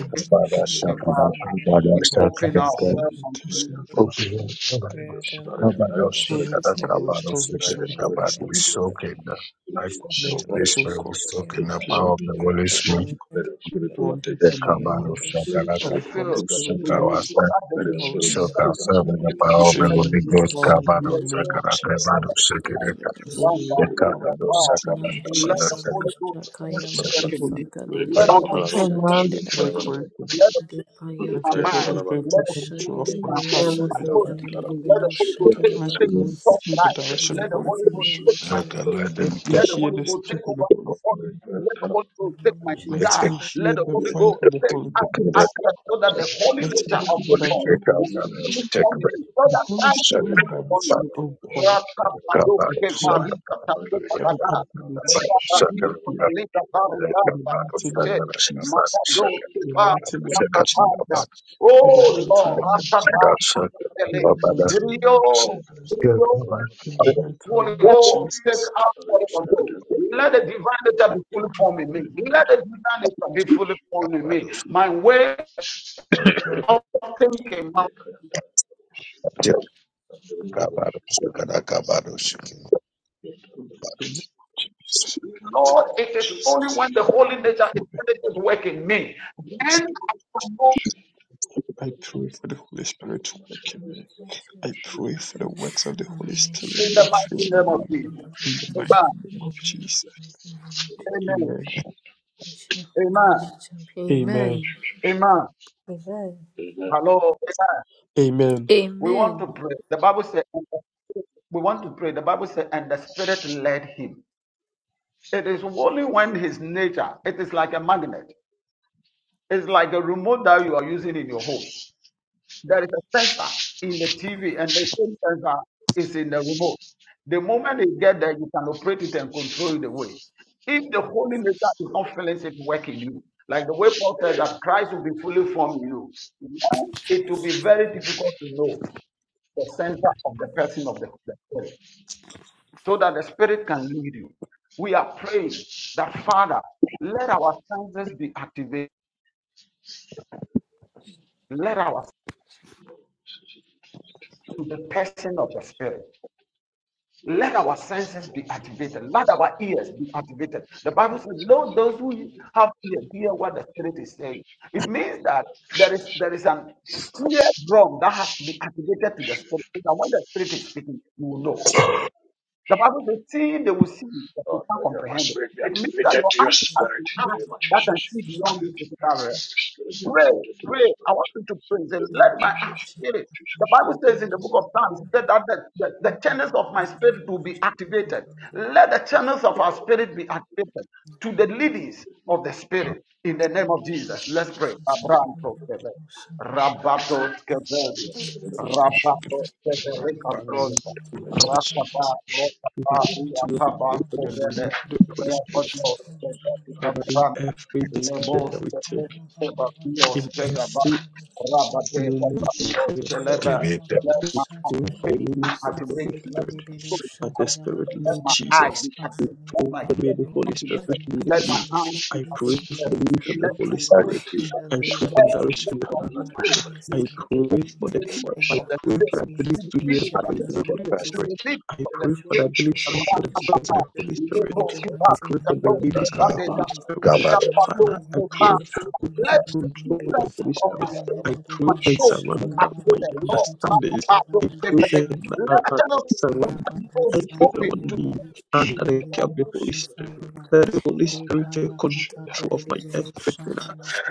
Speaker 10: member of
Speaker 1: Shakada
Speaker 4: Kevara.
Speaker 10: the Royal
Speaker 1: Kabada
Speaker 4: We
Speaker 11: I
Speaker 10: Society.
Speaker 1: Shakada
Speaker 4: open
Speaker 11: pray for the
Speaker 1: Kabada
Speaker 4: ourselves and
Speaker 11: invitation of the Holy Spirit.
Speaker 1: Kabado
Speaker 11: I pray
Speaker 1: Shakada
Speaker 11: for the
Speaker 1: Kabado
Speaker 11: restoration
Speaker 1: Shakada
Speaker 11: of the Holy
Speaker 1: Kabado. We
Speaker 11: Spirit.
Speaker 1: soak in the life of the Holy
Speaker 11: merciful
Speaker 1: Spirit. We
Speaker 11: God,
Speaker 1: soak in the power
Speaker 11: build
Speaker 1: of the
Speaker 11: a
Speaker 1: Holy Spirit.
Speaker 11: strong,
Speaker 1: The
Speaker 11: wonderful man
Speaker 1: Kabado Shakada
Speaker 4: to
Speaker 11: that the Holy
Speaker 1: Kabado
Speaker 4: fill
Speaker 1: We
Speaker 11: Spirit
Speaker 1: soak
Speaker 4: with
Speaker 11: can
Speaker 4: you so
Speaker 1: ourselves.
Speaker 4: that the
Speaker 1: We
Speaker 11: dwell in
Speaker 4: divinity
Speaker 1: soak
Speaker 11: me.
Speaker 4: is
Speaker 1: ourselves in the
Speaker 4: fully
Speaker 1: power of
Speaker 11: Fill
Speaker 1: the
Speaker 11: me
Speaker 4: completed
Speaker 11: with
Speaker 1: Holy
Speaker 4: in
Speaker 11: the
Speaker 1: Ghost.
Speaker 11: power in
Speaker 4: you.
Speaker 11: the
Speaker 1: Kabado
Speaker 2: Thank
Speaker 4: Let
Speaker 2: you.
Speaker 11: name
Speaker 4: God
Speaker 11: of
Speaker 1: Shakada
Speaker 4: the
Speaker 11: Jesus.
Speaker 1: Kabado
Speaker 4: Father Peter,
Speaker 1: Shakada
Speaker 4: the
Speaker 11: Fill
Speaker 4: one
Speaker 11: me
Speaker 2: Nandira
Speaker 11: with
Speaker 4: that
Speaker 11: the
Speaker 4: spoke
Speaker 11: power in the
Speaker 1: Kabado
Speaker 4: about.
Speaker 11: mighty
Speaker 1: Shakada
Speaker 11: name of
Speaker 4: Let
Speaker 1: Kabado
Speaker 4: the
Speaker 11: Jesus.
Speaker 4: Holy
Speaker 1: Shakada
Speaker 4: Ghost
Speaker 2: Banusha
Speaker 4: finish
Speaker 2: Kaya
Speaker 11: Let the
Speaker 4: working in
Speaker 2: Barusa
Speaker 4: me.
Speaker 11: Holy Spirit
Speaker 2: Kaliri
Speaker 4: Let
Speaker 11: take
Speaker 4: the
Speaker 1: Kabado
Speaker 4: Holy Ghost
Speaker 2: Binusha
Speaker 6: and,
Speaker 11: control
Speaker 4: finish
Speaker 6: um,
Speaker 11: of my
Speaker 2: Tedebe
Speaker 4: working in me.
Speaker 11: creation.
Speaker 4: Let the
Speaker 2: Dipaya
Speaker 11: Let
Speaker 4: my
Speaker 11: the
Speaker 4: mind.
Speaker 11: Holy
Speaker 2: Kandura
Speaker 6: and
Speaker 11: Spirit
Speaker 4: Let
Speaker 11: take
Speaker 4: the Holy
Speaker 2: Banusha
Speaker 4: Ghost
Speaker 11: control of
Speaker 2: Hide
Speaker 4: take
Speaker 11: my
Speaker 4: my
Speaker 6: even if
Speaker 4: faith,
Speaker 11: heart
Speaker 6: they're
Speaker 11: and
Speaker 2: Benusa
Speaker 4: my
Speaker 11: my
Speaker 10: Thank
Speaker 4: motion.
Speaker 11: thinking.
Speaker 2: Sinkaliri
Speaker 4: Let the Holy
Speaker 2: Benusha
Speaker 4: Ghost take,
Speaker 11: Let
Speaker 2: Tedabaha
Speaker 4: take the
Speaker 1: Shakada.
Speaker 11: me
Speaker 4: top
Speaker 11: see the
Speaker 4: life.
Speaker 2: In
Speaker 11: direction
Speaker 2: the
Speaker 11: of the
Speaker 4: Let the
Speaker 11: Holy
Speaker 4: Holy
Speaker 2: mighty
Speaker 4: Ghost
Speaker 11: Spirit.
Speaker 2: name of
Speaker 4: take my
Speaker 1: Raka
Speaker 2: Jesus
Speaker 4: spirit.
Speaker 11: Let
Speaker 1: Laden
Speaker 11: me
Speaker 4: Let the
Speaker 11: hear
Speaker 4: Holy
Speaker 11: the
Speaker 4: Ghost take
Speaker 11: speaking of the
Speaker 4: over my
Speaker 11: Holy
Speaker 4: body.
Speaker 11: Spirit.
Speaker 4: Let the Holy
Speaker 2: in the
Speaker 4: Ghost take
Speaker 2: name of
Speaker 4: my
Speaker 11: Let
Speaker 2: Jesus
Speaker 4: desires.
Speaker 1: Terminated
Speaker 11: me
Speaker 2: what
Speaker 4: Let
Speaker 11: hear
Speaker 4: the
Speaker 11: the
Speaker 4: Holy
Speaker 11: voice
Speaker 4: Ghost
Speaker 11: of the
Speaker 4: take
Speaker 11: Holy
Speaker 4: every
Speaker 11: Spirit.
Speaker 4: aspect so that the holy
Speaker 11: Let me see
Speaker 4: nature of
Speaker 11: the
Speaker 4: the Lord
Speaker 11: direction of the Holy
Speaker 4: will be
Speaker 11: Spirit.
Speaker 4: fully formed in me. So
Speaker 11: The
Speaker 4: that
Speaker 11: Holy
Speaker 4: Christ will be
Speaker 11: Spirit
Speaker 4: fully formed
Speaker 11: directs
Speaker 4: in
Speaker 11: me,
Speaker 4: me.
Speaker 11: oh God.
Speaker 4: Rakabado
Speaker 11: I pray
Speaker 4: kevarika
Speaker 11: for the
Speaker 4: takebabada.
Speaker 11: ability
Speaker 4: Rakabadi
Speaker 11: here
Speaker 4: kotelika barila
Speaker 11: in the mighty
Speaker 4: barakete.
Speaker 11: name of Jesus.
Speaker 4: Makado
Speaker 11: In the
Speaker 10: you.
Speaker 11: mighty name of
Speaker 4: kebab
Speaker 11: Jesus.
Speaker 10: Thank
Speaker 11: In the
Speaker 4: Oh
Speaker 11: mighty
Speaker 4: Lord,
Speaker 11: name of Jesus.
Speaker 4: Rakabakutele.
Speaker 11: In the mighty name of
Speaker 4: Brio,
Speaker 11: Jesus.
Speaker 4: Brio,
Speaker 11: In the mighty
Speaker 4: Holy
Speaker 11: name of
Speaker 4: Ghost, take
Speaker 11: Jesus.
Speaker 4: up all control. Let the divine nature
Speaker 11: I
Speaker 4: be fully
Speaker 11: pray
Speaker 4: formed in me. Let the divine nature be fully formed in me. My way of thinking, my
Speaker 11: in the name of Jesus. In the mighty
Speaker 4: Lord,
Speaker 11: name
Speaker 4: it
Speaker 11: of
Speaker 4: is only
Speaker 11: Jesus.
Speaker 4: when the holy nature is
Speaker 11: for the Holy
Speaker 4: present at work in me.
Speaker 11: Spirit.
Speaker 4: Then I will know
Speaker 11: I pray for the Holy Spirit to work in me.
Speaker 2: mighty
Speaker 11: I
Speaker 2: name
Speaker 11: pray for the works of the
Speaker 2: on the
Speaker 11: Holy Spirit
Speaker 4: in
Speaker 2: nation
Speaker 4: the
Speaker 11: that
Speaker 2: and we
Speaker 11: fill
Speaker 4: mighty name
Speaker 11: me.
Speaker 4: of
Speaker 2: can be
Speaker 4: Jesus.
Speaker 2: broken
Speaker 11: In the mighty
Speaker 4: Amen.
Speaker 2: in
Speaker 11: name
Speaker 2: me
Speaker 11: of Jesus.
Speaker 2: like name of
Speaker 4: Amen.
Speaker 11: Amen.
Speaker 2: the
Speaker 4: Amen.
Speaker 2: Lord, in me.
Speaker 11: Amen.
Speaker 4: Amen.
Speaker 2: Amen.
Speaker 4: Hello.
Speaker 11: Amen.
Speaker 4: We want to
Speaker 2: Amen.
Speaker 4: pray. The Bible says we want to pray. The Bible says, and the Spirit led him. It is only when his nature, it is like a magnet. It's like a remote that you are using in your home. There is a sensor in the TV, and the same sensor is in the remote. The moment you get there, you can operate it and control it away. If the
Speaker 2: Amen.
Speaker 4: Holy Nature is not feeling it work in you, like the way Paul said that Christ will be fully formed in you, it will be very difficult to know the center of the person of the, the Spirit, so that the Spirit can lead you. We are praying that, Father, let our senses be activated. Let our to the person of the Spirit. Let our senses be activated. Let our ears be activated. The Bible says, "Let those who have ear hear what the Spirit is saying." It means that there is there is an ear drum that has to be activated to the Spirit, so that when the Spirit is speaking, you will know. The
Speaker 10: you.
Speaker 4: Bible says, seeing they will see, but they
Speaker 10: Oh,
Speaker 4: can't
Speaker 10: let your
Speaker 4: comprehend it.
Speaker 10: spirit be
Speaker 4: It means that
Speaker 10: activated
Speaker 4: your
Speaker 10: to your
Speaker 4: eyes have to
Speaker 10: spirit in the
Speaker 4: ask
Speaker 10: name of
Speaker 4: that can
Speaker 10: Jesus.
Speaker 4: see
Speaker 10: Let
Speaker 4: beyond this
Speaker 10: your
Speaker 4: physical realm.
Speaker 10: spirit be
Speaker 4: Pray,
Speaker 10: activated to your
Speaker 4: pray. I
Speaker 10: spirit
Speaker 4: want you to pray.
Speaker 10: in
Speaker 4: Say,
Speaker 10: the name
Speaker 4: let
Speaker 10: of
Speaker 4: my
Speaker 10: Jesus. In the name
Speaker 4: spirit.
Speaker 10: of
Speaker 4: The
Speaker 10: Jesus.
Speaker 4: Bible
Speaker 10: Let
Speaker 4: says in the book of Psalms that, that the, the, the channels of my spirit will be activated. Let the channels of our spirit be activated to the leadings of the spirit in the name of Jesus. Let's pray. Abraham Tokebe, Rabato Skebeli, Rabato
Speaker 12: all
Speaker 4: Skebeli
Speaker 11: Father, we want
Speaker 4: Kabronda,
Speaker 11: to thank you, Lord Jesus.
Speaker 4: Rakaba,
Speaker 11: We
Speaker 4: Rakaba,
Speaker 11: continue to
Speaker 4: Uakaba
Speaker 11: pray for the leading
Speaker 4: Skebele,
Speaker 11: of the Holy Spirit.
Speaker 4: Rabato Skebeli
Speaker 11: Father, in
Speaker 4: Kabranda,
Speaker 11: every decision that we take,
Speaker 2: Rakaya Baba Baba
Speaker 4: Babilos,
Speaker 11: in
Speaker 4: Kedaba,
Speaker 2: Shagiri
Speaker 11: every
Speaker 2: Bino
Speaker 4: Rabade,
Speaker 2: Santa
Speaker 11: moment
Speaker 4: Babilos,
Speaker 11: before yourself,
Speaker 4: Keleba,
Speaker 1: Captivated
Speaker 2: Nikala
Speaker 4: let
Speaker 11: we
Speaker 4: my
Speaker 2: Balusa,
Speaker 11: pray
Speaker 2: Taya
Speaker 11: for
Speaker 4: faith
Speaker 11: the
Speaker 4: be
Speaker 11: leading of
Speaker 2: Balusa,
Speaker 11: the Holy
Speaker 4: activated,
Speaker 11: Spirit.
Speaker 2: Lady
Speaker 4: let my
Speaker 2: Belusa,
Speaker 11: But the
Speaker 4: soul
Speaker 2: Tida
Speaker 4: be
Speaker 11: Spirit,
Speaker 4: activated, let
Speaker 11: Lord
Speaker 4: my
Speaker 2: Balusa,
Speaker 4: eyes
Speaker 11: Jesus,
Speaker 4: be
Speaker 2: our
Speaker 11: we
Speaker 4: activated, let
Speaker 11: pray
Speaker 4: my
Speaker 11: that may
Speaker 4: ears
Speaker 11: the Holy
Speaker 2: be
Speaker 4: be
Speaker 12: things
Speaker 11: Spirit
Speaker 12: that just
Speaker 4: activated,
Speaker 2: active,
Speaker 11: lead
Speaker 2: My
Speaker 4: let my
Speaker 11: me.
Speaker 2: spiritual
Speaker 4: hands be
Speaker 11: I pray
Speaker 2: senses be
Speaker 11: for
Speaker 4: activated,
Speaker 11: the leading of the
Speaker 4: let
Speaker 11: Holy
Speaker 4: my
Speaker 2: activated uh,
Speaker 11: Spirit.
Speaker 4: senses
Speaker 2: in the
Speaker 10: the
Speaker 11: I
Speaker 2: name
Speaker 11: pray
Speaker 2: of
Speaker 11: for
Speaker 10: spirit
Speaker 11: the
Speaker 10: be
Speaker 4: every
Speaker 2: Jesus.
Speaker 11: direction
Speaker 10: activated.
Speaker 11: of the
Speaker 4: kind of
Speaker 10: Let
Speaker 11: Holy
Speaker 2: My
Speaker 10: my
Speaker 4: control.
Speaker 11: Spirit.
Speaker 10: spirit
Speaker 2: ears
Speaker 10: be
Speaker 11: I
Speaker 2: be
Speaker 4: To
Speaker 10: activated.
Speaker 4: the
Speaker 11: pray
Speaker 4: to
Speaker 11: for the
Speaker 4: the
Speaker 2: activated
Speaker 10: Let
Speaker 4: leaders
Speaker 11: fire.
Speaker 10: my
Speaker 2: and
Speaker 11: I
Speaker 4: of
Speaker 2: my
Speaker 10: spirit
Speaker 4: the
Speaker 10: be
Speaker 11: pray for
Speaker 2: eyes
Speaker 11: the
Speaker 4: spirit,
Speaker 2: be
Speaker 10: activated.
Speaker 4: to
Speaker 11: ability
Speaker 4: the
Speaker 10: Let
Speaker 11: to
Speaker 10: my
Speaker 11: hear
Speaker 4: leaders
Speaker 11: the
Speaker 2: activated
Speaker 4: of
Speaker 10: spirit
Speaker 2: in
Speaker 11: voice
Speaker 4: the
Speaker 10: be
Speaker 2: the
Speaker 11: of the
Speaker 2: name
Speaker 11: Holy
Speaker 4: spirit,
Speaker 2: of
Speaker 4: to
Speaker 10: activated.
Speaker 2: Jesus.
Speaker 11: Spirit.
Speaker 4: the leaders
Speaker 10: In
Speaker 11: I
Speaker 4: of
Speaker 10: the
Speaker 4: the
Speaker 11: pray
Speaker 10: name of
Speaker 11: for
Speaker 2: Spiritual
Speaker 11: the
Speaker 4: spirit.
Speaker 10: Jesus.
Speaker 11: ability
Speaker 2: senses
Speaker 11: to hear
Speaker 2: be
Speaker 10: Let
Speaker 11: the
Speaker 10: my
Speaker 11: voice
Speaker 10: spirit
Speaker 11: of
Speaker 4: Rakabaka,
Speaker 10: be
Speaker 11: the Holy
Speaker 2: activated
Speaker 10: activated.
Speaker 11: Spirit.
Speaker 2: in the
Speaker 4: Lebroskiba,
Speaker 11: I
Speaker 2: mighty
Speaker 11: pray for the
Speaker 2: name
Speaker 11: leaders
Speaker 2: of
Speaker 11: of the
Speaker 1: Raka
Speaker 11: Holy
Speaker 4: Katokebadeda,
Speaker 10: Ah, ah,
Speaker 2: Jesus.
Speaker 11: Spirit.
Speaker 10: you see,
Speaker 1: Kabarot
Speaker 11: Father, I
Speaker 2: Makaya
Speaker 4: Rakatokeba.
Speaker 11: pray for
Speaker 10: I
Speaker 4: Let
Speaker 11: total
Speaker 4: the
Speaker 11: control
Speaker 2: Balusa,
Speaker 11: of the
Speaker 4: defense
Speaker 11: Holy
Speaker 4: of
Speaker 2: in
Speaker 4: my
Speaker 11: Spirit.
Speaker 4: soul,
Speaker 2: the
Speaker 11: I
Speaker 2: mighty
Speaker 11: pray
Speaker 4: my
Speaker 2: name of
Speaker 11: and
Speaker 4: soul
Speaker 2: Jesus,
Speaker 4: be
Speaker 11: surrender my
Speaker 4: activated. Lord,
Speaker 11: understandings. I pray
Speaker 4: Rakabakokebele.
Speaker 11: and
Speaker 4: let
Speaker 11: uh,
Speaker 4: the
Speaker 11: uh,
Speaker 4: channels of my
Speaker 11: surrender
Speaker 4: soul
Speaker 11: Thank
Speaker 4: be
Speaker 11: you for
Speaker 4: open to
Speaker 11: me
Speaker 4: the
Speaker 11: and I
Speaker 4: limits
Speaker 11: have the Holy Spirit. the Holy Spirit take control of my everything.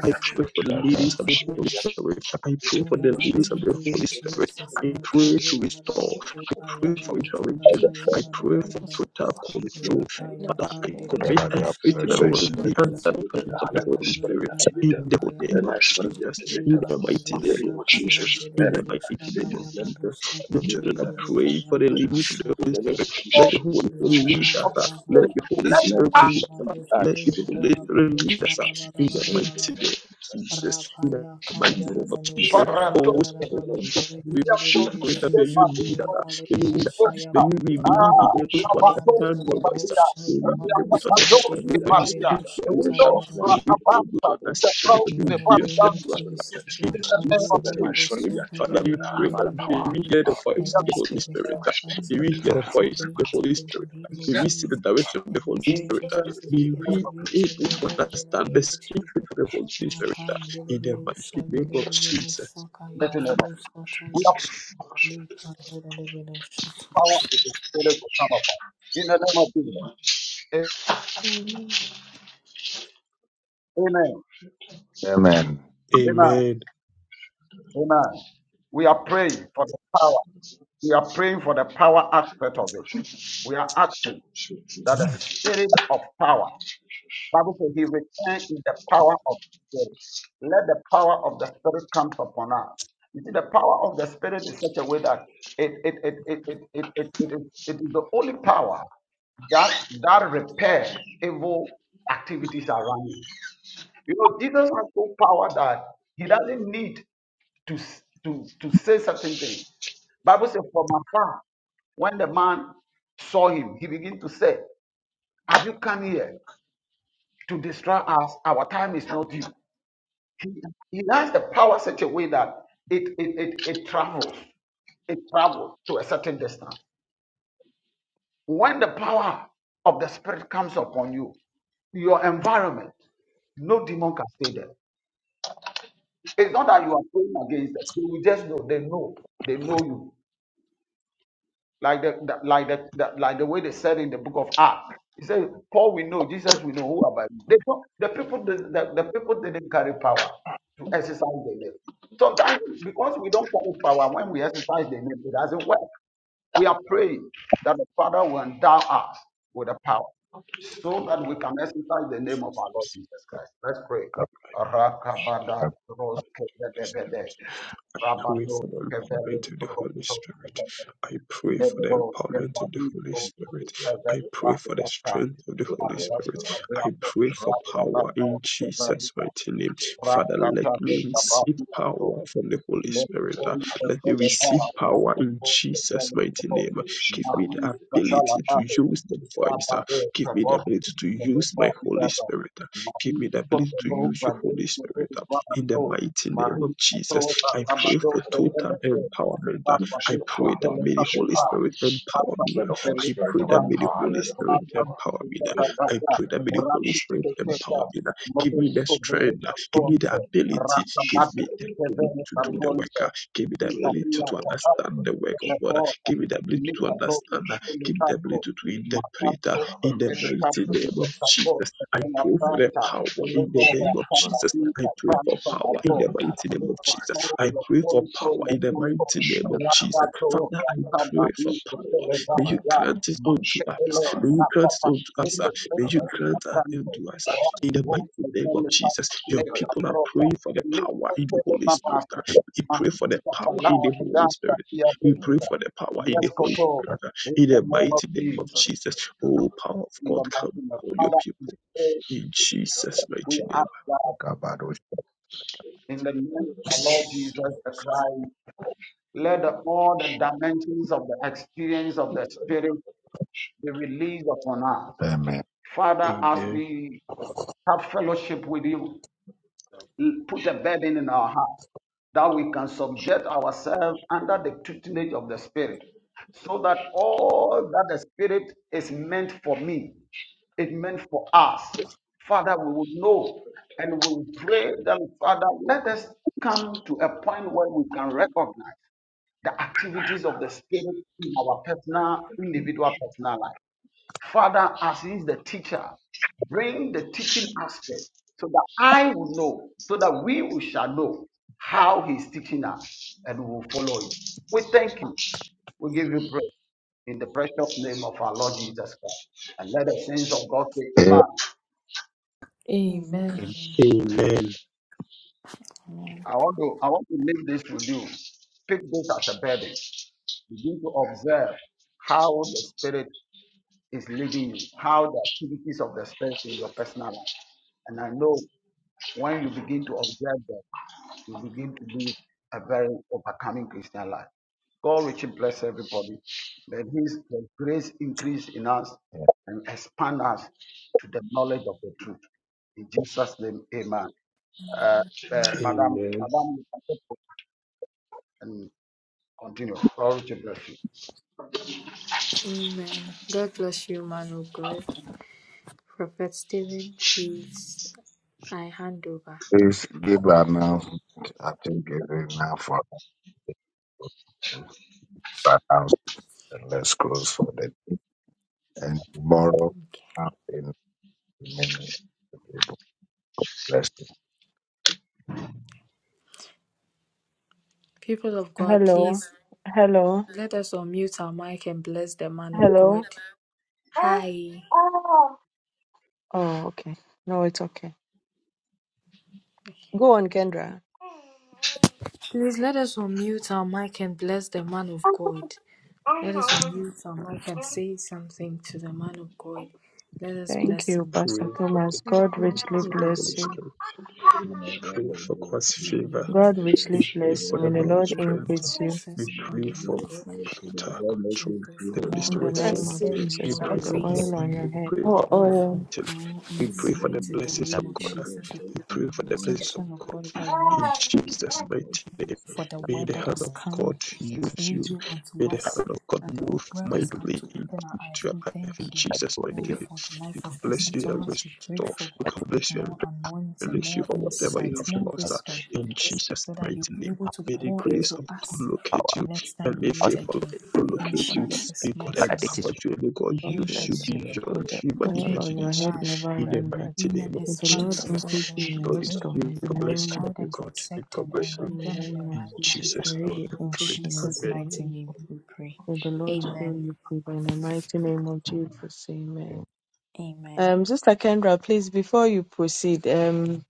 Speaker 11: I pray for the
Speaker 1: Raka
Speaker 11: ladies of the Holy Spirit. I pray for the ladies of the Holy Spirit. I pray to
Speaker 2: Makayo
Speaker 11: restore. I pray for intervention.
Speaker 12: fruit
Speaker 11: I
Speaker 12: of the
Speaker 11: pray for
Speaker 2: Shatayabadabaraba,
Speaker 12: almost
Speaker 11: total control.
Speaker 2: Rapaya
Speaker 12: no
Speaker 11: Father, I commit
Speaker 2: Kandelebino
Speaker 1: Raka
Speaker 11: everything
Speaker 1: Raka
Speaker 11: around me
Speaker 2: Shatayabadu
Speaker 11: under the hands of the Holy Spirit.
Speaker 10: Thank
Speaker 11: In
Speaker 10: you.
Speaker 11: the
Speaker 10: Let
Speaker 11: name
Speaker 2: Sandelebenoshabarakayaba.
Speaker 11: of
Speaker 10: my spirit be
Speaker 11: Jesus.
Speaker 10: activated
Speaker 11: In the mighty
Speaker 10: in the
Speaker 11: name of
Speaker 10: name of
Speaker 2: Libabalushakaya
Speaker 10: Jesus.
Speaker 11: Jesus. In
Speaker 10: Let
Speaker 11: the
Speaker 10: it be
Speaker 11: mighty name
Speaker 10: activated.
Speaker 2: Dududushakaya
Speaker 11: of
Speaker 10: Let
Speaker 11: Jesus
Speaker 2: Badushaki
Speaker 11: your
Speaker 10: it
Speaker 11: children.
Speaker 10: be
Speaker 11: I pray
Speaker 2: Didididushaya
Speaker 11: for
Speaker 10: activated.
Speaker 11: the
Speaker 10: Let it be
Speaker 11: leadings of the
Speaker 10: activated. In
Speaker 11: Holy
Speaker 10: the name
Speaker 2: Badushakaraba
Speaker 10: of
Speaker 11: Spirit. Let
Speaker 10: Jesus.
Speaker 11: the
Speaker 10: In
Speaker 11: Holy
Speaker 10: the name
Speaker 11: Spirit lead us.
Speaker 10: of
Speaker 4: of
Speaker 11: ah.
Speaker 4: the
Speaker 11: Let
Speaker 4: spirit.
Speaker 11: the Holy
Speaker 10: Jesus. In the name of Jesus.
Speaker 2: Rakabababadusha
Speaker 10: Let my
Speaker 11: Spirit lead us.
Speaker 10: spirit
Speaker 11: ah.
Speaker 10: be
Speaker 11: Let the
Speaker 2: Dilabadushi
Speaker 10: activated
Speaker 11: Holy
Speaker 10: in the
Speaker 11: Spirit
Speaker 10: name of
Speaker 11: lead
Speaker 2: Darabalisha
Speaker 11: us ah. in the mighty
Speaker 2: Labarabaraba
Speaker 11: name of Jesus. In the
Speaker 2: Rapaya
Speaker 11: mighty
Speaker 10: Jesus. Let it be
Speaker 11: name of Jesus.
Speaker 10: activated.
Speaker 2: Kandelabalushaki
Speaker 4: Let
Speaker 11: Oh,
Speaker 4: the
Speaker 11: Spirit
Speaker 2: Darabanu
Speaker 11: of God.
Speaker 4: We
Speaker 11: we
Speaker 4: have power
Speaker 11: Greater may you lead
Speaker 2: Didididushakaya
Speaker 11: us. uh, May you lead us. uh, May
Speaker 2: Kalibalushayaba
Speaker 11: you may, we be able to
Speaker 2: Likaya
Speaker 11: understand your voice. uh, May
Speaker 2: Delabadushaya
Speaker 11: we be able to
Speaker 2: Badushi
Speaker 11: understand when you speak to words. uh,
Speaker 2: Didididushakaya
Speaker 11: May we be able to understand when you
Speaker 2: in the
Speaker 11: be
Speaker 2: name
Speaker 11: yourself
Speaker 2: of
Speaker 11: to us.
Speaker 2: Jesus,
Speaker 11: uh, In
Speaker 2: Makayo
Speaker 11: Jesus' name.
Speaker 2: Narabasu
Speaker 11: Father, we pray
Speaker 12: change.
Speaker 11: that may we
Speaker 2: Hadibidibidibidibidi.
Speaker 11: hear the voice
Speaker 2: Let
Speaker 11: of
Speaker 2: my
Speaker 11: the Holy Spirit.
Speaker 2: spiritual
Speaker 11: uh, May
Speaker 2: senses
Speaker 11: we
Speaker 2: be
Speaker 11: hear the voice of the
Speaker 2: activated
Speaker 11: Holy
Speaker 2: in
Speaker 11: Spirit.
Speaker 2: the
Speaker 11: uh,
Speaker 2: name of
Speaker 11: May we see
Speaker 2: Jesus.
Speaker 11: the direction of
Speaker 2: Let
Speaker 11: the
Speaker 2: my
Speaker 11: Holy Spirit.
Speaker 2: spiritual
Speaker 11: uh,
Speaker 2: senses be
Speaker 11: May we be
Speaker 2: activated,
Speaker 11: able
Speaker 2: O
Speaker 11: to
Speaker 2: Lord, in the
Speaker 11: understand the
Speaker 2: name of
Speaker 11: speaking
Speaker 2: Jesus.
Speaker 11: of the Holy Spirit. uh, In the
Speaker 2: Makandelebirusha
Speaker 11: mighty name of Jesus.
Speaker 2: nilibirusha kayamanushataya lipandelebirusha.
Speaker 4: to the spirit to come upon. In the name of Jesus. Amen.
Speaker 1: Amen
Speaker 4: Amen.
Speaker 11: Amen.
Speaker 4: Amen. We are praying for the power. We are praying for the power aspect of it. We are asking that the spirit of power Bible says he returned in the power of the Spirit. Let the power of the Spirit come upon us. You see, the power of the Spirit is such a way that it it it it it it, it, it, is- it is the only power that that repair evil activities around you. You know, Jesus has so power that he doesn't need to s- to to say certain things. Bible says, from afar, when the man saw him, he began to say, Have you come here? to destroy us. Our time is not due. He, he has the power such a way that it, it, it, it travels. It travels to a certain distance. When the power of the Spirit comes upon you, your environment, no demon can stay there. It's not that you are praying against them. You will just know. They know. They know you. like the, the like the, the like the way they said in the book of Acts. He said, "Paul we know, Jesus we know. Who about by they don't, the people did- the, the people didn't carry power to exercise their name. Sometimes because we don't carry power when we exercise the name, it doesn't work. We are praying that the Father will endow us with the power so that we can exercise the name of our Lord
Speaker 11: I
Speaker 4: Jesus Christ. Let's pray. Rakabada roskebedebede,
Speaker 11: pray
Speaker 4: rabado
Speaker 11: for the
Speaker 4: kebele,
Speaker 11: empowerment of the Holy
Speaker 4: roto
Speaker 11: Spirit. I
Speaker 4: Marie, I told her
Speaker 11: pray for the empowerment
Speaker 4: about
Speaker 11: of
Speaker 4: those
Speaker 11: the Holy Spirit.
Speaker 4: that
Speaker 11: I pray for the
Speaker 4: Rakata,
Speaker 11: strength of the Holy
Speaker 4: Abbas,
Speaker 11: Spirit. I
Speaker 4: Rapo,
Speaker 11: pray for power
Speaker 4: Rakata,
Speaker 11: in Jesus'
Speaker 4: Severita,
Speaker 11: mighty name. Father, let
Speaker 4: Rakata,
Speaker 11: me receive
Speaker 4: Sabato,
Speaker 11: power from the Holy
Speaker 4: let the
Speaker 11: Spirit. Uh,
Speaker 4: police of
Speaker 11: Let me
Speaker 4: the bar,
Speaker 11: receive power in
Speaker 4: Rakata, the
Speaker 11: Jesus'
Speaker 4: very
Speaker 11: mighty
Speaker 4: people,
Speaker 11: name. Give me the
Speaker 4: Mahi,
Speaker 11: ability to
Speaker 4: Catalabate,
Speaker 11: use the voice. uh,
Speaker 4: Rabade,
Speaker 11: Give me the
Speaker 4: Sabor,
Speaker 11: ability to use
Speaker 4: Sabota,
Speaker 11: my Holy
Speaker 4: Villada,
Speaker 11: Spirit. uh, Give
Speaker 4: Mahi,
Speaker 11: me the ability to
Speaker 4: Kotovo,
Speaker 11: use your
Speaker 4: Vade,
Speaker 11: Holy Spirit. uh, In the
Speaker 4: Sabato,
Speaker 11: mighty name
Speaker 4: Mahi,
Speaker 11: of Jesus,
Speaker 4: Kotovo,
Speaker 11: I pray
Speaker 4: Abato,
Speaker 11: for
Speaker 4: the
Speaker 11: total
Speaker 10: Shiva
Speaker 4: Benefit,
Speaker 11: empowerment.
Speaker 4: Papa,
Speaker 11: I
Speaker 4: the
Speaker 11: pray that may the
Speaker 4: Benefit,
Speaker 11: Holy Spirit empower me.
Speaker 10: let the Holy
Speaker 11: I
Speaker 10: Spirit
Speaker 11: pray
Speaker 10: of
Speaker 11: that
Speaker 10: the
Speaker 11: may the
Speaker 10: power,
Speaker 11: Holy
Speaker 10: let the Holy
Speaker 11: Spirit
Speaker 10: Spirit
Speaker 11: empower me.
Speaker 10: let
Speaker 11: I pray that may the Holy Spirit empower me. Give me the strength. Give me the ability. Give me the ability to do the work. Give me the ability to
Speaker 4: Rapa
Speaker 11: understand the work of God.
Speaker 4: Therefore,
Speaker 11: Give me the ability
Speaker 4: lift
Speaker 11: to
Speaker 4: a block
Speaker 11: understand.
Speaker 4: in the
Speaker 11: Give me the
Speaker 4: castle.
Speaker 11: ability to interpret
Speaker 10: the
Speaker 4: Macaco
Speaker 10: Holy
Speaker 4: for
Speaker 11: in the
Speaker 4: every
Speaker 11: mighty
Speaker 4: castle in
Speaker 11: name
Speaker 10: Spirit
Speaker 4: the
Speaker 11: of Jesus.
Speaker 4: castle
Speaker 11: I
Speaker 4: and a
Speaker 11: pray for
Speaker 10: Thank
Speaker 11: the
Speaker 10: you,
Speaker 4: branch.
Speaker 11: power
Speaker 4: Lift
Speaker 11: in the
Speaker 4: over a
Speaker 11: name of
Speaker 4: castle
Speaker 11: Jesus.
Speaker 4: in
Speaker 11: I
Speaker 4: the
Speaker 11: pray for
Speaker 4: branch of a
Speaker 11: power in
Speaker 4: block.
Speaker 11: the mighty name
Speaker 4: Lift
Speaker 11: of
Speaker 4: a
Speaker 11: Jesus.
Speaker 4: floor
Speaker 11: I
Speaker 4: of a
Speaker 11: pray for
Speaker 4: phone
Speaker 11: power
Speaker 4: phone of
Speaker 11: in the
Speaker 4: Jumpo.
Speaker 11: mighty name of Jesus.
Speaker 4: Rapato of
Speaker 11: Father,
Speaker 4: a
Speaker 11: I
Speaker 4: Taba
Speaker 11: pray for
Speaker 4: is for
Speaker 11: power. May you
Speaker 4: Televasia.
Speaker 11: grant it unto
Speaker 4: Macele,
Speaker 11: us. May you grant it
Speaker 4: Rapapa,
Speaker 11: unto
Speaker 4: lift
Speaker 11: us. ah.
Speaker 4: a
Speaker 11: May
Speaker 4: prince
Speaker 11: you
Speaker 4: of a
Speaker 11: grant it
Speaker 4: branch.
Speaker 11: unto us. ah. In the
Speaker 4: Rapato,
Speaker 11: mighty
Speaker 4: the
Speaker 11: name of
Speaker 4: Jelly
Speaker 11: Jesus,
Speaker 4: Papa,
Speaker 11: your
Speaker 4: lift a
Speaker 11: people are
Speaker 4: brota.
Speaker 11: praying for the power in the Holy Spirit.
Speaker 4: Lift
Speaker 11: ah. We pray for the
Speaker 4: Maafisa
Speaker 11: power in
Speaker 4: kadhaa
Speaker 11: the Holy
Speaker 4: Uganda
Speaker 11: Spirit.
Speaker 4: pia
Speaker 11: We pray
Speaker 4: Rwanda.
Speaker 11: for the power in
Speaker 4: Yes,
Speaker 11: the
Speaker 13: But
Speaker 11: Holy
Speaker 4: Koto,
Speaker 11: Spirit. ah.
Speaker 4: in
Speaker 11: In
Speaker 4: the
Speaker 11: the
Speaker 4: name of
Speaker 11: mighty name of
Speaker 8: leader
Speaker 4: Jesus,
Speaker 11: Jesus, oh power of
Speaker 4: in the
Speaker 11: God, come
Speaker 4: mighty name of
Speaker 11: upon your
Speaker 4: Father,
Speaker 11: people.
Speaker 4: we pray,
Speaker 11: In Jesus'
Speaker 4: we
Speaker 11: mighty
Speaker 4: ask
Speaker 11: name.
Speaker 4: God,
Speaker 1: Kabarot
Speaker 4: in the name of our Lord Jesus the Christ, let the- all the dimensions of the experience of the Spirit be released upon us.
Speaker 1: Amen
Speaker 4: Father, as
Speaker 11: Amen.
Speaker 4: we have fellowship with you, l- put a burden in our heart. that we can subject ourselves under the tutelage of the Spirit, so that all that the Spirit is meant for me, it meant for us. Father, we would know and we would pray that, Father, let us come to a point where we can recognize the activities of the Spirit in our personal, individual personal life. Father, as He is the teacher, bring the teaching aspect so that I will know, so that we will shall know how He is teaching us and we will follow it. We thank you. We give you praise in the precious name of our Lord Jesus Christ. And let the saints of God say,
Speaker 1: Eh,
Speaker 4: Amen.
Speaker 2: Amen.
Speaker 14: Amen.
Speaker 11: Amen.
Speaker 4: I want to, I want to leave this with you. Pick this as a burden. Begin to observe how the Spirit is leading you, how the activities of the Spirit in your personal life. And I know when you begin to observe them, you begin to live a very overcoming Christian life. God richly bless everybody. Let His the grace increase in us and expand us to the knowledge of the truth. In Jesus' name, Amen. Uh, uh, Madam,
Speaker 11: Amen.
Speaker 4: Madam, and continue. God richly bless you,
Speaker 2: Amen. God bless you, man of God. Prophet Stephen, please, I hand over.
Speaker 1: Please give an announcement. I think it's enough for an announcement. Let's close for the day. And tomorrow,
Speaker 2: Okay.
Speaker 1: out in many people bless you.
Speaker 2: People of God, please let us unmute our mic and bless the man of
Speaker 15: Hello.
Speaker 2: God. Hi.
Speaker 15: No, it's okay. Go on, Kendra.
Speaker 2: Please let us unmute our mic and bless the man of God. Let us unmute our mic and say something to the man of God. Let us
Speaker 15: Thank
Speaker 2: bless
Speaker 15: you,
Speaker 2: him
Speaker 11: Pray
Speaker 15: Pastor
Speaker 11: for
Speaker 15: Thomas.
Speaker 11: the,
Speaker 14: God
Speaker 15: God
Speaker 14: bless
Speaker 15: richly
Speaker 11: the
Speaker 14: you.
Speaker 11: Holy
Speaker 15: bless you.
Speaker 11: Spirit.
Speaker 16: And I
Speaker 11: We
Speaker 16: got
Speaker 11: pray
Speaker 16: it
Speaker 11: for
Speaker 16: there
Speaker 11: God's
Speaker 2: in the
Speaker 16: too.
Speaker 11: favor
Speaker 2: name
Speaker 16: And
Speaker 2: of
Speaker 16: I
Speaker 15: God
Speaker 16: got
Speaker 15: richly
Speaker 16: it
Speaker 11: We
Speaker 2: Jesus.
Speaker 16: to
Speaker 11: pray
Speaker 15: bless
Speaker 11: for
Speaker 16: there
Speaker 15: you.
Speaker 2: Father,
Speaker 11: the
Speaker 15: May the
Speaker 2: we
Speaker 16: too.
Speaker 11: Lord's
Speaker 15: Lord
Speaker 2: pray
Speaker 16: And
Speaker 2: for
Speaker 11: strength.
Speaker 2: God's
Speaker 15: increase you.
Speaker 11: We
Speaker 2: blessings
Speaker 16: and
Speaker 2: upon
Speaker 16: I
Speaker 11: pray
Speaker 2: the man
Speaker 11: for
Speaker 2: of
Speaker 16: didn't
Speaker 2: God.
Speaker 16: get to. today.
Speaker 11: total
Speaker 16: God make
Speaker 2: Should we
Speaker 11: control.
Speaker 16: it
Speaker 2: pray for
Speaker 16: fit,
Speaker 11: Let The Holy
Speaker 2: more
Speaker 16: man.
Speaker 15: In
Speaker 16: May
Speaker 15: the
Speaker 11: Spirit
Speaker 16: God
Speaker 15: name
Speaker 11: filled
Speaker 12: Bless
Speaker 11: you.
Speaker 15: of
Speaker 16: fit.
Speaker 12: you.
Speaker 2: anointing,
Speaker 11: We
Speaker 15: Jesus,
Speaker 2: more
Speaker 16: May
Speaker 15: may
Speaker 11: pray
Speaker 15: the
Speaker 12: Bless
Speaker 11: for
Speaker 16: God
Speaker 11: more
Speaker 2: grace?
Speaker 15: oil
Speaker 11: oil.
Speaker 15: on
Speaker 16: make
Speaker 15: your
Speaker 16: it
Speaker 11: We
Speaker 15: head.
Speaker 16: fit.
Speaker 11: pray
Speaker 2: We
Speaker 11: for
Speaker 12: all
Speaker 2: pray for
Speaker 12: oil
Speaker 11: anointing.
Speaker 2: more
Speaker 11: We
Speaker 16: May
Speaker 11: pray for
Speaker 16: God
Speaker 11: the
Speaker 2: insight in
Speaker 16: make
Speaker 2: the
Speaker 16: it
Speaker 11: blessings of
Speaker 2: name of
Speaker 16: fit.
Speaker 11: God.
Speaker 16: May God
Speaker 2: Jesus. We
Speaker 16: bless
Speaker 11: We
Speaker 2: pray for
Speaker 16: you,
Speaker 11: pray
Speaker 16: my
Speaker 11: for
Speaker 2: the
Speaker 11: the
Speaker 16: own.
Speaker 11: blessings of
Speaker 2: protection of God over
Speaker 11: God.
Speaker 2: your life.
Speaker 11: In Jesus'
Speaker 16: In what
Speaker 11: mighty
Speaker 16: you
Speaker 11: name,
Speaker 16: said to set
Speaker 2: for the
Speaker 16: for
Speaker 11: may
Speaker 2: word
Speaker 11: the
Speaker 16: me.
Speaker 2: that
Speaker 11: hand
Speaker 2: has
Speaker 11: of
Speaker 2: come
Speaker 11: God
Speaker 15: Jesus,
Speaker 11: use
Speaker 2: through
Speaker 11: you.
Speaker 2: you
Speaker 11: May
Speaker 2: unto
Speaker 11: the
Speaker 2: us,
Speaker 11: hand of God
Speaker 2: and the
Speaker 11: move
Speaker 2: word has come
Speaker 11: mightily
Speaker 2: to
Speaker 11: into
Speaker 2: open our eyes.
Speaker 11: your
Speaker 2: We
Speaker 11: life in
Speaker 2: thank you,
Speaker 11: Jesus'
Speaker 2: Lord,
Speaker 11: mighty name.
Speaker 2: for the
Speaker 11: He
Speaker 2: life
Speaker 11: can
Speaker 2: of
Speaker 11: bless
Speaker 2: Pastor
Speaker 11: you and
Speaker 2: Thomas. We pray
Speaker 11: restore.
Speaker 2: for
Speaker 11: He can bless you
Speaker 2: more
Speaker 11: and
Speaker 2: anointing,
Speaker 11: release you
Speaker 2: more
Speaker 11: from whatever you
Speaker 8: for
Speaker 2: insight,
Speaker 11: have
Speaker 2: more
Speaker 11: lost. uh,
Speaker 2: wisdom,
Speaker 11: In Jesus'
Speaker 2: so that
Speaker 11: mighty
Speaker 2: he'll be
Speaker 11: name,
Speaker 2: able to
Speaker 11: may the
Speaker 2: pour
Speaker 11: grace
Speaker 2: into
Speaker 11: of God
Speaker 2: us
Speaker 11: locate
Speaker 2: the
Speaker 11: you
Speaker 2: next time
Speaker 11: and
Speaker 2: we
Speaker 11: may
Speaker 2: meet
Speaker 11: favor of
Speaker 2: again.
Speaker 11: God
Speaker 2: In
Speaker 11: locate
Speaker 15: God
Speaker 11: you.
Speaker 15: bless
Speaker 2: Jesus'
Speaker 11: May God
Speaker 2: mighty
Speaker 13: this
Speaker 2: name,
Speaker 15: you.
Speaker 13: is
Speaker 11: empower you and may God
Speaker 15: God
Speaker 2: pray
Speaker 11: use
Speaker 2: that
Speaker 11: you
Speaker 15: bless you.
Speaker 2: you
Speaker 15: May
Speaker 11: beyond
Speaker 15: the
Speaker 11: human
Speaker 2: soak
Speaker 15: oil
Speaker 2: him in
Speaker 15: on
Speaker 2: your
Speaker 15: your head
Speaker 11: imagination.
Speaker 2: blood
Speaker 15: never
Speaker 11: In the
Speaker 15: run dry.
Speaker 11: mighty
Speaker 2: him and
Speaker 11: name of
Speaker 15: May
Speaker 2: his
Speaker 15: the Lord
Speaker 2: family, O
Speaker 15: increase
Speaker 11: Jesus,
Speaker 15: you
Speaker 2: Lord, we
Speaker 15: in
Speaker 11: God is
Speaker 2: pray
Speaker 15: wisdom.
Speaker 11: you. May
Speaker 15: In the
Speaker 11: God
Speaker 2: that you
Speaker 11: bless
Speaker 15: name
Speaker 11: you,
Speaker 15: of
Speaker 2: guide
Speaker 11: oh
Speaker 2: and
Speaker 15: Jesus.
Speaker 11: God. May
Speaker 2: protect
Speaker 11: God
Speaker 2: them and
Speaker 11: bless you.
Speaker 2: lead
Speaker 15: In
Speaker 2: them
Speaker 15: the
Speaker 2: in the
Speaker 15: name of
Speaker 2: right
Speaker 11: In
Speaker 15: Jesus,
Speaker 2: path.
Speaker 11: Jesus'
Speaker 15: may you
Speaker 11: name,
Speaker 15: be
Speaker 11: I
Speaker 2: In
Speaker 11: pray.
Speaker 15: increased in wisdom.
Speaker 2: Jesus'
Speaker 11: Amen.
Speaker 2: mighty
Speaker 15: and
Speaker 2: name
Speaker 15: knowledge.
Speaker 2: we pray.
Speaker 15: May the Lord fill
Speaker 2: Amen.
Speaker 15: you people in the mighty name of Jesus. Amen.
Speaker 2: Amen.
Speaker 15: Um, Sister Kendra, please, before you proceed, um,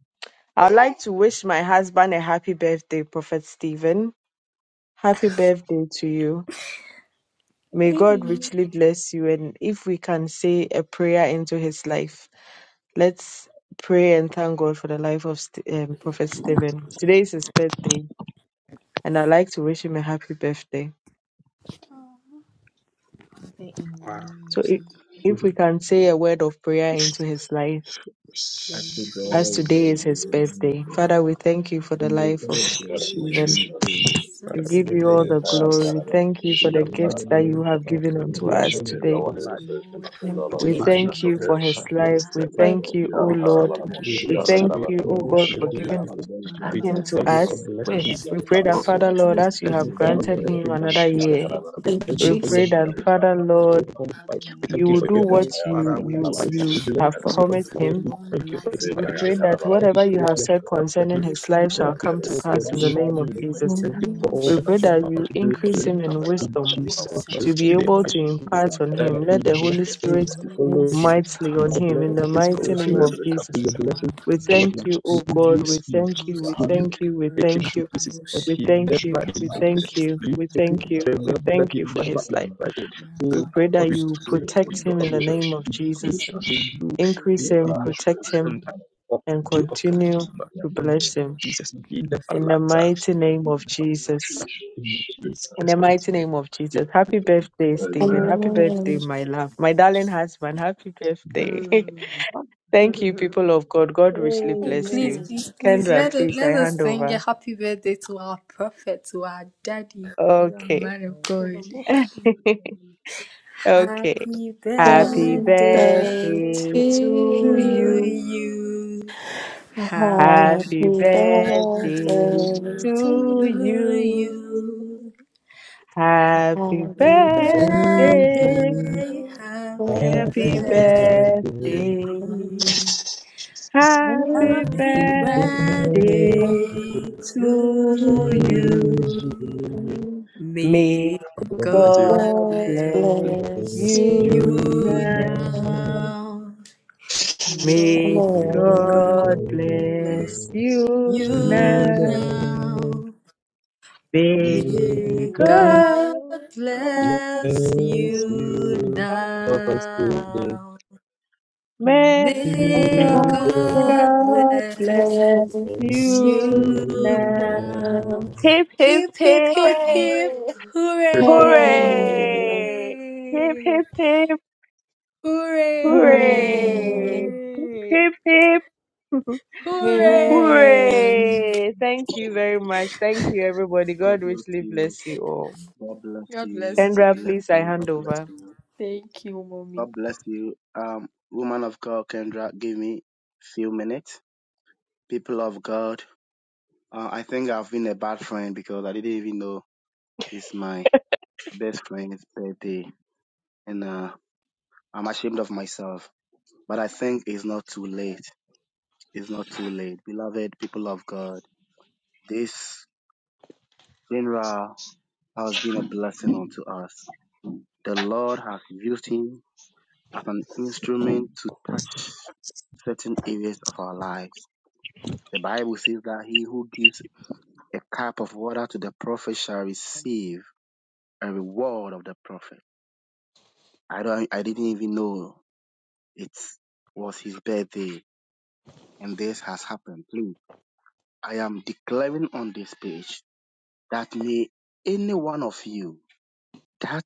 Speaker 15: I'd like to wish my husband a happy birthday, Prophet Stephen. Happy birthday to you. May God
Speaker 2: Amen.
Speaker 15: richly bless you. And if we can say a prayer into his life, let's pray and thank God for the life of St- um, Prophet Stephen. Today is his birthday, and I'd like to wish him a happy birthday.
Speaker 2: Father, in the
Speaker 11: Wow.
Speaker 2: name of
Speaker 15: So if,
Speaker 2: Jesus,
Speaker 15: if
Speaker 2: we
Speaker 15: we can say a word of prayer into his life,
Speaker 16: I
Speaker 2: pray
Speaker 16: think
Speaker 2: for
Speaker 15: as
Speaker 16: all
Speaker 2: more
Speaker 15: today
Speaker 16: will
Speaker 15: is
Speaker 16: be
Speaker 15: his
Speaker 2: grace,
Speaker 16: And I
Speaker 15: birthday.
Speaker 2: and
Speaker 16: Lord.
Speaker 15: Father, we
Speaker 2: more
Speaker 15: thank you for
Speaker 2: anointing.
Speaker 15: the
Speaker 16: May
Speaker 15: life
Speaker 2: We
Speaker 16: God
Speaker 15: of
Speaker 16: bless
Speaker 2: pray
Speaker 16: your
Speaker 15: Stephen.
Speaker 2: for
Speaker 11: Jesus,
Speaker 16: new
Speaker 2: the
Speaker 16: age.
Speaker 10: Jesus.
Speaker 15: We
Speaker 11: Father,
Speaker 2: blessings
Speaker 11: in
Speaker 15: give
Speaker 11: the
Speaker 2: in
Speaker 15: you
Speaker 2: the
Speaker 15: all
Speaker 11: name
Speaker 10: Bless
Speaker 16: May God
Speaker 15: the
Speaker 11: of
Speaker 2: name of
Speaker 11: Jesus,
Speaker 2: Jesus.
Speaker 15: glory. Thank you
Speaker 16: bless
Speaker 15: for
Speaker 11: we
Speaker 15: the
Speaker 16: your
Speaker 11: glorify
Speaker 16: new
Speaker 15: gifts
Speaker 11: your
Speaker 15: that you
Speaker 11: name
Speaker 16: age
Speaker 11: for
Speaker 16: with
Speaker 15: have
Speaker 11: out
Speaker 15: given
Speaker 2: Thank
Speaker 11: and
Speaker 15: unto
Speaker 11: we
Speaker 16: prosperity.
Speaker 11: are
Speaker 2: you,
Speaker 11: on
Speaker 15: us
Speaker 10: your name, you are
Speaker 11: to
Speaker 15: today.
Speaker 11: the
Speaker 10: worthy
Speaker 16: May
Speaker 2: precious
Speaker 10: to
Speaker 16: your
Speaker 11: light.
Speaker 10: praise King
Speaker 2: Lord,
Speaker 10: of Kings,
Speaker 12: and
Speaker 2: for
Speaker 10: Lord of
Speaker 11: until
Speaker 15: We
Speaker 11: the
Speaker 10: Lords,
Speaker 16: life
Speaker 12: Jesus.
Speaker 11: year
Speaker 2: the
Speaker 10: Ancient
Speaker 15: thank
Speaker 10: of
Speaker 15: you
Speaker 2: man
Speaker 11: of
Speaker 15: for
Speaker 2: of
Speaker 15: his
Speaker 10: Days.
Speaker 2: God's
Speaker 11: Lord
Speaker 15: life. We
Speaker 11: Supper.
Speaker 16: The,
Speaker 12: Pray
Speaker 2: life.
Speaker 15: thank
Speaker 12: for
Speaker 15: you, O
Speaker 10: Ya
Speaker 11: We
Speaker 12: more
Speaker 2: Thank
Speaker 11: thank
Speaker 15: Lord.
Speaker 2: you.
Speaker 11: you,
Speaker 10: Tarabarabosh,
Speaker 15: We
Speaker 10: Ya
Speaker 11: Lord
Speaker 12: Lord
Speaker 15: thank
Speaker 11: Spirit,
Speaker 15: you,
Speaker 11: and
Speaker 15: O
Speaker 11: we
Speaker 15: God,
Speaker 10: Tarabarabosh,
Speaker 2: Being
Speaker 15: for
Speaker 2: a
Speaker 10: Ya
Speaker 11: thank
Speaker 2: green
Speaker 11: you,
Speaker 15: giving
Speaker 11: Lord. We
Speaker 12: and
Speaker 2: farm
Speaker 10: Tarabarabosh,
Speaker 15: him
Speaker 12: as
Speaker 15: to
Speaker 11: thank you
Speaker 10: Ya
Speaker 2: was
Speaker 11: for
Speaker 15: us.
Speaker 2: not
Speaker 11: blessing
Speaker 10: Tarabarabosh,
Speaker 11: him
Speaker 2: repeated
Speaker 12: always.
Speaker 10: Ya
Speaker 15: We
Speaker 11: to
Speaker 15: pray
Speaker 11: this
Speaker 15: that,
Speaker 11: level.
Speaker 15: Father,
Speaker 10: Tarabarabosh,
Speaker 15: Lord,
Speaker 11: We
Speaker 15: as you
Speaker 11: thank
Speaker 15: have
Speaker 11: you for
Speaker 10: Ya
Speaker 11: not
Speaker 15: granted
Speaker 11: allowing
Speaker 15: him
Speaker 11: him to
Speaker 15: another
Speaker 10: Tarabarabosh,
Speaker 11: this
Speaker 15: year,
Speaker 11: level. We
Speaker 12: Thank you,
Speaker 11: thank you
Speaker 15: we
Speaker 11: for
Speaker 12: Jesus.
Speaker 11: your
Speaker 15: pray
Speaker 10: Ya
Speaker 11: holy
Speaker 15: that,
Speaker 2: in
Speaker 15: Father, Lord,
Speaker 11: Lord,
Speaker 10: Tarabarabosh.
Speaker 11: his life. We thank
Speaker 15: you
Speaker 11: you
Speaker 15: will
Speaker 11: for
Speaker 2: another
Speaker 15: do
Speaker 11: your
Speaker 10: Ebreka
Speaker 2: age
Speaker 11: honor
Speaker 15: what
Speaker 10: Paya
Speaker 15: you,
Speaker 4: Father.
Speaker 11: upon
Speaker 4: We
Speaker 11: his
Speaker 15: you,
Speaker 11: life.
Speaker 2: Yes,
Speaker 10: Tarabarabosh,
Speaker 11: We
Speaker 15: you
Speaker 12: Thank you,
Speaker 10: Ya
Speaker 11: bless
Speaker 2: we
Speaker 15: have
Speaker 11: you
Speaker 2: pray
Speaker 11: for
Speaker 12: Lord.
Speaker 11: his
Speaker 10: Tarabarabosh,
Speaker 15: promised
Speaker 2: for
Speaker 11: life.
Speaker 15: him.
Speaker 11: We
Speaker 2: long
Speaker 11: thank you for
Speaker 2: life.
Speaker 11: his
Speaker 2: We
Speaker 15: We
Speaker 10: Aleka
Speaker 11: life.
Speaker 10: Ya
Speaker 2: pray
Speaker 15: pray
Speaker 2: for
Speaker 11: We
Speaker 15: that
Speaker 11: thank you
Speaker 10: Tarabarabosh,
Speaker 15: whatever
Speaker 11: for
Speaker 10: Ya
Speaker 15: you
Speaker 11: what
Speaker 15: have
Speaker 11: you
Speaker 2: prosperity.
Speaker 15: said
Speaker 11: have done
Speaker 2: We
Speaker 11: for
Speaker 15: concerning
Speaker 11: him.
Speaker 2: pray
Speaker 15: his
Speaker 2: for
Speaker 11: We
Speaker 15: life
Speaker 10: Tarabarabosh,
Speaker 2: more
Speaker 10: Ya
Speaker 15: shall
Speaker 11: thank you
Speaker 15: come
Speaker 11: for
Speaker 15: to
Speaker 11: what you are
Speaker 15: pass in
Speaker 2: blessings
Speaker 15: the
Speaker 11: doing
Speaker 10: Tarabarabosh,
Speaker 11: for
Speaker 15: name
Speaker 2: in
Speaker 15: of
Speaker 11: him.
Speaker 2: the
Speaker 11: We
Speaker 15: Jesus.
Speaker 2: mighty
Speaker 11: thank you
Speaker 2: name
Speaker 11: for
Speaker 2: of
Speaker 11: all
Speaker 15: We
Speaker 11: that
Speaker 15: pray
Speaker 11: you are
Speaker 2: Jesus.
Speaker 15: that
Speaker 11: about
Speaker 2: We
Speaker 15: you
Speaker 11: to do
Speaker 2: pray
Speaker 11: for
Speaker 2: for
Speaker 15: increase
Speaker 11: him.
Speaker 15: him
Speaker 2: more
Speaker 15: in
Speaker 11: In
Speaker 15: wisdom.
Speaker 11: Jesus'
Speaker 2: grace
Speaker 15: to be
Speaker 11: mighty
Speaker 2: in the
Speaker 11: name,
Speaker 15: able
Speaker 11: I
Speaker 2: name
Speaker 15: to
Speaker 2: of
Speaker 11: pray
Speaker 2: all
Speaker 15: impart on
Speaker 2: your
Speaker 11: that
Speaker 15: him.
Speaker 2: more
Speaker 11: may
Speaker 15: Let
Speaker 11: your
Speaker 15: the Holy Spirit
Speaker 11: blessings
Speaker 2: anointing, more
Speaker 15: move
Speaker 11: follow him.
Speaker 2: insight
Speaker 15: mightily
Speaker 11: May
Speaker 2: in
Speaker 15: on
Speaker 2: the
Speaker 11: your
Speaker 15: him in the
Speaker 2: mighty
Speaker 11: blessings
Speaker 2: name
Speaker 15: mighty
Speaker 2: of
Speaker 11: follow
Speaker 15: name
Speaker 11: him.
Speaker 15: of
Speaker 2: Jesus.
Speaker 11: May
Speaker 15: Jesus.
Speaker 11: your blessings
Speaker 15: We
Speaker 2: Makaya
Speaker 11: follow
Speaker 15: thank
Speaker 11: him.
Speaker 15: you,
Speaker 11: May
Speaker 15: O
Speaker 2: Rabosha,
Speaker 11: you
Speaker 15: God.
Speaker 2: Tere
Speaker 15: We
Speaker 11: use him.
Speaker 15: thank you. We
Speaker 2: Rabosha,
Speaker 11: May you
Speaker 15: thank you. We
Speaker 11: take him
Speaker 15: thank
Speaker 11: to
Speaker 15: you.
Speaker 11: places that
Speaker 2: Rakababosha,
Speaker 15: We
Speaker 11: he
Speaker 2: in the
Speaker 15: thank
Speaker 2: name
Speaker 11: never
Speaker 15: you. We
Speaker 2: of
Speaker 11: imagined.
Speaker 15: thank
Speaker 2: Jesus.
Speaker 15: you.
Speaker 11: May you
Speaker 15: We
Speaker 11: take him
Speaker 15: thank
Speaker 2: Rakandere
Speaker 11: to
Speaker 15: you.
Speaker 11: a
Speaker 15: We
Speaker 2: Rabosha,
Speaker 11: level that
Speaker 15: thank
Speaker 11: he
Speaker 15: you for
Speaker 11: never
Speaker 15: his life.
Speaker 11: imagined
Speaker 15: We pray that
Speaker 11: according
Speaker 15: you
Speaker 2: Rakababosha,
Speaker 11: to
Speaker 2: Tere
Speaker 15: protect him in the
Speaker 11: your
Speaker 15: name of
Speaker 2: Rabosha,
Speaker 11: truth
Speaker 15: Jesus.
Speaker 11: and may you
Speaker 2: Rakababosha,
Speaker 15: Increase
Speaker 11: be
Speaker 15: him,
Speaker 11: in your
Speaker 15: protect him,
Speaker 11: hand or
Speaker 15: and
Speaker 2: Hey,
Speaker 11: be upon
Speaker 15: continue to
Speaker 11: him.
Speaker 15: bless him.
Speaker 11: Jesus, he never
Speaker 15: In the
Speaker 11: lacks. uh,
Speaker 15: mighty
Speaker 11: He
Speaker 15: name of
Speaker 11: never lacks uh,
Speaker 15: Jesus.
Speaker 11: in Jesus'
Speaker 15: In the
Speaker 11: mighty
Speaker 15: mighty
Speaker 11: name.
Speaker 15: name of
Speaker 11: We
Speaker 15: Jesus.
Speaker 11: pray
Speaker 15: Happy
Speaker 11: for the
Speaker 15: birthday,
Speaker 11: Lord
Speaker 15: Stephen. Happy birthday,
Speaker 12: Amen. Amen.
Speaker 15: my
Speaker 11: Jesus.
Speaker 15: love. My darling husband, happy birthday.
Speaker 14: Um,
Speaker 15: Thank you, people of God. God richly bless
Speaker 2: please,
Speaker 15: you.
Speaker 14: Amen.
Speaker 2: please, please
Speaker 15: Kendra,
Speaker 2: let
Speaker 3: you.
Speaker 2: us
Speaker 15: please, I
Speaker 2: let us
Speaker 15: hand
Speaker 2: sing a
Speaker 15: over.
Speaker 2: happy birthday to our prophet, to our daddy, to our
Speaker 15: Okay.
Speaker 2: man of
Speaker 14: Eva,
Speaker 2: God.
Speaker 14: mo happened to me?
Speaker 15: okay.
Speaker 2: Happy
Speaker 15: Happy
Speaker 2: birthday
Speaker 14: Thank
Speaker 12: Birthday
Speaker 14: you
Speaker 12: to
Speaker 15: birthday
Speaker 14: for your
Speaker 15: to
Speaker 12: you.
Speaker 2: to
Speaker 15: you.
Speaker 14: kindness.
Speaker 2: you. Happy
Speaker 15: Happy
Speaker 12: Happy
Speaker 14: Thank
Speaker 2: birthday
Speaker 14: you for
Speaker 15: birthday
Speaker 2: to
Speaker 12: birthday to
Speaker 14: your
Speaker 15: to
Speaker 12: you.
Speaker 15: you.
Speaker 2: you.
Speaker 14: kindness.
Speaker 15: Happy
Speaker 12: Happy
Speaker 2: Happy
Speaker 11: Happy
Speaker 14: Thank
Speaker 15: birthday.
Speaker 14: you for
Speaker 12: birthday,
Speaker 11: birthday,
Speaker 2: birthday, happy
Speaker 15: Happy
Speaker 11: happy
Speaker 12: precious
Speaker 14: your
Speaker 17: Mhm, mhm,
Speaker 11: birthday,
Speaker 15: birthday
Speaker 12: King.
Speaker 2: birthday.
Speaker 14: kindness.
Speaker 11: Jesus. Happy
Speaker 15: Happy
Speaker 12: Happy
Speaker 2: Happy
Speaker 17: mhm.
Speaker 15: birthday
Speaker 14: Happy
Speaker 11: birthday
Speaker 2: birthday
Speaker 14: birthday
Speaker 11: to you.
Speaker 12: birthday
Speaker 2: to
Speaker 14: to
Speaker 15: to
Speaker 12: to
Speaker 14: you.
Speaker 15: you.
Speaker 2: you.
Speaker 12: you.
Speaker 15: May
Speaker 2: May
Speaker 11: God
Speaker 3: Amen.
Speaker 11: bless you.
Speaker 15: God
Speaker 14: We
Speaker 2: God
Speaker 12: God
Speaker 2: bless
Speaker 15: bless
Speaker 12: bless
Speaker 11: Bless you,
Speaker 12: you.
Speaker 15: you
Speaker 2: you
Speaker 15: now.
Speaker 14: go.
Speaker 11: Lord.
Speaker 12: and
Speaker 2: now.
Speaker 14: To God
Speaker 2: May
Speaker 15: May
Speaker 14: be praise, you
Speaker 12: everyone.
Speaker 11: Holy
Speaker 2: God
Speaker 12: God
Speaker 15: God
Speaker 11: God,
Speaker 2: bless
Speaker 15: bless
Speaker 11: bless
Speaker 15: you
Speaker 11: you,
Speaker 2: you
Speaker 15: now.
Speaker 11: Lord.
Speaker 2: now.
Speaker 11: May
Speaker 15: May
Speaker 2: May
Speaker 14: To
Speaker 11: God
Speaker 2: God
Speaker 15: God
Speaker 14: God
Speaker 15: bless
Speaker 2: bless
Speaker 14: be
Speaker 12: bless
Speaker 11: bless
Speaker 15: you
Speaker 11: you.
Speaker 2: you
Speaker 15: now.
Speaker 11: Help us today.
Speaker 2: now.
Speaker 11: People
Speaker 15: May
Speaker 11: bless
Speaker 2: May
Speaker 15: God,
Speaker 18: Hooray.
Speaker 2: God
Speaker 15: God
Speaker 2: bless
Speaker 15: bless
Speaker 11: you,
Speaker 15: you
Speaker 12: you.
Speaker 2: You
Speaker 15: now.
Speaker 11: Lord.
Speaker 2: now.
Speaker 15: Hip, hip,
Speaker 2: Hip, hip,
Speaker 15: hip.
Speaker 2: hip, hip.
Speaker 12: Hooray!
Speaker 14: praise.
Speaker 15: Hooray! Hip,
Speaker 2: Hooray!
Speaker 15: hip, hip,
Speaker 12: Hooray!
Speaker 15: hooray! Hip,
Speaker 2: Hooray!
Speaker 15: hip, hip,
Speaker 12: Here
Speaker 2: Hooray!
Speaker 12: is
Speaker 15: hooray! Thank you very much. Thank you, everybody.
Speaker 19: God
Speaker 15: God
Speaker 19: bless
Speaker 15: richly
Speaker 19: you.
Speaker 15: bless you all.
Speaker 19: God bless
Speaker 2: God
Speaker 19: you.
Speaker 2: bless
Speaker 19: God
Speaker 15: Kendra,
Speaker 2: you.
Speaker 19: bless
Speaker 15: please, I
Speaker 19: you. God
Speaker 15: hand
Speaker 19: bless
Speaker 15: over.
Speaker 19: you.
Speaker 2: Thank you, mommy.
Speaker 19: God bless you. Um, woman of God, Kendra, give me few minutes. People of God, uh, I think I've been a bad friend because I didn't even know it's my best friend's birthday, and uh, I'm ashamed of myself. But I think it's not too late. It's not too late, beloved people of God. This funeral has been a blessing unto us. The Lord has used him as an instrument to touch certain areas of our lives. The Bible says that he who gives a cup of water to the prophet shall receive a reward of the prophet. I don't I didn't even know it was his birthday and this has happened. Please, I am declaring on this page that may any one of you that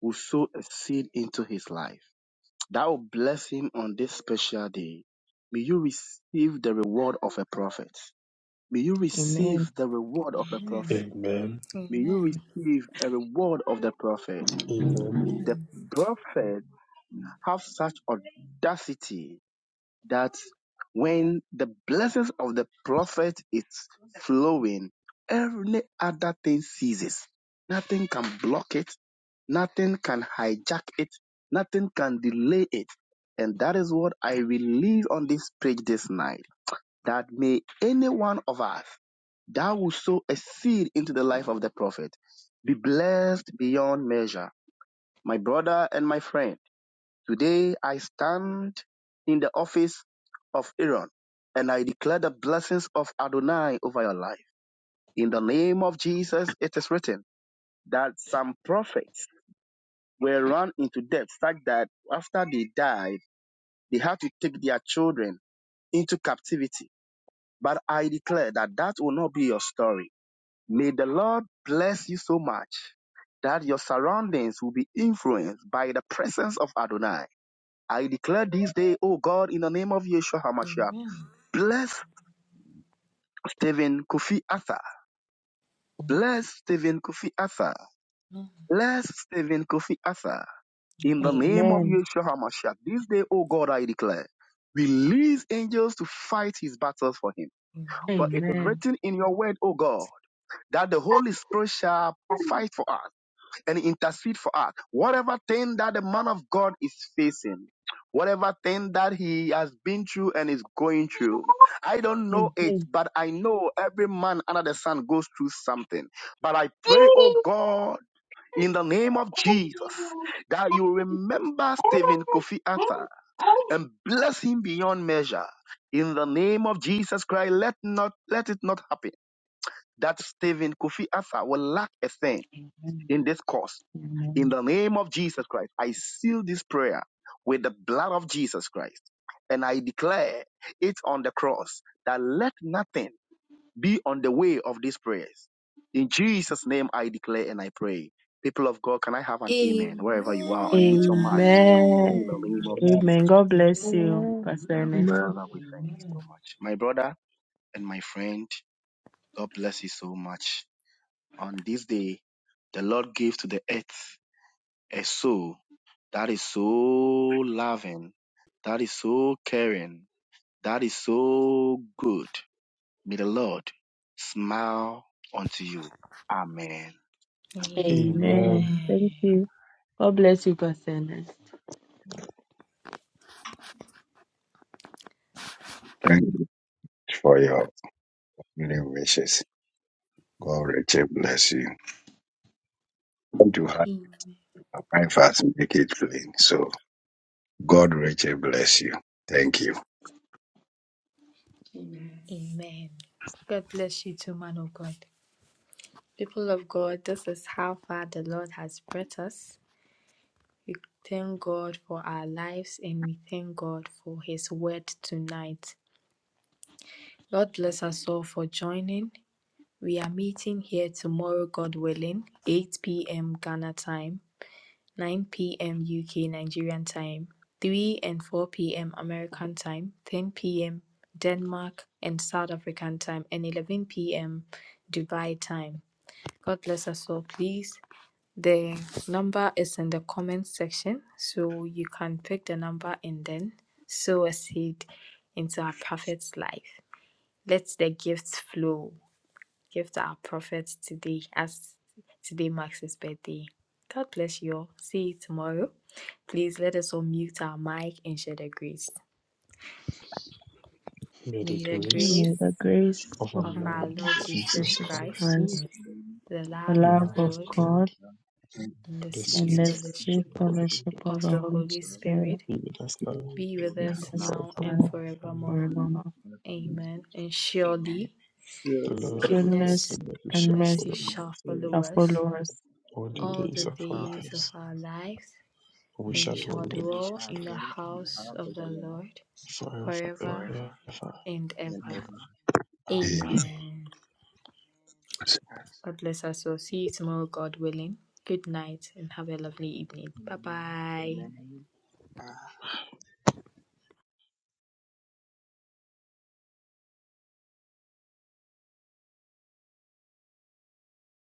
Speaker 19: will sow a seed into his life that will bless him on this special day. May you receive the reward of a prophet. May you
Speaker 15: Amen.
Speaker 19: receive the reward of a
Speaker 2: Amen.
Speaker 19: prophet.
Speaker 11: Amen.
Speaker 19: May you
Speaker 2: Amen.
Speaker 19: receive a reward of the prophet.
Speaker 11: Amen.
Speaker 19: The
Speaker 2: Amen.
Speaker 19: prophet have such audacity that when the blessings of the prophet is flowing, every other thing ceases. Nothing can block it. Nothing can hijack it. Nothing can delay it. And that is what I release on this page this night. That may any one of us that will sow a seed into the life of the prophet be blessed beyond measure. My brother and my friend, Today I stand in the office of Aaron, and I declare the blessings of Adonai over your life. In the name of Jesus, it is written that some prophets were run into debt, such that after they died, they had to take their children into captivity. But I declare that that will not be your story. May the Lord bless you so much that your surroundings will be influenced by the presence of Adonai I declare this day, O God, in the name of Yeshua HaMashiach,
Speaker 2: Amen.
Speaker 19: bless Stephen Kofi Arthur. Bless Stephen Kofi Arthur.
Speaker 2: Amen.
Speaker 19: Bless Stephen Kofi Arthur. In the name of
Speaker 15: Amen.
Speaker 19: Yeshua HaMashiach, this day, O God, I declare, release angels to fight his battles for him. For
Speaker 2: Amen.
Speaker 19: it is
Speaker 15: Amen.
Speaker 19: written in your word, O God, that the Holy Spirit shall fight for us. and intercede for us. Whatever thing that the man of God is facing, whatever thing that he has been through and is going through, I don't know it,
Speaker 15: Amen.
Speaker 19: but I know every man under the sun goes through something. But I pray, oh God, in the name of Jesus, that you remember Stephen Kofi Arthur and bless him beyond measure. In the name of Jesus Christ, let not let it not happen that Stephen Kofi Arthur will lack a thing
Speaker 15: Amen.
Speaker 19: in this course in the name of Jesus Christ, I seal this prayer with the blood of Jesus Christ. And I declare it on the cross that let nothing be on the way of these prayers. In Jesus' name, I declare and I pray. People of God, can I have an amen
Speaker 2: Amen.
Speaker 19: wherever you are? Unmute your mind
Speaker 14: Hey,
Speaker 19: in
Speaker 14: hey.
Speaker 15: Amen.
Speaker 19: the name of
Speaker 4: amen.
Speaker 19: Jesus
Speaker 15: Amen. God
Speaker 19: Christ.
Speaker 12: the
Speaker 15: bless
Speaker 3: Amen.
Speaker 15: you, Pastor
Speaker 19: Heavenly
Speaker 15: Ernest.
Speaker 10: Amen.
Speaker 19: Father, we thank you so
Speaker 3: Amen.
Speaker 19: much. My brother and my friend, God bless you so much. On this day, the Lord gave to the earth a soul That is so loving. That is so caring. That is so good. May the Lord smile unto you. Amen. Amen.
Speaker 3: Amen.
Speaker 2: Amen.
Speaker 11: Amen.
Speaker 15: Amen. Thank you. God bless you, Pastor Ernest.
Speaker 1: Thank you for your many wishes. God richly bless you. Want to have
Speaker 2: Amen.
Speaker 1: my fast make it plain. So God richly bless you. Thank you.
Speaker 2: Amen. God bless you too, man of God. People of God, this is how far the Lord has brought us. We thank God for our lives and we thank God for His word tonight. Lord bless us all for joining. We are meeting here tomorrow, God willing, 8 p.m. Ghana time. 9 p.m. UK Nigerian time, 3 and 4 p.m. American time, 10 p.m. Denmark and South African time, and 11 p.m. Dubai time. God bless us all, please. The number is in the comment section, so you can pick the number and then sow a seed into our prophet's life. Let the gifts flow give to our prophet today as today marks his birthday. God bless you all. See you tomorrow. Please let us all mute our mic and share the grace.
Speaker 11: May the
Speaker 2: May the
Speaker 11: grace
Speaker 15: May
Speaker 2: grace
Speaker 15: the grace
Speaker 11: of our
Speaker 15: of
Speaker 2: of
Speaker 15: our
Speaker 2: our
Speaker 11: Lord
Speaker 2: Lord
Speaker 15: Lord
Speaker 2: Jesus
Speaker 11: Jesus
Speaker 15: Jesus
Speaker 2: Christ,
Speaker 11: Christ,
Speaker 10: Amen.
Speaker 15: Christ,
Speaker 2: the
Speaker 15: the
Speaker 2: love
Speaker 11: the
Speaker 2: of
Speaker 15: love
Speaker 11: love
Speaker 15: of
Speaker 11: of
Speaker 2: God,
Speaker 11: God.
Speaker 15: God,
Speaker 2: and the
Speaker 11: the
Speaker 15: and
Speaker 2: sweet
Speaker 19: And
Speaker 15: the
Speaker 19: the
Speaker 11: sweet
Speaker 19: sixth
Speaker 11: fellowship of
Speaker 15: spirit
Speaker 11: the
Speaker 2: fellowship
Speaker 11: Holy
Speaker 15: fellowship
Speaker 19: fellowship of
Speaker 15: of
Speaker 11: Spirit
Speaker 2: of
Speaker 15: the
Speaker 2: the
Speaker 15: Holy
Speaker 2: Holy
Speaker 19: the Lord
Speaker 15: Spirit
Speaker 2: Spirit
Speaker 11: be with us now
Speaker 2: be
Speaker 19: be
Speaker 2: with
Speaker 19: with
Speaker 15: be
Speaker 19: us
Speaker 15: with
Speaker 2: us
Speaker 11: and
Speaker 19: now
Speaker 15: us
Speaker 2: now and
Speaker 15: now
Speaker 11: forevermore. Amen.
Speaker 2: forevermore.
Speaker 15: forevermore.
Speaker 19: and forevermore.
Speaker 2: Amen. And
Speaker 19: Amen.
Speaker 2: surely
Speaker 11: The Lord
Speaker 19: Sorry,
Speaker 11: goodness
Speaker 2: goodness
Speaker 15: Goodness
Speaker 11: and mercy
Speaker 2: and
Speaker 15: and
Speaker 11: shall
Speaker 15: mercy
Speaker 2: mercy
Speaker 11: follow us
Speaker 2: shall follow
Speaker 15: shall
Speaker 2: us
Speaker 15: follow us
Speaker 11: all the
Speaker 2: all
Speaker 11: days
Speaker 2: the
Speaker 16: So,
Speaker 11: of
Speaker 15: all
Speaker 11: our
Speaker 19: all
Speaker 15: the
Speaker 19: the
Speaker 2: days of
Speaker 11: lives,
Speaker 2: our
Speaker 15: days of
Speaker 2: lives
Speaker 15: our lives,
Speaker 11: and we
Speaker 2: And we
Speaker 11: shall
Speaker 15: and
Speaker 11: dwell
Speaker 15: we
Speaker 2: shall
Speaker 11: in the
Speaker 19: and
Speaker 15: shall
Speaker 19: we
Speaker 2: dwell
Speaker 15: dwell
Speaker 11: presence
Speaker 15: in
Speaker 19: shall
Speaker 15: the
Speaker 2: in the
Speaker 15: house
Speaker 11: of
Speaker 19: dwell
Speaker 15: of
Speaker 19: in the
Speaker 15: the
Speaker 2: house
Speaker 19: house
Speaker 15: Lord
Speaker 2: of
Speaker 19: of the
Speaker 2: the
Speaker 19: Lord
Speaker 2: Lord
Speaker 11: the Lord
Speaker 15: forever
Speaker 11: forever
Speaker 15: and
Speaker 2: forever
Speaker 11: and
Speaker 19: forever
Speaker 15: ever. In
Speaker 11: ever.
Speaker 15: Jesus' name, amen. Amen.
Speaker 2: and
Speaker 19: and
Speaker 2: ever.
Speaker 19: ever.
Speaker 1: aim
Speaker 15: Please
Speaker 19: Amen.
Speaker 2: Amen.
Speaker 15: proceed, all
Speaker 2: God bless us all. See you
Speaker 15: God
Speaker 2: tomorrow,
Speaker 15: willing.
Speaker 2: God willing. Good night and have a lovely
Speaker 15: Good night. Good night.
Speaker 2: evening. Bye
Speaker 19: Amen.
Speaker 2: bye.
Speaker 19: Amen.